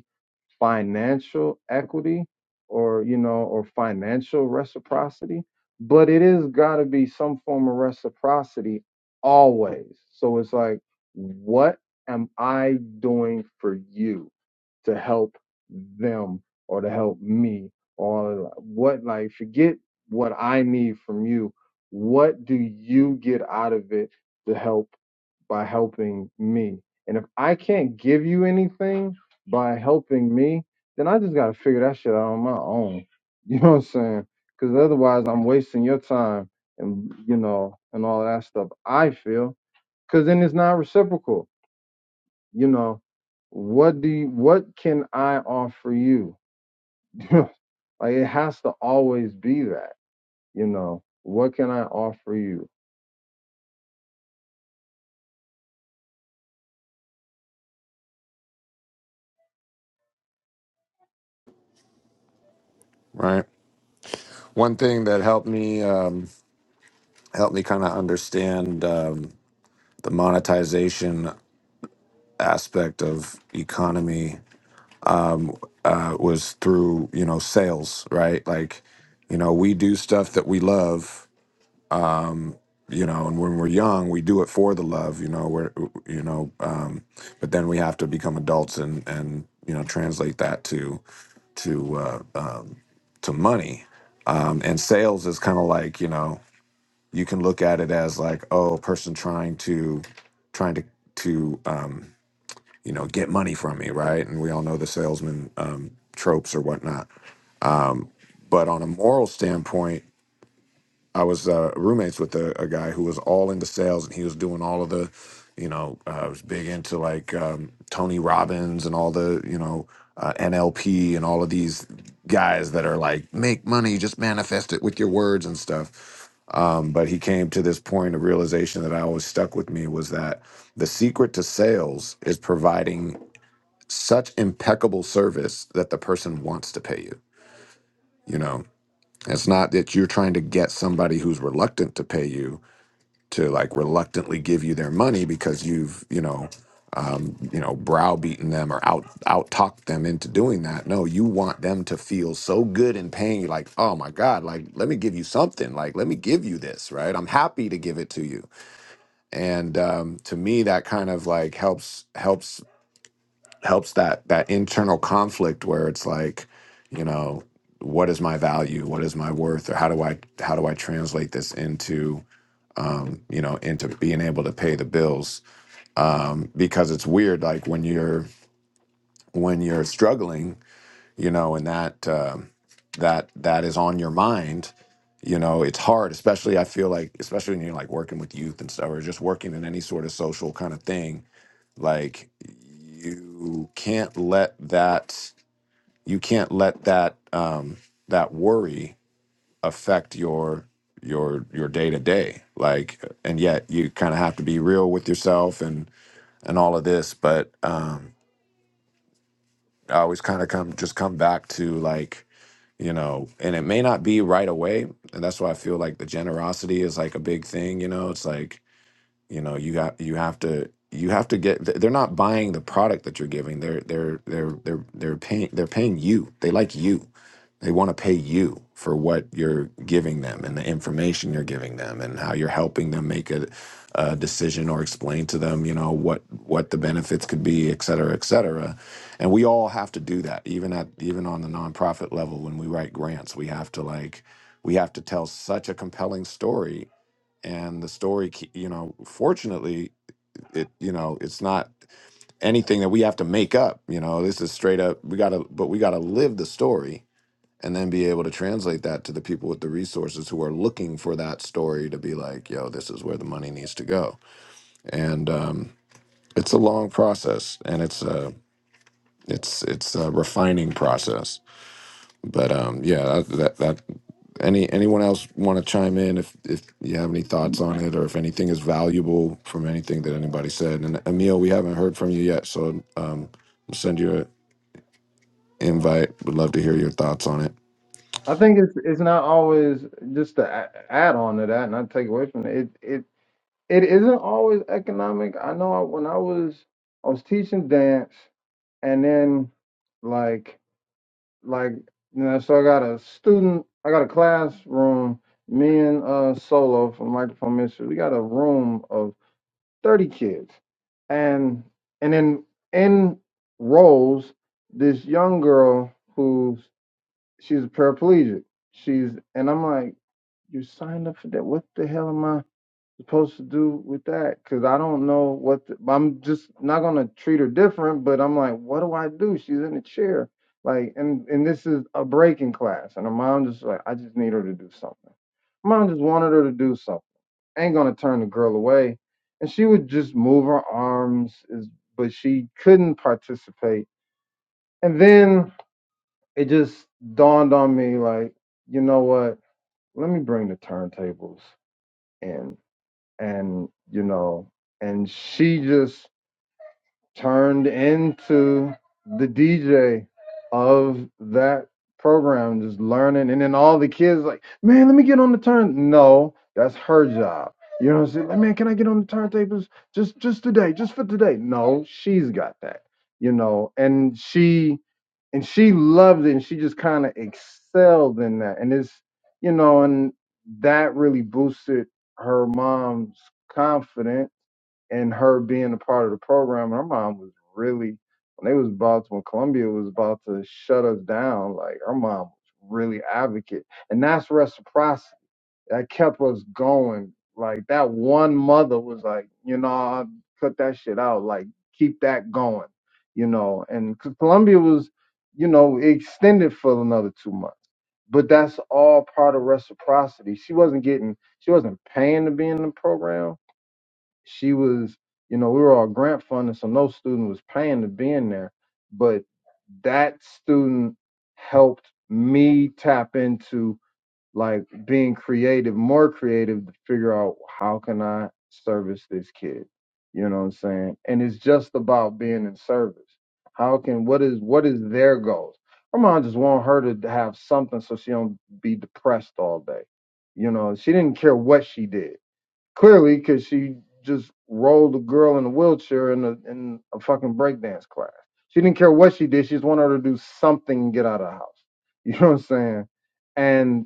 financial equity or you know or financial reciprocity but it is got to be some form of reciprocity always so it's like what am i doing for you to help them or to help me or what like forget what i need from you what do you get out of it to help by helping me. And if I can't give you anything by helping me, then I just got to figure that shit out on my own. [laughs] You know what I'm saying? Because otherwise, I'm wasting your time and, you know, and all that stuff. I feel because then it's not reciprocal. You know, what do you, what can I offer you? [laughs] like, it has to always be that, you know, what can I offer you? right? One thing that helped me. Um, help me kind of understand um, the monetization aspect of economy uh, was through you know sales right like you know we do stuff that we love um, you know and when we're young we do it for the love you know we're you know um, but then we have to become adults and and you know translate that to to uh, um, to money um, and sales is kind of like you know you can look at it as like oh a person trying to trying to to um you know get money from me right and we all know the salesman um tropes or whatnot but on a moral standpoint I was uh, roommates with a, a guy who was all into sales, and he was doing all of the, you know, uh, was big into like um, Tony Robbins and all the, you know, uh, NLP and all of these guys that are like make money, just manifest it with your words and stuff. Um, but he came to this point of realization that I always stuck with me was that the secret to sales is providing such impeccable service that the person wants to pay you. You know, it's not that you're trying to get somebody who's reluctant to pay you to like reluctantly give you their money because you've you know um, you know browbeaten them or out out talked them into doing that. No, you want them to feel so good in paying you, like oh my god, like let me give you something, like let me give you this, right? I'm happy to give it to you, and um, to me that kind of like helps helps helps that that internal conflict where it's like you know what is my value what is my worth or how do i how do i translate this into um, you know, into being able to pay the bills. Um, because it's weird, like when you're when you're struggling, you know, and that um that that is on your mind. You know, it's hard, especially I feel like, especially when you're like working with youth and stuff, or just working in any sort of social kind of thing. Like you can't let that you can't let that um, that worry affect your your your day to day like and yet you kind of have to be real with yourself and and all of this but um i always kind of come just come back to like you know and it may not be right away and that's why i feel like the generosity is like a big thing you know it's like you know you got you have to you have to get they're not buying the product that you're giving they're they're they're they're they're paying they're paying you they like you they want to pay you for what you're giving them and the information you're giving them and how you're helping them make a, a decision or explain to them you know what what the benefits could be et cetera et cetera and we all have to do that even at even on the nonprofit level when we write grants we have to like we have to tell such a compelling story and the story ke- you know fortunately it you know it's not anything that we have to make up you know this is straight up we gotta but we gotta live the story and then be able to translate that to the people with the resources who are looking for that story to be like yo this is where the money needs to go and um, it's a long process and it's a it's it's a refining process But um, yeah, that, that that any anyone else want to chime in if if you have any thoughts on it or if anything is valuable from anything that anybody said. And Emil, we haven't heard from you yet, so um, we'll send you an invite. Would love to hear your thoughts on it. I think it's it's not always just to a- add on to that, not take away from it. It it it isn't always economic. I know I- when I was I was teaching dance, and then like like you know, so I got a student, I got a classroom. Me and uh Solo from Microphone Mystery, we got a room of thirty kids, and and then in roles, this young girl who's she's a paraplegic. She's and I'm like you signed up for that. What the hell am I supposed to do with that? Because I don't know what the, I'm just not gonna treat her different. But I'm like, what do I do? She's in a chair, like, and and this is a breaking class, and her mom just like, I just need her to do something. Mom just wanted her to do something. Ain't gonna turn the girl away, and she would just move her arms, is but she couldn't participate. And then it just dawned on me, like, you know what? Let me bring the turntables in and you know, and she just turned into the DJ of that program, just learning. And then all the kids like, man, let me get on the turn. No, that's her job. You know what I'm saying? Like, man, can I get on the turntables just just today, just for today? No, she's got that. You know, and she and she loved it and she just kind of excelled in that. And it's, you know, and that really boosted her mom's confidence and her being a part of the program, her mom was really when they was about to, when Columbia was about to shut us down, like her mom was really advocate, and that's reciprocity that kept us going. Like that one mother was like, you know, I cut that shit out, like keep that going, you know, and 'cause Columbia was, you know, extended for another two months. But that's all part of reciprocity. She wasn't getting, she wasn't paying to be in the program she was, you know, we were all grant funded, so no student was paying to be in there. But that student helped me tap into like being creative, more creative to figure out how can I service this kid. You know what I'm saying? And it's just about being in service. How can what is what is their goals? Her mom just want her to have something so she don't be depressed all day. You know, she didn't care what she did Clearly, because she just rolled a girl in a wheelchair in a in a fucking breakdance class. She didn't care what she did. She just wanted her to do something and get out of the house. [laughs] You know what I'm saying? And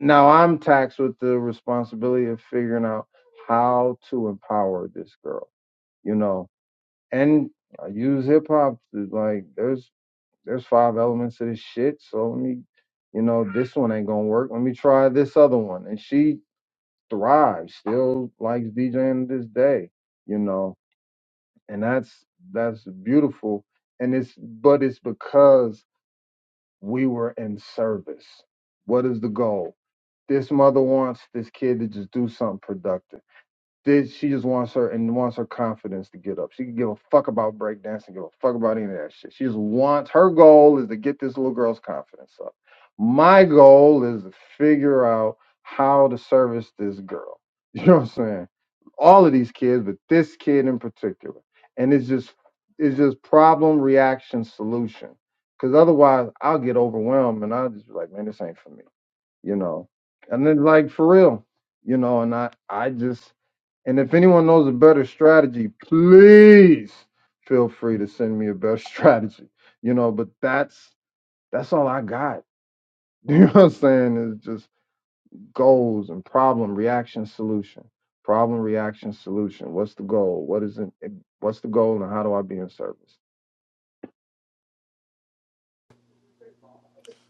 now I'm taxed with the responsibility of figuring out how to empower this girl. You know, and I use hip hop to like there's there's five elements to this shit. So let me, you know, this one ain't gonna work. Let me try this other one. And she thrives, still likes DJing to this day, you know, and that's that's beautiful. And it's but it's because we were in service. What is the goal? This mother wants this kid to just do something productive did she just wants her and wants her confidence to get up? She can give a fuck about breakdancing, give a fuck about any of that shit. She just wants her goal is to get this little girl's confidence up. My goal is to figure out how to service this girl. [laughs] You know what I'm saying? All of these kids, but this kid in particular. And it's just it's just problem, reaction, solution. Cause otherwise I'll get overwhelmed and I'll just be like, man, this ain't for me. You know. And then like for real you know, and I I just and if anyone knows a better strategy, please feel free to send me a better [laughs] strategy. You know, but that's that's all I got. [laughs] You know what I'm saying? It's just goals and problem, reaction, solution. Problem, reaction, solution. What's the goal? What is it? What's the goal and how do I be in service?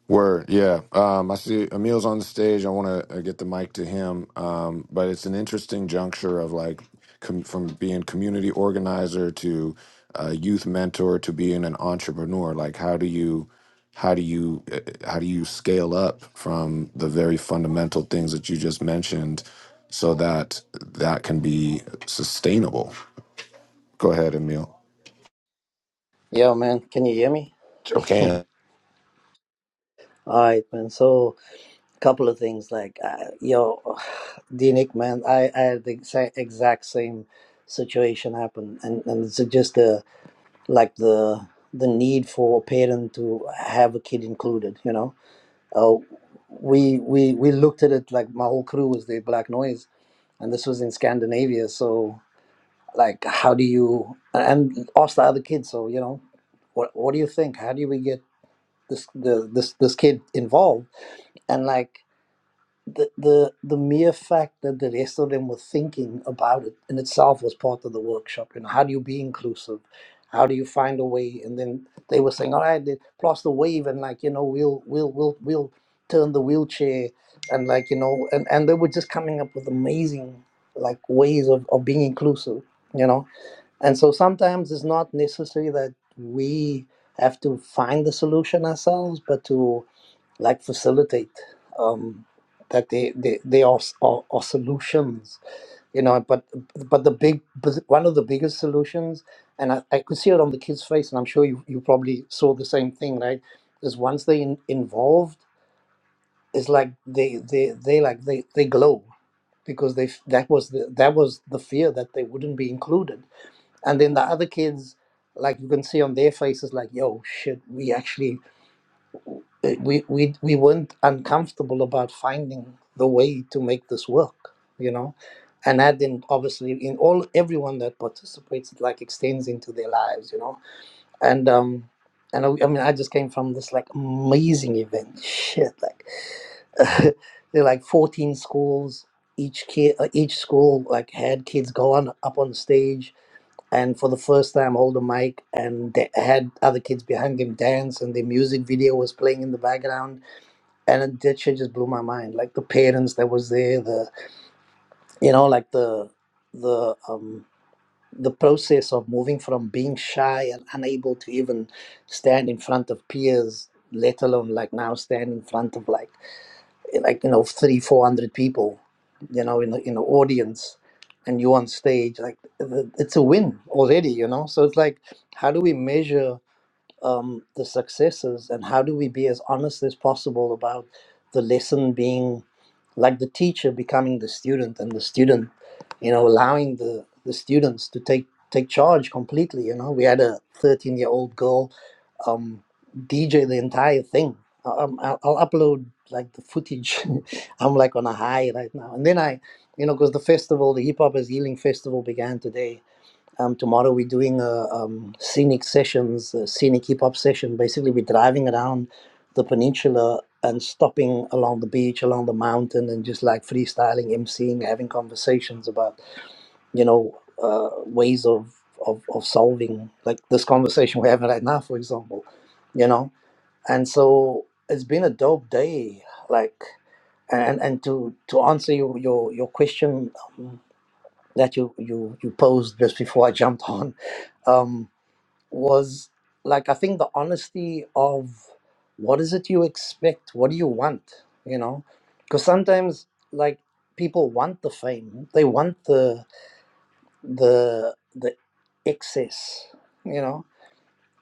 Word, yeah. Um, I see Emil's on the stage. I want to uh, get the mic to him, um, but it's an interesting juncture of like com- from being community organizer to uh, youth mentor to being an entrepreneur. Like, how do you, how do you, uh, uh, how do you scale up from the very fundamental things that you just mentioned, so that that can be sustainable? Go ahead, Emil. Yo, man, can you hear me? Okay. All right, man. So, a couple of things like, uh, yo, [sighs] Dinik, man, I, I had the exact, exact same situation happen, and and it's just the like the the need for a parent to have a kid included. You know, uh, we we we looked at it like my whole crew was the Black Noise, and this was in Scandinavia. So, like, how do you and ask the other kids? So, you know, what what do you think? How do we get this the this this kid involved? and like the the the mere fact that the rest of them were thinking about it in itself was part of the workshop you know how do you be inclusive how do you find a way and then they were saying all right then plus the wave and like you know we'll we'll we'll we'll turn the wheelchair and like you know and and they were just coming up with amazing like ways of, of being inclusive you know and so sometimes it's not necessary that we have to find the solution ourselves, but to like facilitate um, that they they, they are, are are solutions, you know. But but the big but one of the biggest solutions, and I, I could see it on the kids' face, and I'm sure you, you probably saw the same thing, right? Is once they in, involved, it's like they they they like they they glow because they that was the that was the fear that they wouldn't be included and then the other kids like you can see on their faces like yo shit we actually uh, we we, we weren't uncomfortable about finding the way to make this work you know and that then obviously in all everyone that participates it like extends into their lives you know and um and I, I mean i just came from this like amazing event shit like [laughs] they're like 14 schools each kid uh, each school like had kids go on up on stage and for the first time hold a mic and they had other kids behind him dance and the music video was playing in the background and it, that shit just blew my mind like the parents that was there the you know like the the um the process of moving from being shy and unable to even stand in front of peers let alone like now stand in front of like like you know three four hundred people you know in the in the audience and you on stage like th- it's a win already you know so it's like how do we measure um, the successes and how do we be as honest as possible about the lesson being like the teacher becoming the student and the student you know allowing the the students to take take charge completely you know we had a 13 year old girl um DJ the entire thing. I- Um, I'll, I'll upload like the footage. [laughs] I'm like on a high right now. And then I, you know, because the festival, the Hip Hop is Healing Festival began today. Um, tomorrow we're doing a um, scenic sessions, a scenic hip hop session. Basically, we're driving around the peninsula and stopping along the beach, along the mountain, and just like freestyling, emceeing, having conversations about you know, uh, ways of, of, of solving, like this conversation we're having right now, for example, you know? And so it's been a dope day. Like, and, and to, to answer your, your, your question um, that you, you, you posed just before I jumped [laughs] on, um, was like, I think the honesty of what is it you expect? What do you want? You know? Because sometimes, like, people want the fame, they want the the the excess you know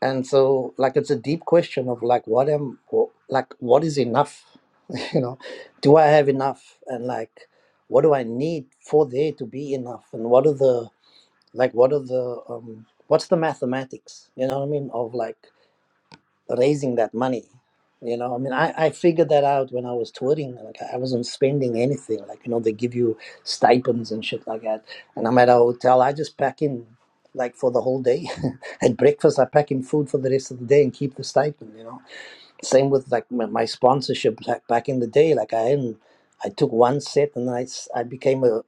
and so like it's a deep question of like what am wh- like what is enough [laughs] you know do i have enough and like what do i need for there to be enough and what are the like what are the um what's the mathematics you know what i mean of like raising that money. You know, I mean, I, I figured that out when I was touring. Like, I wasn't spending anything. Like, you know, they give you stipends and shit like that. And I'm at a hotel, I just pack in, like, for the whole day. [laughs] at breakfast, I pack in food for the rest of the day and keep the stipend, you know. Same with, like, my, my sponsorship like, back in the day. Like, I hadn't, I took one set and I, s- I became a,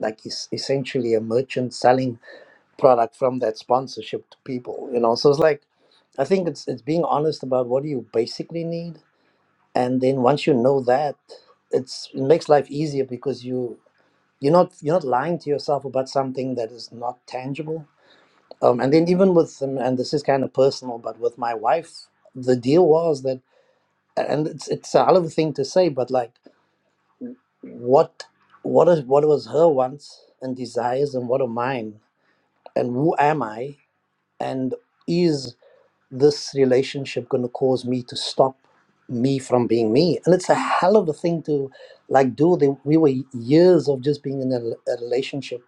like, es- essentially a merchant selling product from that sponsorship to people you know so it's like i think it's it's being honest about what you basically need and then once you know that it's it makes life easier because you you're not you're not lying to yourself about something that is not tangible um, and then even with um, and this is kind of personal but with my wife the deal was that and it's it's a hell of a thing to say but like what what is what was her wants and desires and what are mine and who am i and is this relationship going to cause me to stop me from being me and it's a hell of a thing to like do the, we were years of just being in a, a relationship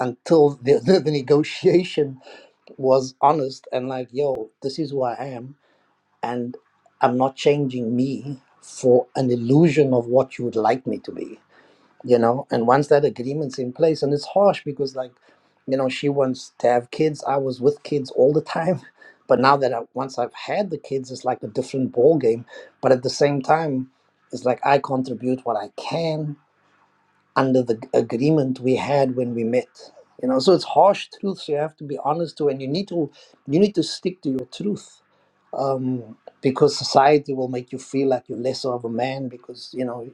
until the, [laughs] the, the negotiation was honest and like yo this is who i am and i'm not changing me for an illusion of what you would like me to be you know and once that agreement's in place and it's harsh because like you know she wants to have kids i was with kids all the time [laughs] but now that I, once i've had the kids it's like a different ball game but at the same time it's like i contribute what i can under the g- agreement we had when we met you know so it's harsh truths you have to be honest to and you need to you need to stick to your truth um because society will make you feel like you're lesser of a man because you know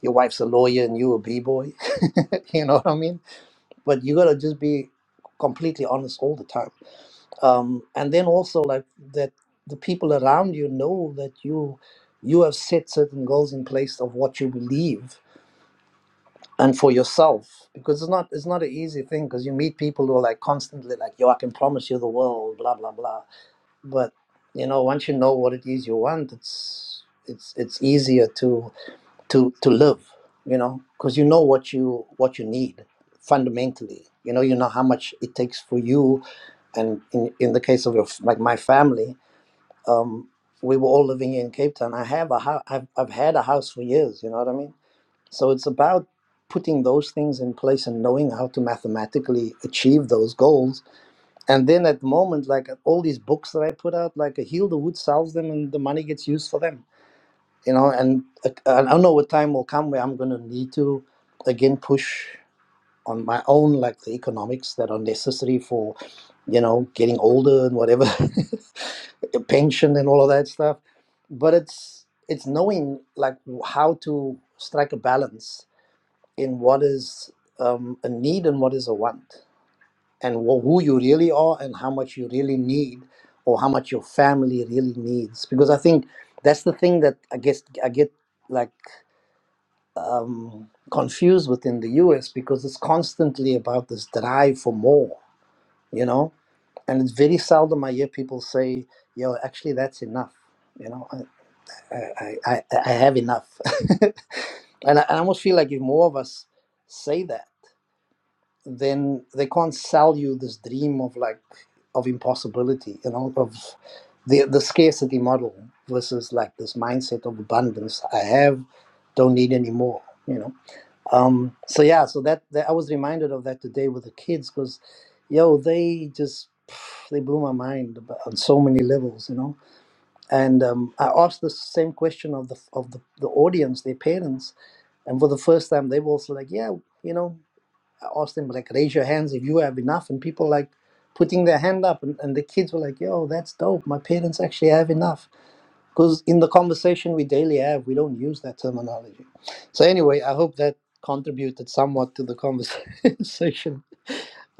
your wife's a lawyer and you a b-boy [laughs] you know what i mean but you gotta just be completely honest all the time um, and then also like that the people around you know that you you have set certain goals in place of what you believe and for yourself because it's not it's not an easy thing because you meet people who are like constantly like yo i can promise you the world blah blah blah but you know once you know what it is you want it's it's it's easier to to to live you know because you know what you what you need fundamentally you know you know how much it takes for you and in, in the case of your, like my family um we were all living here in cape town i have a house I've, I've had a house for years you know what i mean so it's about putting those things in place and knowing how to mathematically achieve those goals and then at the moment like all these books that i put out like a heal the wood sells them and the money gets used for them you know and uh, i don't know what time will come where i'm going to need to again push on my own like the economics that are necessary for you know getting older and whatever [laughs] the pension and all of that stuff but it's it's knowing like how to strike a balance in what is um, a need and what is a want and wh- who you really are and how much you really need or how much your family really needs because i think that's the thing that i guess i get like um, confused within the us because it's constantly about this drive for more you know and it's very seldom i hear people say yo actually that's enough you know i i i, I I have enough [laughs] and I, I almost feel like if more of us say that then they can't sell you this dream of like of impossibility you know of the the scarcity model versus like this mindset of abundance i have don't need any more you know um so yeah so that, that i was reminded of that today with the kids because yo they just [sighs] they blew my mind on so many levels you know and um, i asked the same question of the of the, the audience their parents and for the first time they were also like yeah you know. I asked them like, raise your hands if you have enough, and people like putting their hand up, and, and the kids were like, yo, that's dope. My parents actually have enough. Because in the conversation we daily have, we don't use that terminology. So anyway, I hope that contributed somewhat to the conversation. [laughs]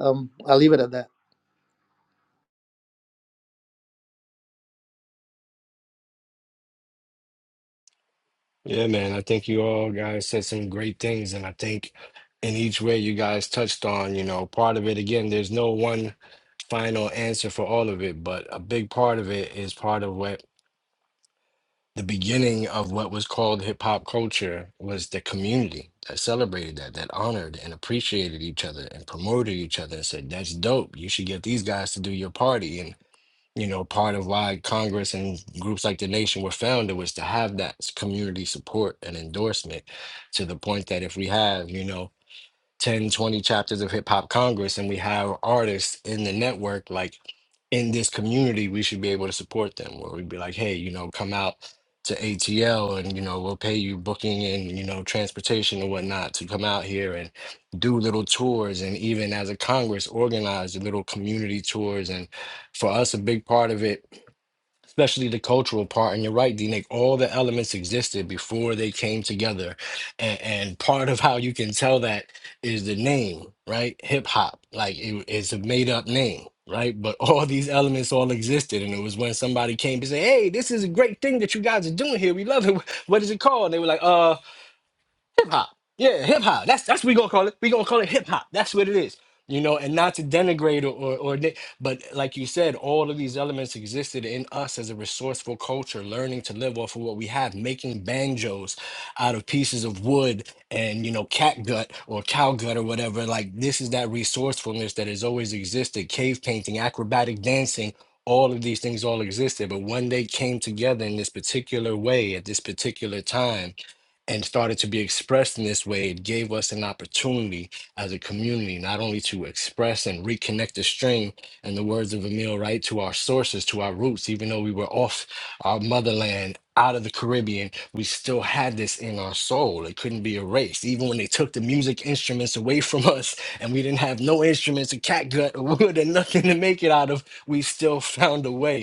Um, I'll leave it at that. Yeah, man. I think you all guys said some great things. And I think in each way you guys touched on, you know, part of it, again, there's no one final answer for all of it, but a big part of it is part of what. the beginning of what was called hip hop culture was the community that celebrated that, that honored and appreciated each other and promoted each other and said, that's dope. You should get these guys to do your party. And, you know, part of why Congress and groups like the nation were founded was to have that s- community support and endorsement to the point that if we have, you know, 10, twenty chapters of Hip Hop Congress and we have artists in the network, like in this community, we should be able to support them. Where we'd be like, hey, you know, come out to ATL and, you know, we'll pay you booking and, you know, transportation and whatnot to come out here and do little tours. And even as a Congress, organize the little community tours. And for us, a big part of it especially the cultural part. And you're right, D-Nick, all the elements existed before they came together. And, and part of how you can tell that is the name, right? Hip hop, like it- it's a made up name. Right, but all [laughs] these elements all existed, and it was when somebody came to say, "Hey, this is a great thing that you guys are doing here. We love it. [laughs] What is it called?" And they were like, "Uh." hip hop. Yeah, hip hop. That's that's what we gonna call it. We gonna call it hip hop. That's what it is. You know, and not to denigrate or, or or ni- but like you said, all of these elements existed in us as a resourceful culture, learning to live off of what we have, making banjos out of pieces of wood and you know cat gut or cow gut or whatever. Like this is that resourcefulness that has always existed. Cave painting, acrobatic dancing, all of these things all existed, but when they came together in this particular way at this particular time and started to be expressed in this way, it gave us an opportunity as a community not only to express and reconnect the string and the words of Emil, right, to our sources, to our roots, even though we were off our motherland. Out of the Caribbean, we still had this in our soul. It couldn't be erased. Even when they took the music instruments away from [laughs] us and we didn't have no instruments, a catgut or wood, and nothing to make it out of, we still found a way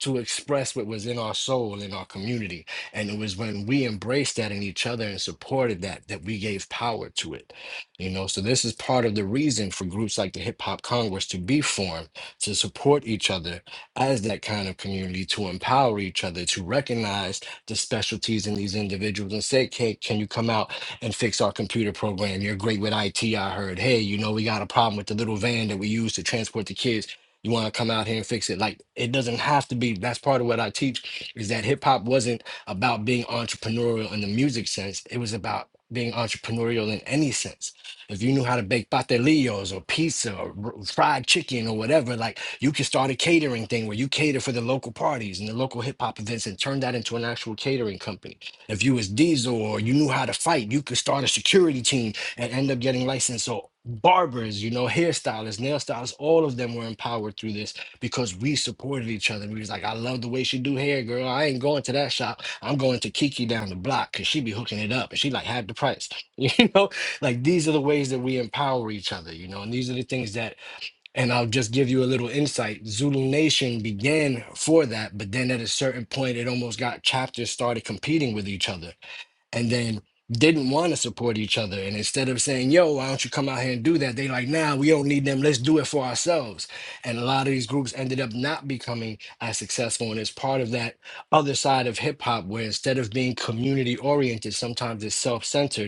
to express what was in our soul in our community and it was when we embraced that in each other and supported that that we gave power to it you know so this is part of the reason for groups like the hip hop congress to be formed to support each other as that kind of community to empower each other to recognize the specialties in these individuals and say hey can you come out and fix our computer program you're great with it i heard hey you know we got a problem with the little van that we use to transport the kids you want to come out here and fix it. Like it doesn't have to be. That's part of what I teach is that hip hop wasn't about being entrepreneurial in the music sense. It was about being entrepreneurial in any sense. If you knew how to bake patelillos or pizza or r- fried chicken or whatever, like you could start a catering thing where you cater for the local parties and the local hip hop events and turn that into an actual catering company. If you was Diesel or you knew how to fight, you could start a security team and end up getting licensed. So barbers, you know, hairstylists, nail stylists, all of them were empowered through this because we supported each other. We was like, I love the way she do hair, girl. I ain't going to that shop. I'm going to Kiki down the block because she be hooking it up and she like half the price. [laughs] You know, like these are the ways that we empower each other, you know, and these are the things that, and I'll just give you a little insight. Zulu Nation began for that, but then at a certain point, it almost got chapters started competing with each other and then didn't want to support each other. And instead of saying, yo, why don't you come out here and do that? They like, nah, we don't need them. Let's do it for ourselves. And a lot of these groups ended up not becoming as successful. And it's part of that other side of hip hop where instead of being community oriented, sometimes it's self centered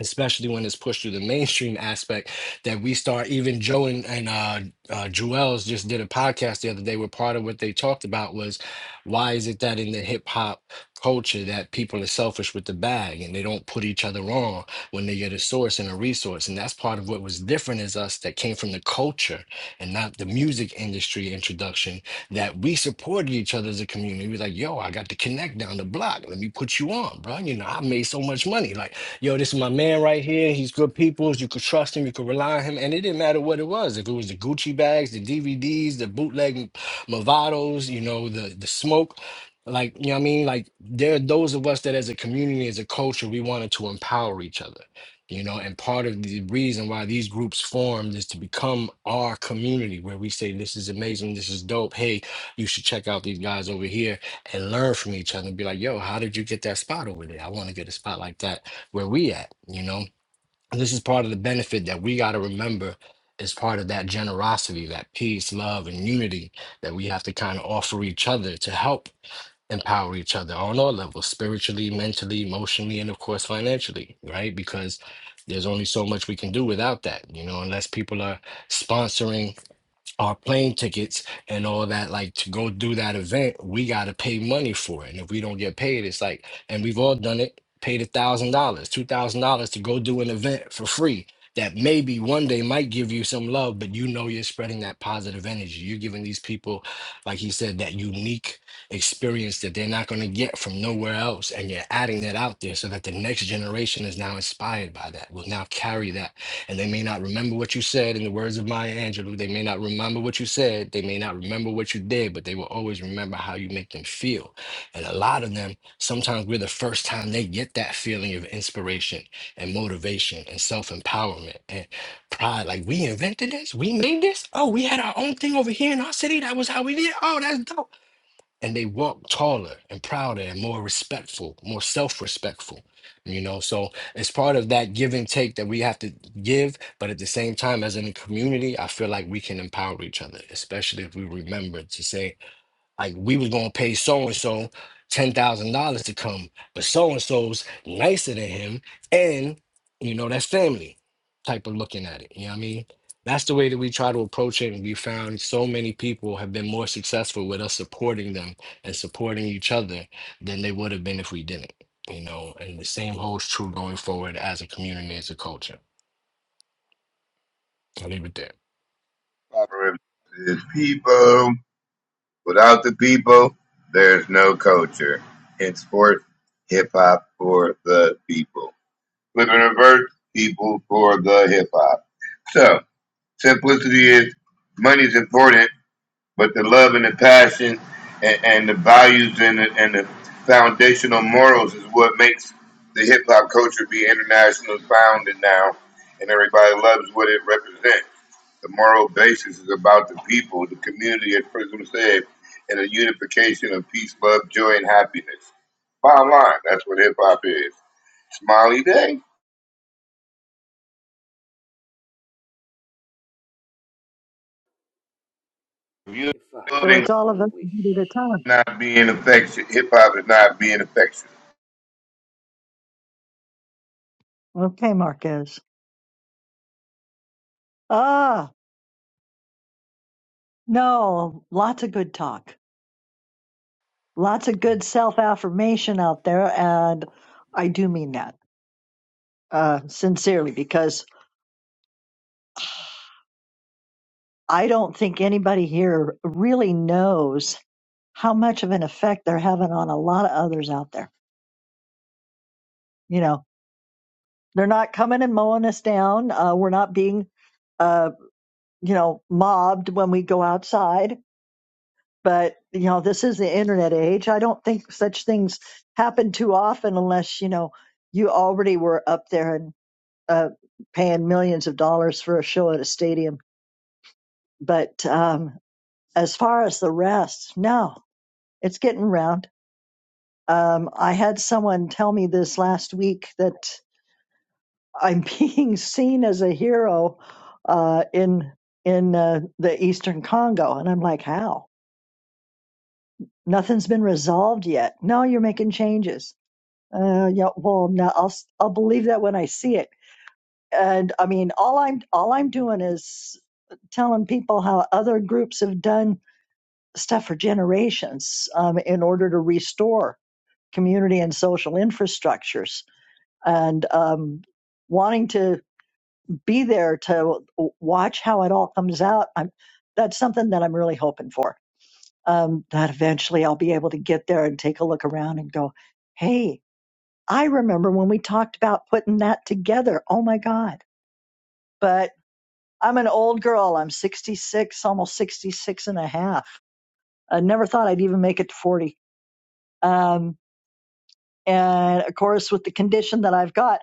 especially when it's pushed through the mainstream aspect that we start even joe and, and uh, uh joel's just did a podcast the other day where part of what they talked about was why is it that in the hip-hop culture that people are selfish with the bag and they don't put each other on when they get a source and a resource and that's part of what was different as us that came from the culture and not the music industry introduction that we supported each other as a community we was like yo i got the connect down the block let me put you on bro you know i made so much money like yo, this is my man right here. He's good people. You could trust him. You could rely on him. And it didn't matter what it was. If it was the Gucci bags, the DVDs, the bootleg Movados, you know, the the smoke. Like, you know what I mean? Like there are those of us that as a community, as a culture, we wanted to empower each other. You know, and part of the reason why these groups formed is to become our community where we say, This is amazing, this is dope. Hey, you should check out these guys over here and learn from each other and be like, yo, how did you get that spot over there? I want to get a spot like that where we at you know this is part of the benefit that we got to remember is part of that generosity that peace love and unity that we have to kind of offer each other to help empower each other on all levels spiritually mentally emotionally and of course financially right because there's only so much we can do without that you know unless people are sponsoring our plane tickets and all that like to go do that event we got to pay money for it and if we don't get paid it's like and we've all done it paid a thousand dollars two thousand dollars to go do an event for free that maybe one day might give you some love but you know you're spreading that positive energy you're giving these people like he said that unique experience that they're not going to get from nowhere else and you're adding that out there so that the next generation is now inspired by that will now carry that and they may not remember what you said. In the words of Maya Angelou, they may not remember what you said. They may not remember what you did, but they will always remember how you make them feel. And a lot of them, sometimes we're the first time they get that feeling of inspiration and motivation and self empowerment and pride. Like, we invented this, we made this. Oh, we had our own thing over here in our city. That was how we did. Oh, that's dope and they walk taller and prouder and more respectful, more self-respectful. You know, so it's part of that give and take that we have to give, but at the same time, as in a community, I feel like we can empower each other, especially if we remember to say like we was gonna pay so and so ten thousand dollars to come, but so and so's nicer than him, and you know that's family type of looking at it. You know what I mean? That's the way that we try to approach it, and we found so many people have been more successful with us supporting them and supporting each other than they would have been if we didn't. You know, and the same holds true going forward as a community, as a culture. I'll leave it there. Proverbs to his people. Without the people, there's no culture. In sports, hip hop for the people. Flipping reverse, people for the hip hop. So, simplicity is money's important, but the love and the passion and, and the values and the, and the foundational morals is what makes the hip hop culture be international founded now, and everybody loves what it represents. The moral basis is about the people, the community, as Prism said, and a unification of peace, love, joy, and happiness. Bottom line, that's what hip hop is. Smiley Day. If you're If I So building it's had all of one us wish. a bit at a time. not being affection, hip hop is not being affectionate. Okay, Marquez. Ah, no, lots of good talk, lots of good self affirmation out there, and I do mean that uh, sincerely because I don't think anybody here really knows how much of an effect they're having on a lot of others out there. You know, they're not coming and mowing us down. Uh, we're not being, uh, you know, mobbed when we go outside. But, you know, this is the internet age. I don't think such things happen too often unless, you know, you already were up there and uh, paying millions of dollars for a show at a stadium. But um, as far as the rest, no, it's getting round. Um, I had someone tell me this last week that I'm [laughs] being seen as a hero uh, in in uh, the Eastern Congo, and I'm like, how? Nothing's been resolved yet. No, you're making changes. Uh, yeah, well, no, I'll s- I'll believe that when I see it. And I mean, all I'm all I'm doing is telling people how other groups have done stuff for generations um, in order to restore community and social infrastructures and um, wanting to be there to watch how it all comes out. I'm, that's something that I'm really hoping for. Um, that eventually I'll be able to get there and take a look around and go, hey, I remember when we talked about putting that together. Oh my God. But I'm an old girl. I'm 66, almost 66 and a half. I never thought I'd even make it to 40. Um, and of course, with the condition that I've got,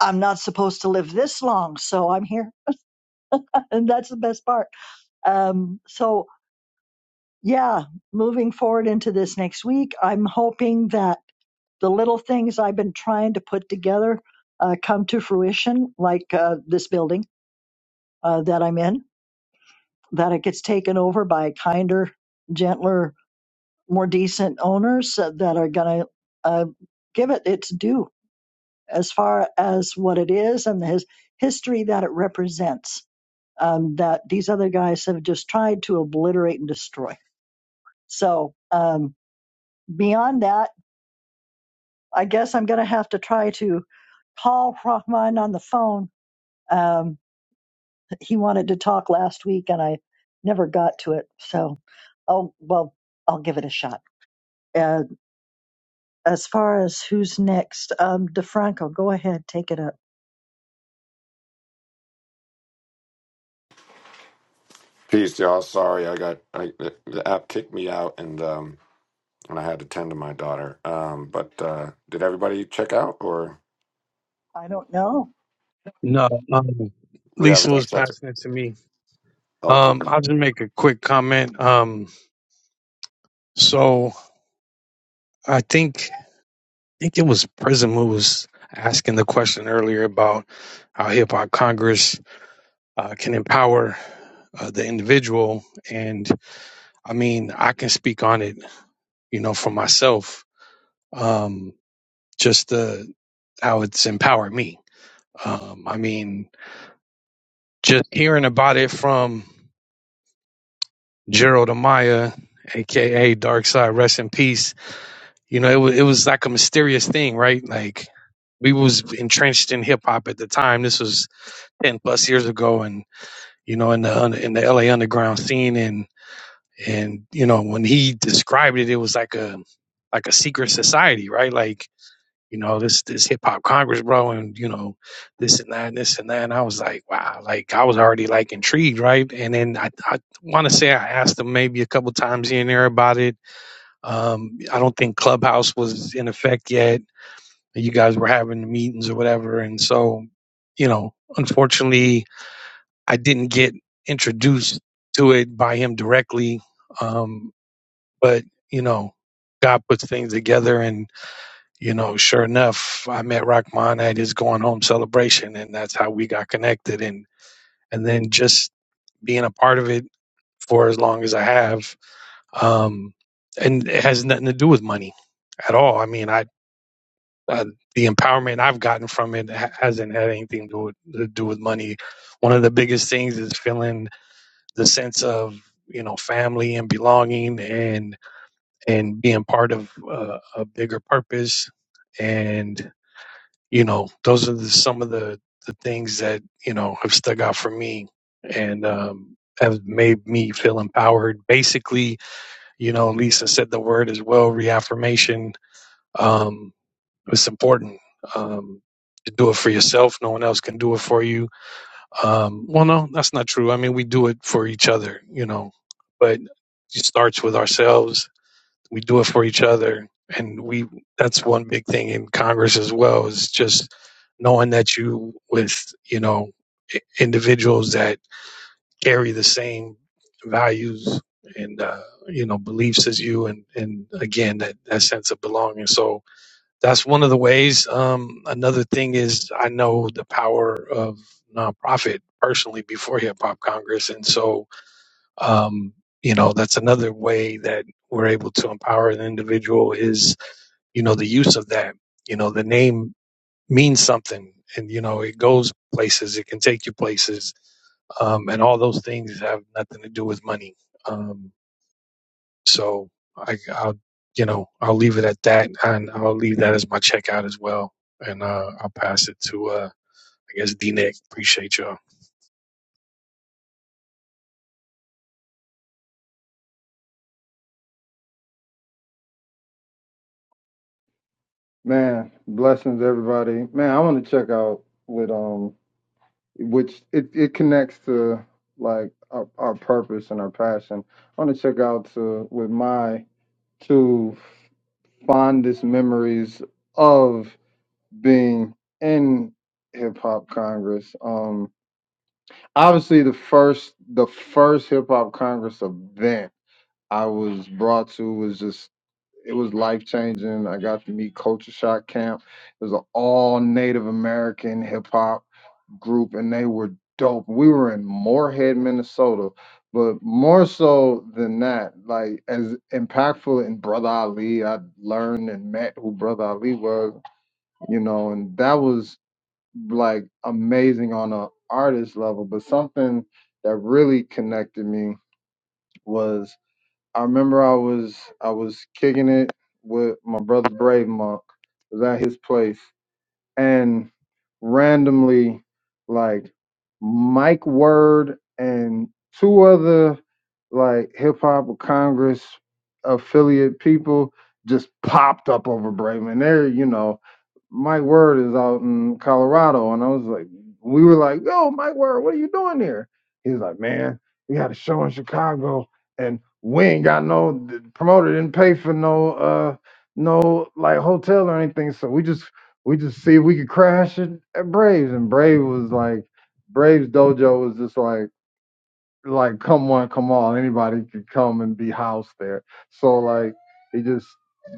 I'm not supposed to live this long. So I'm here and that's the best part. Um, so yeah, moving forward into this next week, I'm hoping that the little things I've been trying to put together uh, come to fruition, like uh, this building uh, that I'm in, that it gets taken over by kinder, gentler, more decent owners uh, that are going to uh, give it its due as far as what it is and the his- history that it represents. Um, that these other guys have just tried to obliterate and destroy. So um, beyond that, I guess I'm going to have to try to call Rahman on the phone. Um, he wanted to talk last week, and I never got to it. So, oh well, I'll give it a shot. Uh, as far as who's next, um, DeFranco, go ahead, take it up. Peace, y'all. Sorry, I got I, the the app kicked me out and. um and I had to tend to my daughter. Um, but uh, did everybody check out, or I don't know. No, um, we haven't Lisa done was check? passing it to me. Oh, Um, okay. I'll just make a quick comment. Um, so I think. think it was Prism who was asking the question earlier about how hip hop Congress uh, can empower uh, the individual. And I mean, I can speak on it, you know, for myself, um, just the, how it's empowered me. Um, I mean, just hearing about it from Gerald Amaya, aka Dark Side, rest in peace. You know, it was it was like a mysterious thing, right? Like we was entrenched in hip hop at the time. This was ten plus years ago, and you know, in the in the LA underground scene, and and you know, when he described it, it was like a like a secret society, right? Like you know, this this hip hop Congress, bro, and you know, this and that, and this and that. And I was like, wow, like I was already like intrigued, right? And then I I want to say I asked him maybe a couple times here and there about it. Um, I don't think Clubhouse was in effect yet. You guys were having the meetings or whatever, and so you know, unfortunately I didn't get introduced to it by him directly. Um, but, you know, God puts things together. And, you know, sure enough, I met Rahman at his going home celebration. And that's how we got connected. And, and then just being a part of it for as long as I have. Um, and it has nothing to do with money at all. I mean, I, uh, the empowerment I've gotten from it ha- hasn't had anything to do, with, to do with money. One of the biggest things is feeling the sense of you know family and belonging and and being part of uh, a bigger purpose and you know those are the, some of the the things that you know have stuck out for me and um have made me feel empowered basically you know lisa said the word as well reaffirmation um it's important um to do it for yourself no one else can do it for you um, well, no, that's not true. I mean, we do it for each other, you know, but it starts with ourselves. We do it for each other. And we, that's one big thing in Congress as well is just knowing that you with, you know, i- individuals that carry the same values and, uh, you know, beliefs as you. And, and again, that, that sense of belonging. So, that's one of the ways. Um, another thing is I know the power of nonprofit personally before Hip Hop Congress, and so um, you know that's another way that we're able to empower an individual is you know the use of that. You know the name means something, and you know it goes places, it can take you places, um, and all those things have nothing to do with money. Um, so I, I'll, you know, I'll leave it at that, and I'll leave that as my checkout as well. And uh, I'll pass it to, uh, I guess, D Nick. Appreciate y'all. Man, blessings everybody. Man, I want to check out with um which it, it connects to like our, our purpose and our passion. I want to check out to with my to fondest memories of being in hip hop congress um obviously the first the first hip hop congress event i was brought to was just it was life changing i got to meet culture shock camp it was an all native american hip hop group and they were dope. We were in Moorhead, Minnesota, but more so than that, like as impactful in Brother Ali, I learned and met who Brother Ali was, you know, and that was like amazing on a artist level. But something that really connected me was I remember I was I was kicking it with my brother Brave Monk. It was at his place and randomly like Mike Word and two other like hip hop or Congress affiliate people just popped up over Braveman. They're, you know, Mike Word is out in Colorado. And I was like, we were like, yo, Mike Word, what are you doing here? He's like, man, we had a show in Chicago and we ain't got no the promoter didn't pay for no uh no like hotel or anything. So we just we just see if we could crash it at Braves. And Brave was like Braves Dojo was just like like come one, come all, anybody could come and be housed there. So like it just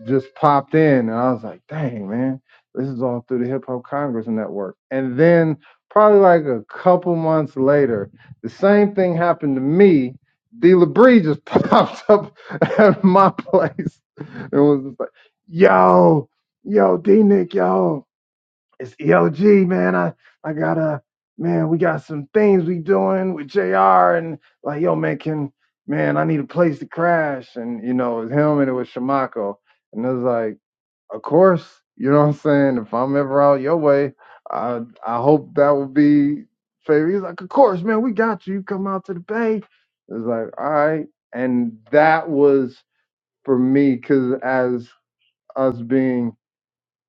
just popped in and I was like, dang man, this is all through the Hip Hop Congress Network. And then probably like a couple months later, the same thing happened to me. D Labrie just [laughs] popped up at my [laughs] place and was just like, yo, yo, D Nick, yo. It's ELG, man. I I got a man. We got some things we doing with Jr. and like yo, man. Can man, I need a place to crash, and you know, it was him and it was Shamako, and it was like, of course, you know what I'm saying. If I'm ever out your way, I I hope that would be favor. He's like, of course, man. We got you. You come out to the bay. It was like, all right, and that was for me because as us being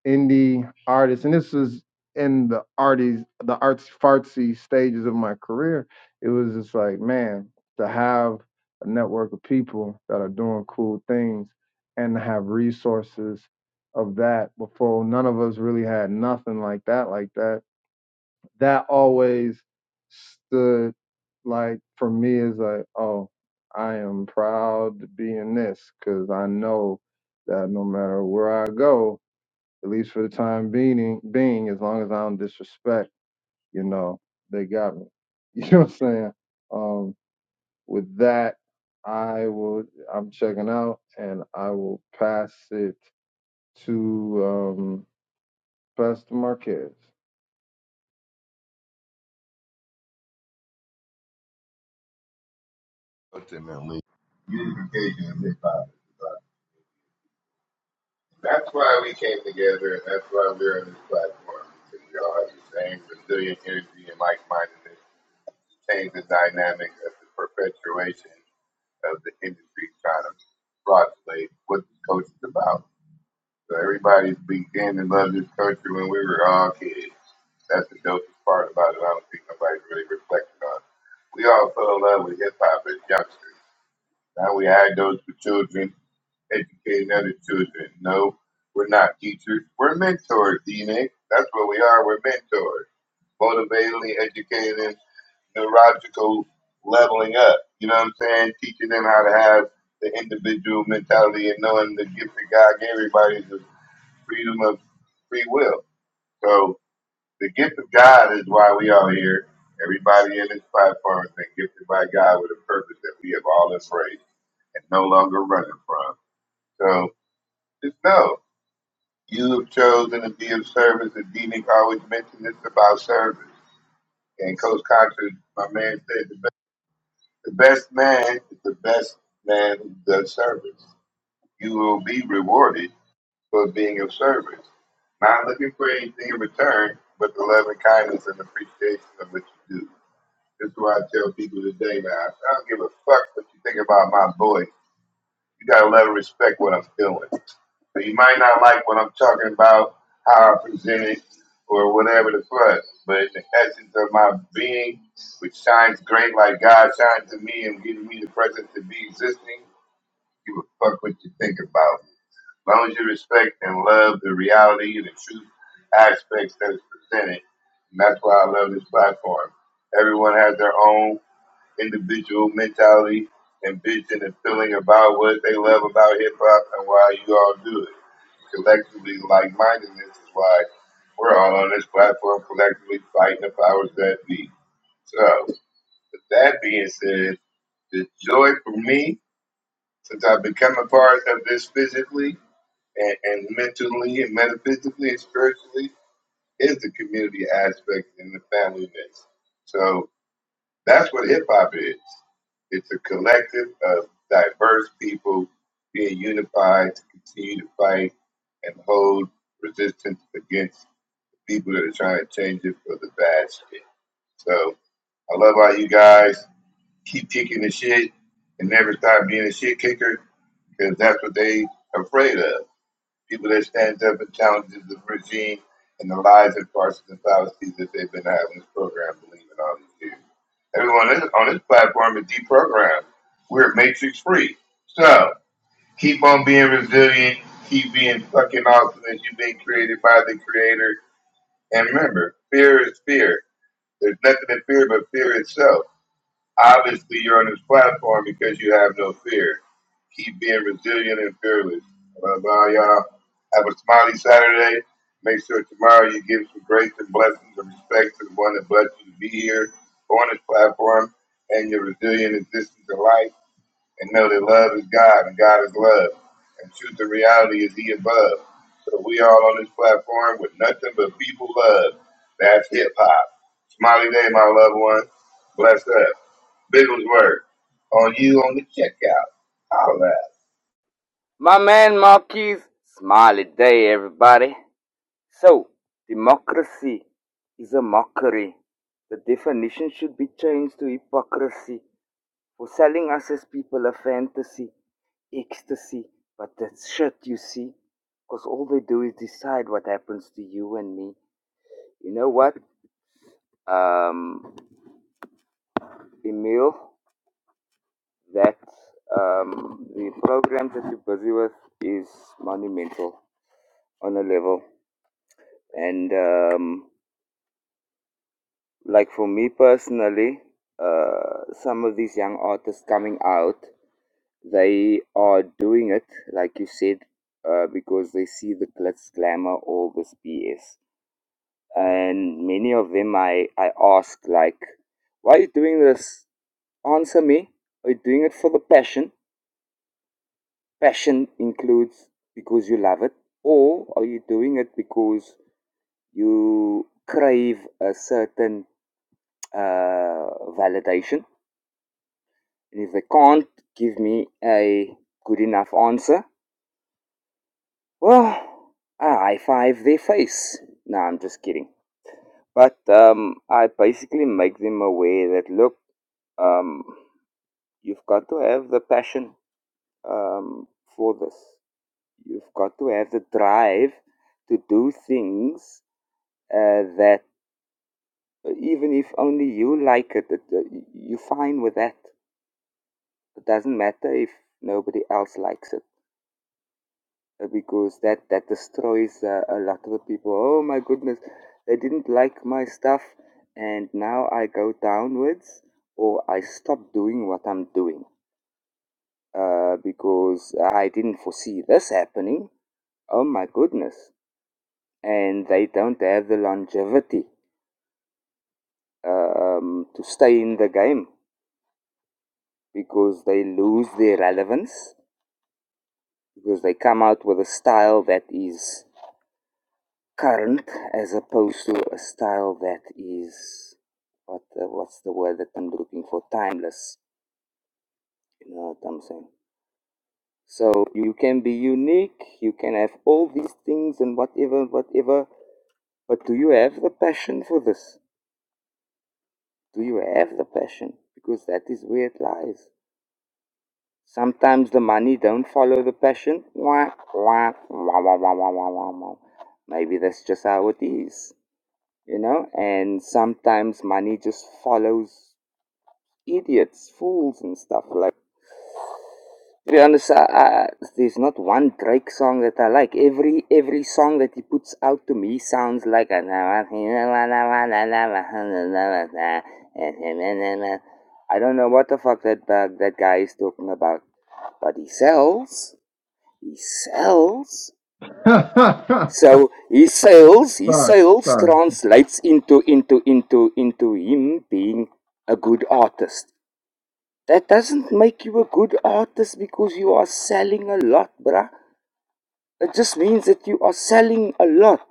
indie artist, and this was in the arty, the artsy fartsy stages of my career. It was just like, man, to have a network of people that are doing cool things and to have resources of that before none of us really had nothing like that, like that. That always stood like for me is like, oh, I am proud to be in this because I know that no matter where I go, at least for the time being, being as long as I don't disrespect, you know, they got me. [laughs] You know what I'm saying? Um, with that, I will. I'm checking out, and I will pass it to um, Pastor Marquez. Ultimately, unification of hip hop. is about- That's why we came together, and that's why we're on this platform. Because we all have the same resilient energy and like mindedness. to Change the dynamic of the perpetuation of the industry trying to fraudulate what the coach is about. So everybody's began to love this country when we were all kids. That's the dopest part about it. I don't think nobody's really reflecting on. it. We all fell in love with hip hop as youngsters. Now we had those for children, educating other children. No, we're not teachers. We're mentors, D-Nick. That's what we are. We're mentors. Motivating, educating, neurological leveling up. You know what I'm saying? Teaching them how to have the individual mentality and knowing the gift that God gave everybody is the freedom of free will. So the gift of God is why we are here. Everybody in this platform has been gifted by God with a purpose that we have all embraced and no longer running from. So just know you have chosen to be of service. And Dean always mentioned this about service. And Coach Cox, my man, said the best. The best man is the best man who does service. You will be rewarded for being of service, not looking for anything in return, but the love and kindness and appreciation of what you do. This is what I tell people today, man. I don't give a fuck what you think about my voice. You gotta love and respect what I'm feeling. So you might not like what I'm talking about, how I present it, or whatever the fuck. But the essence of my being, which shines great like God shines to me and giving me the presence to be existing, give a fuck what you think about. As long as you respect and love the reality and the truth aspects that is presented. And that's why I love this platform. Everyone has their own individual mentality and vision and feeling about what they love about hip hop and why you all do it. Collectively, like mindedness is why we're all on this platform collectively fighting the powers that be. So, with that being said, the joy for me, since I've become a part of this physically and, and mentally and metaphysically and spiritually, is the community aspect and the familyness. So. That's what hip hop is. It's a collective of diverse people being unified to continue to fight and hold resistance against the people that are trying to change it for the bad shit. So I love all you guys. Keep kicking the shit and never stop being a shit kicker because that's what they afraid of people that stands up and challenges the regime and the lies and farces and fallacies that they've been having this program believe in all these years. Everyone on this platform is deprogrammed. We're matrix free. So keep on being resilient, keep being fucking awesome as you've been created by the creator. And remember, fear is fear. There's nothing to fear but fear itself. Obviously, you're on this platform because you have no fear. Keep being resilient and fearless. Blah, blah, y'all. Have a smiley Saturday. Make sure tomorrow you give some grace and blessings and respect to the one that blessed you to be here on this platform and your resilient existence in life. And know that love is God and God is love. And truth and reality is He above. So we all on this platform with nothing but people love. That's hip hop. Smiley day, my loved one. Bless up. Bigglesworth. On you on the checkout. All right. My man Marquis, smiley day, everybody. So, democracy is a mockery. The definition should be changed to hypocrisy for selling us as people a fantasy, ecstasy. But that's shit, you see, because all they do is decide what happens to you and me. You know what, um, Emil? that um, the programs that you're busy with is monumental on a level. And um, like for me personally, uh, some of these young artists coming out, they are doing it, like you said, uh, because they see the glitz, glamour, all this BS. And many of them, I, I ask, like, why are you doing this? Answer me. Are you doing it for the passion? Passion includes because you love it, or are you doing it because you crave a certain uh, validation? And if they can't give me a good enough answer, well, I high five their face. No, I'm just kidding. But um, I basically make them aware that look, um, you've got to have the passion um, for this. You've got to have the drive to do things uh, that even if only you like it, it uh, you're fine with that. It doesn't matter if nobody else likes it uh, because that that destroys uh, a lot of the people. Oh my goodness, they didn't like my stuff, and now I go downwards or I stop doing what I'm doing uh, because I didn't foresee this happening. Oh my goodness, and they don't have the longevity um, to stay in the game because they lose their relevance because they come out with a style that is current as opposed to a style that is what uh, what's the word that I'm looking for timeless you know what I'm saying so you can be unique you can have all these things and whatever whatever but do you have the passion for this do you have the passion because that is where it lies Sometimes the money don't follow the passion. Wah, wah, wah, wah, wah, wah, wah, wah, wah. Maybe that's just how it is, you know? And sometimes money just follows idiots, fools and stuff like to be honest, I, I, there's not one Drake song that I like. Every every song that he puts out to me sounds like a I don't know what the fuck that uh, that guy is talking about, but he sells. He sells. [laughs] sorry, So he sales, he sales sorry. translates into into into into him being a good artist. That doesn't make you a good artist because you are selling a lot, bruh. It just means that you are selling a lot.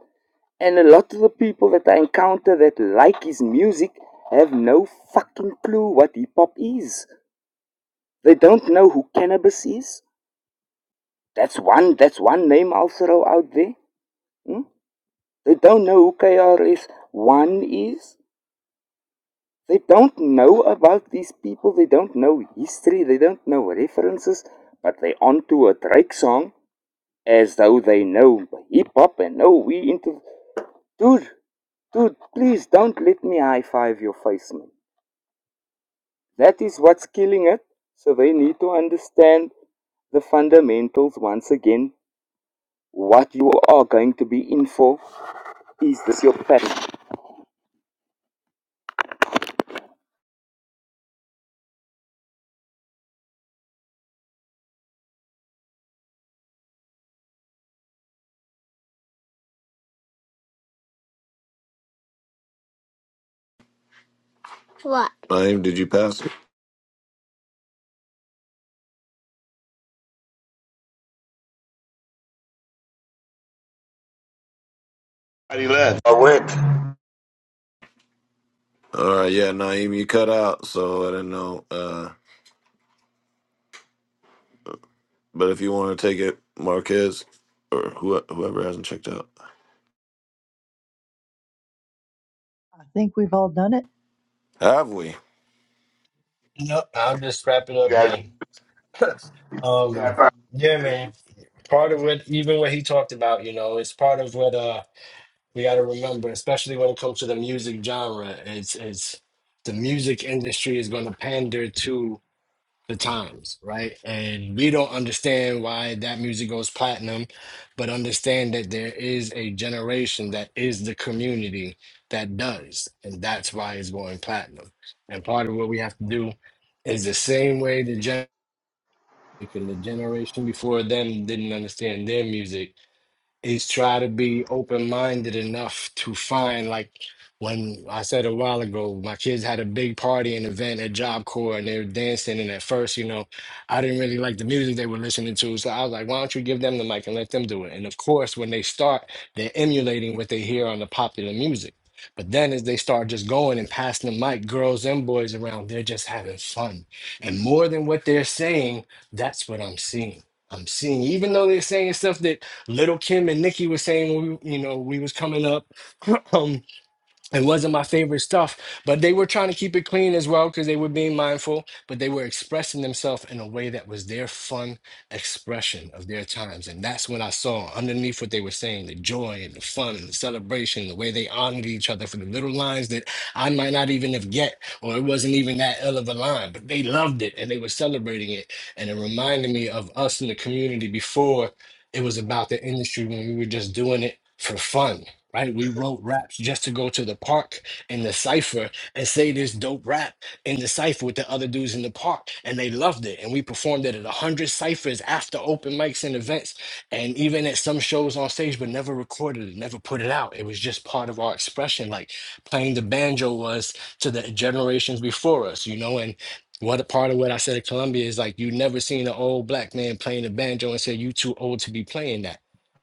And a lot of the people that I encounter that like his music have no fucking clue what hip hop is. They don't know who cannabis is. That's one that's one name I'll throw out there. Hmm. They don't know who KRS One is. They don't know about these people. They don't know history. They don't know references. But they onto a Drake song as though they know hip hop and know we into. Dude, dude, please don't let me high five your face, man. That is what's killing it. So they need to understand the fundamentals once again. What you are going to be in for. Is this your passion? What? Naeem, did you pass? He left. I went. Yeah, no. Uh, but if you want to take it, Marquez or who, whoever hasn't checked out, I think we've all done it. have we? Yep, I'll just wrap it You up guys then. [laughs] um, tap out. yeah, man. part of what even what he talked about you know it's part of what uh we got to remember especially when it comes to the music genre it's it's the music industry is going to pander to the times right and we don't understand why that music goes platinum but understand that there is a generation that is the community that does and that's why it's going platinum and part of what we have to do is the same way the gen- and the generation before them didn't understand their music is try to be open-minded enough to find like when I said a while ago, my kids had a big party and event at Job Corps and they were dancing. And at first, you know, I didn't really like the music they were listening to. So I was like, why don't you give them the mic and let them do it? And of course, when they start, they're emulating what they hear on the popular music. But then as they start just going and passing the mic, girls and boys around, they're just having fun. And more than what they're saying, that's what I'm seeing. I'm seeing, even though they're saying stuff that Little Kim and Nikki was saying when we, you know, we was coming up. [clears throat] it wasn't my favorite stuff, but they were trying to keep it clean as well because they were being mindful, but they were expressing themselves in a way that was their fun expression of their times. And that's what I saw underneath what they were saying the joy and the fun and the celebration, the way they honored each other for the little lines that I might not even have get, or it wasn't even that ill of a line, but they loved it and they were celebrating it. And it reminded me of us in the community before it was about the industry when we were just doing it for fun right? We wrote raps just to go to the park and the cipher and say this dope rap in the cipher with the other dudes in the park, and they loved it. And we performed it at a hundred ciphers after open mics and events, and even at some shows on stage, but never recorded it, never put it out. It was just part of our expression, like playing the banjo was to the generations before us, you know, and. What a part of what I said at Columbia is like you never seen an old black man playing the banjo and say you too old to be playing that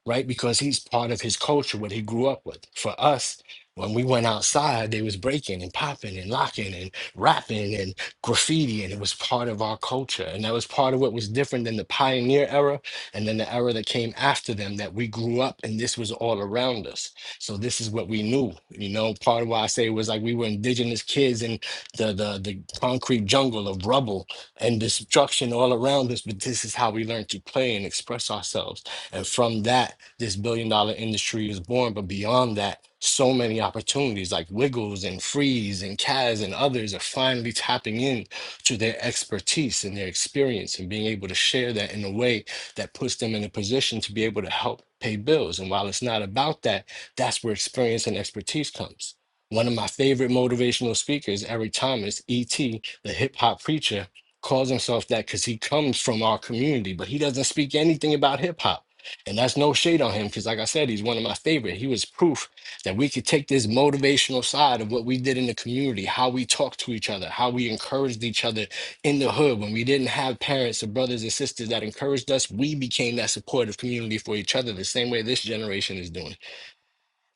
right? Because he's part of his culture, what he grew up with. For us, when we went outside, they was breaking and popping and locking and rapping and graffiti, and it was part of our culture. And that was part of what was different than the pioneer era and then the era that came after them that we grew up and this was all around us. So this is what we knew. You know, part of why I say it was like we were indigenous kids in the the, the concrete jungle of rubble and destruction all around us, but this is how we learned to play and express ourselves. And from that this billion dollar industry is born. But beyond that, so many opportunities like Wiggles and Freeze and Kaz and others are finally tapping in to their expertise and their experience and being able to share that in a way that puts them in a position to be able to help pay bills. And while it's not about that, that's where experience and expertise comes one of my favorite motivational speakers, Eric Thomas, E.T., the hip hop preacher, calls himself that because he comes from our community, but he doesn't speak anything about hip hop and that's no shade on him because, like I said, he's one of my favorite. He was proof that we could take this motivational side of what we did in the community, how we talked to each other, how we encouraged each other in the hood. When we didn't have parents or brothers and sisters that encouraged us, we became that supportive community for each other the same way this generation is doing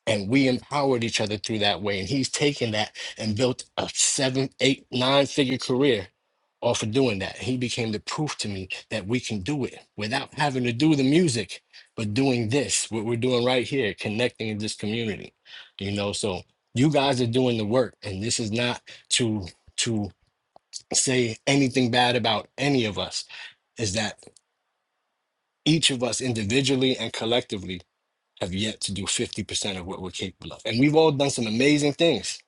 and we empowered each other through that way. And he's taken that and built a seven, eight, nine figure career off of doing that. He became the proof to me that we can do it without having to do the music, but doing this, what we're doing right here, connecting in this community. You know, so you guys are doing the work, and this is not to to say anything bad about any of us. Is that each of us individually and collectively have yet to do 50% of what we're capable of. And we've all done some amazing things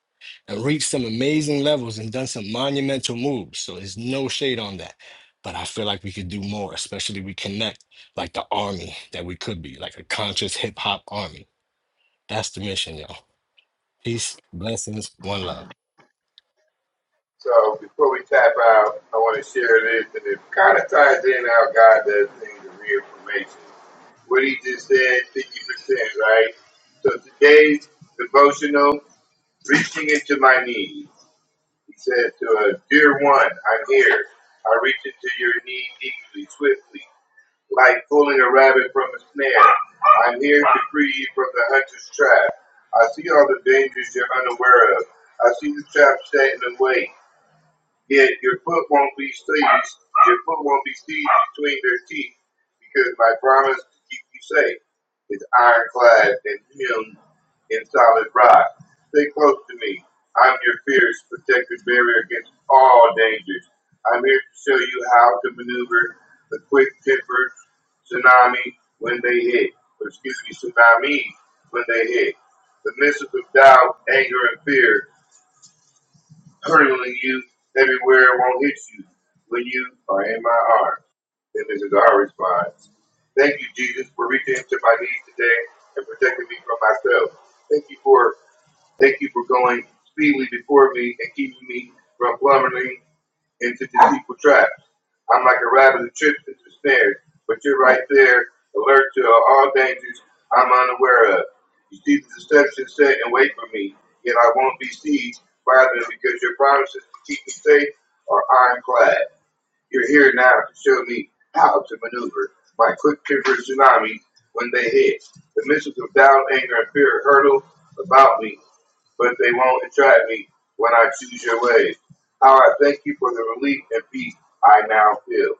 and reached some amazing levels and done some monumental moves. So there's no shade on that. But I feel like we could do more, especially we connect like the army that we could be, like a conscious hip hop army. That's the mission, y'all. Peace, blessings, one love. So before we tap out, I want to share this, and it kind of ties in how God does things in reaffirmation. What he just said, 50%, right? So today's devotional, reaching into my knees. He says to us, Dear one, I'm here. I reach into your knee deeply, swiftly. Like pulling a rabbit from a snare, I'm here to free you from the hunter's trap. I see all the dangers you're unaware of. I see the trap set in the way. Yet your foot won't be stays, your foot won't be seized between their teeth, because my promise to keep you safe is ironclad and him in solid rock. Stay close to me. I'm your fierce protective barrier against all dangers. I'm here to show you how to maneuver the quick tempered tsunami when they hit, or excuse me, tsunamis when they hit. The missiles of doubt, anger, and fear hurtling you everywhere won't hit you when you are in my arms. And this is our response. Thank you, Jesus, for reaching into my knees today and protecting me from myself. Thank you for thank you for going speedily before me and keeping me from plummeting into the people traps. I'm like a rabbit that trips into snares, but you're right there, alert to all dangers I'm unaware of. You see the deception set and wait for me, yet I won't be seized, rather because your promises to keep me safe are ironclad. You're here now to show me how to maneuver my quick tempered tsunami when they hit. The missiles of doubt, anger, and fear hurtle about me but they won't entrap me when I choose your ways. How I thank you for the relief and peace I now feel.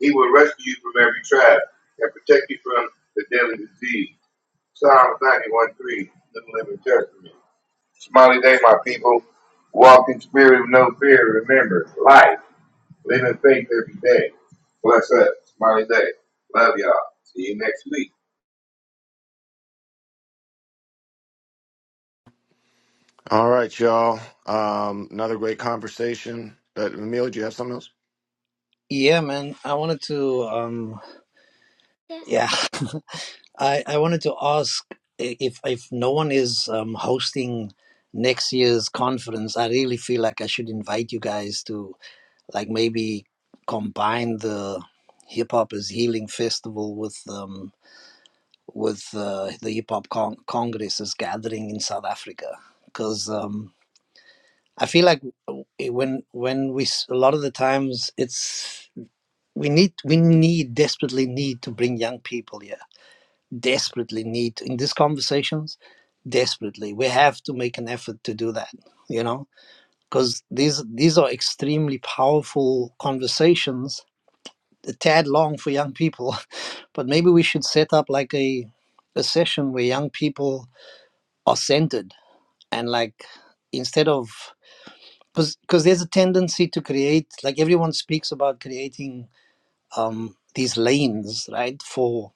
He will rescue you from every trap and protect you from the deadly disease. Psalms 91 3, the Living Testament. Smiley day, my people. Walk in spirit with no fear. Remember, life. Live in faith every day. Bless us. Smiley day. Love y'all. See you next week. Yeah, man. I wanted to. Um, Yeah. yeah. [laughs] I, I wanted to ask if if no one is um, hosting next year's conference, I really feel like I should invite you guys to like maybe combine the hip hop is healing festival with um with uh, the hip hop con- congress's gathering in South Africa because um I feel like w- when when we s- a lot of the times it's we need we need desperately need to bring young people here desperately need in these conversations desperately we have to make an effort to do that you know because these these are extremely powerful conversations a tad long for young people [laughs] but maybe we should set up like a a session where young people are centered and like instead of because because there's a tendency to create like everyone speaks about creating um these lanes right for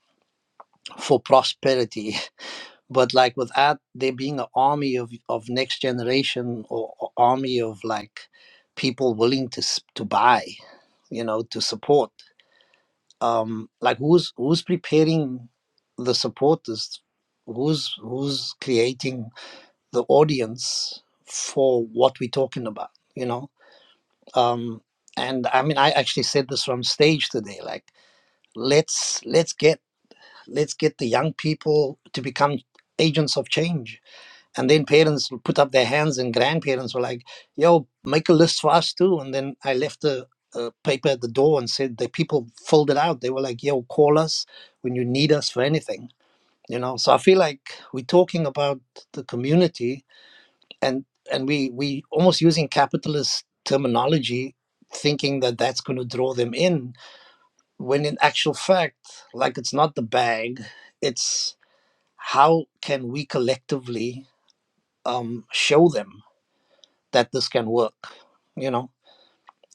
for prosperity but like without there being an army of of next generation or, or army of like people willing to s- to buy you know to support um like who's who's preparing the supporters who's who's creating the audience for what we're talking about you know um and i mean i actually said this from stage today like let's let's get let's get the young people to become agents of change and then parents will put up their hands and grandparents were like yo make a list for us too and then i left the uh, paper at the door and said the people filled it out they were like yo call us when you need us for anything you know so i feel like we're talking about the community and and we we almost using capitalist terminology thinking that that's going to draw them in when in actual fact like it's not the bag it's how can we collectively um, show them that this can work you know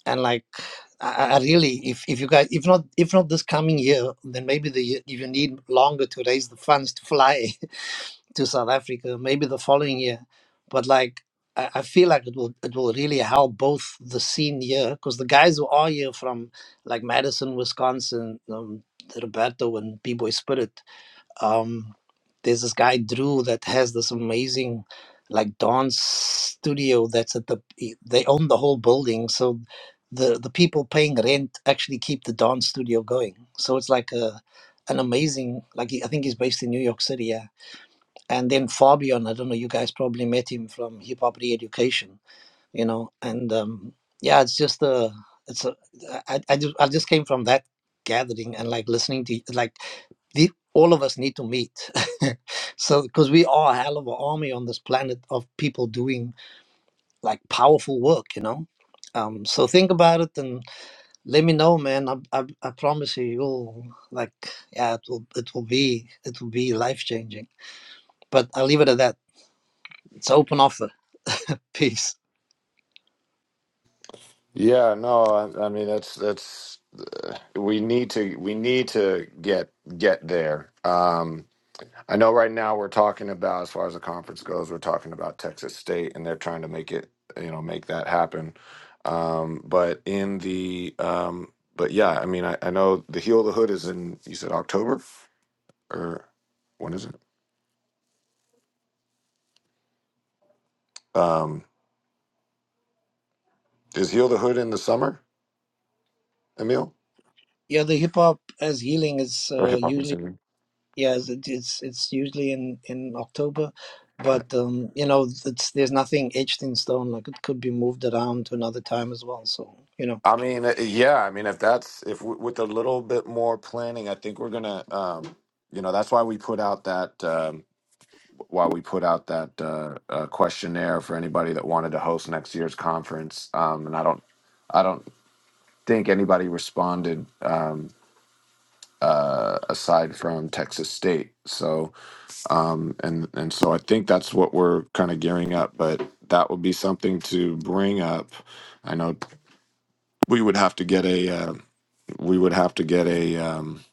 and like i, I really if, if you guys if not if not this coming year then maybe the year- if you need longer to raise the funds to fly [laughs] to south africa maybe the following year but like I I feel like it will it will really help both the scene here because the guys who are here from like Madison, Wisconsin, um, Roberto and B Boy Spirit um there's this guy drew that has this amazing like dance studio that's at the e, they own the whole building so the the people paying rent actually keep the dance studio going so it's like a an amazing like he- i think he's based in new york city yeah and then fabian i don't know you guys probably met him from hip hop re-education you know and um yeah it's just a it's a i i just, I just came from that gathering and like listening to like the, all of us need to meet. [laughs] so, because we are a hell of an army on this planet of people doing like powerful work, you know. Um, so think about it and let me know, man. I, I, I promise you, you'll like, yeah, it will, it will be, it will be life changing. But I'll leave it at that. It's an open offer. Peace. Yeah. No, I, I mean that's that's uh, we need to we need to get get there. Um. I know right now we're talking about, as far as the conference goes, we're talking about Texas State, and they're trying to make it, you know, make that happen. Um, but in the, um, but yeah, I mean, I, I know the Heal the Hood is in, you said October, or when is it? Um, is Heal the Hood in the summer, Emil? Yeah, the hip hop as healing is Or uh, hip hop in usually. summer? Yes, it, it's it's usually in in October, Right. but um, you know, it's there's nothing etched in stone. Like it could be moved around to another time as well. So you know. I mean, uh, yeah, I mean, if that's, if w- with a little bit more planning, I think we're gonna, um, you know, that's why we put out that. Um, while we put out that uh, uh, questionnaire for anybody that wanted to host next year's conference, um, and I don't, I don't think anybody responded um, uh, aside from Texas State. So, um, and and so I think that's what we're kind of gearing up. But that would be something to bring up. I know we would have to get a, uh, we would have to get a. Um,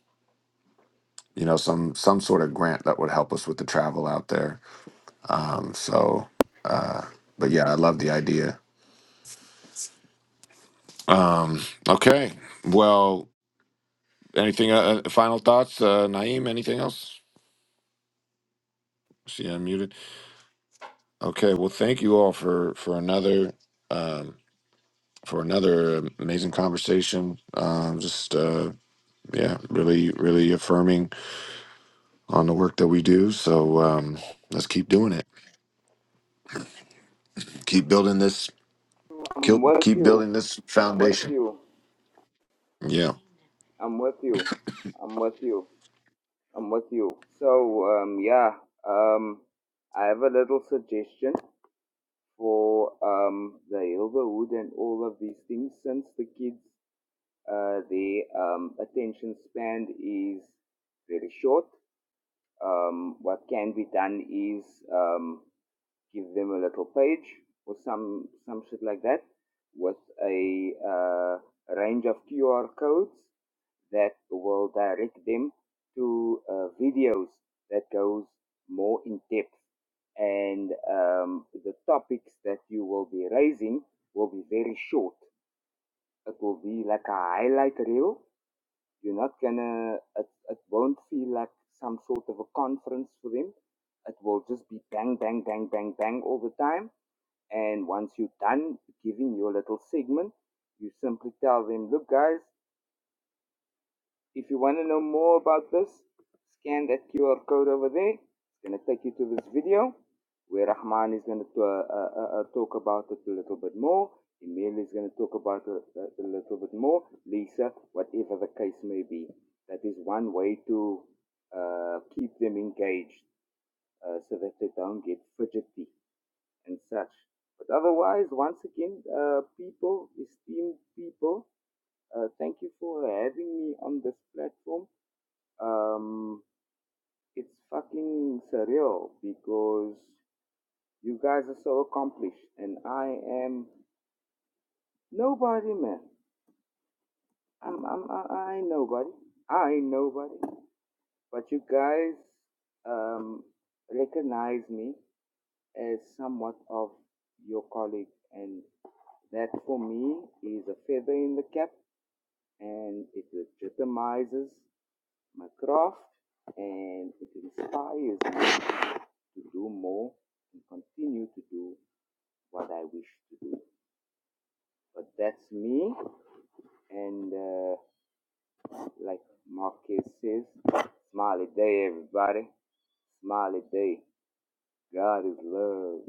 you know, some some sort of grant that would help us with the travel out there. Um, so, uh, but yeah, I love the idea. Um, okay. Well, anything, uh, uh, final thoughts, uh, Naeem, anything else? See, I'm muted. Okay. Well, thank you all for, for another, um, for another amazing conversation. Um, just, uh, yeah, really, really affirming on the work that we do. So, um, let's keep doing it. Keep building this, I'm keep, with keep you. building this I'm with foundation. you. Yeah. I'm with you. I'm with you. I'm with you. So, um, yeah, um, I have a little suggestion for um, the Hilberwood and all of these things since the kids, uh, the um, attention span is very short. Um, what can be done is um, give them a little page or some some shit like that with a uh, range of QR codes that will direct them to uh, videos that goes more in depth and um, the topics that you will be raising will be very short. It will be like a highlight reel. You're not gonna. It, it won't feel like some sort of a conference for them. It will just be bang, bang, bang, bang, bang all the time and once you're done giving your little segment, you simply tell them, look, guys, if you want to know more about this, scan that QR code over there. It's going to take you to this video where Rahman is going to uh, uh, uh, talk about it a little bit more. Emil is going to talk about it a, a little bit more. Lisa, whatever the case may be. That is one way to uh, keep them engaged uh, so that they don't get fidgety and such. But otherwise, once again, uh, people, esteemed people, uh, thank you for having me on this platform. Um, it's fucking surreal because you guys are so accomplished, and I am nobody, man. I'm, I'm, I, I ain't nobody. I ain't nobody. But you guys um, recognize me as somewhat of your colleague, and that for me is a feather in the cap and it legitimizes my craft and it inspires me to do more and continue to do what I wish to do. But that's me, and uh, like Marquez says, smiley day, everybody. Smiley day. God is love.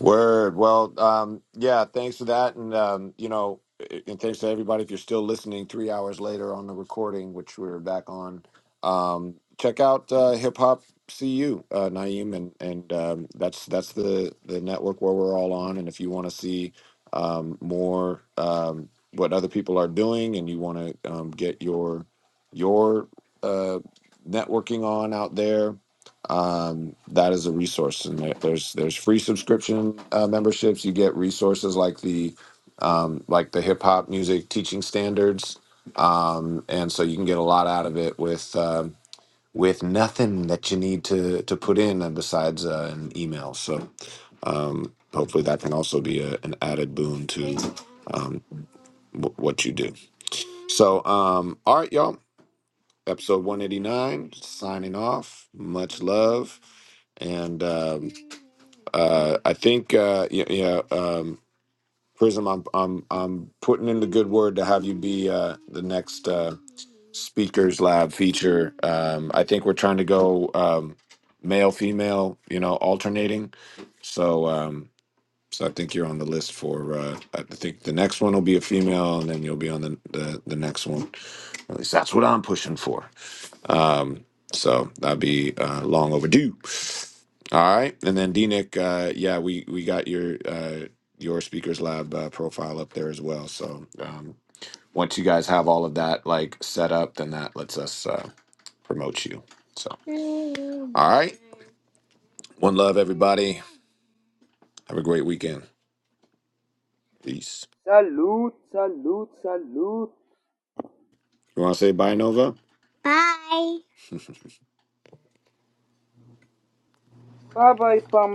Word. Well, um, yeah, thanks for that. And, um, you know, and thanks to everybody if you're still listening three hours later on the recording, which we're back on. Um, check out uh, Hip Hop CU, uh, Naeem, and, and um, that's that's the, the network where we're all on. And if you want to see um, more um, what other people are doing and you want to um, get your your uh, networking on out there, um, that is a resource. And there- there's there's free subscription uh, memberships. You get resources like the um, like the hip hop music teaching standards, um, and so you can get a lot out of it with um with nothing that you need to to put in uh, besides uh, an email. So um, hopefully that can also be a, an added boon to um, w- what you do. So um, all right, y'all. Episode 189, signing off. Much love. And um, Uh, I think uh, yeah, yeah um, Prism. I'm I'm I'm putting in the good word to have you be uh, the next uh, speakers lab feature. Um, I think we're trying to go um, male female, you know, alternating. So um, so I think you're on the list for. Uh, I think the next one will be a female, and then you'll be on the the, the next one. At least that's what I'm pushing for. Um, so that'd be uh, long overdue. All right, and then D Nick, uh, yeah, we we got your uh, your Speakers Lab uh, profile up there as well. So um, once you guys have all of that like set up, then that lets us uh, promote you. So all right, one love, everybody. Have a great weekend. Peace. Salute, salute, salute. You want to say bye, Nova? Bye. Bye bye, Pam.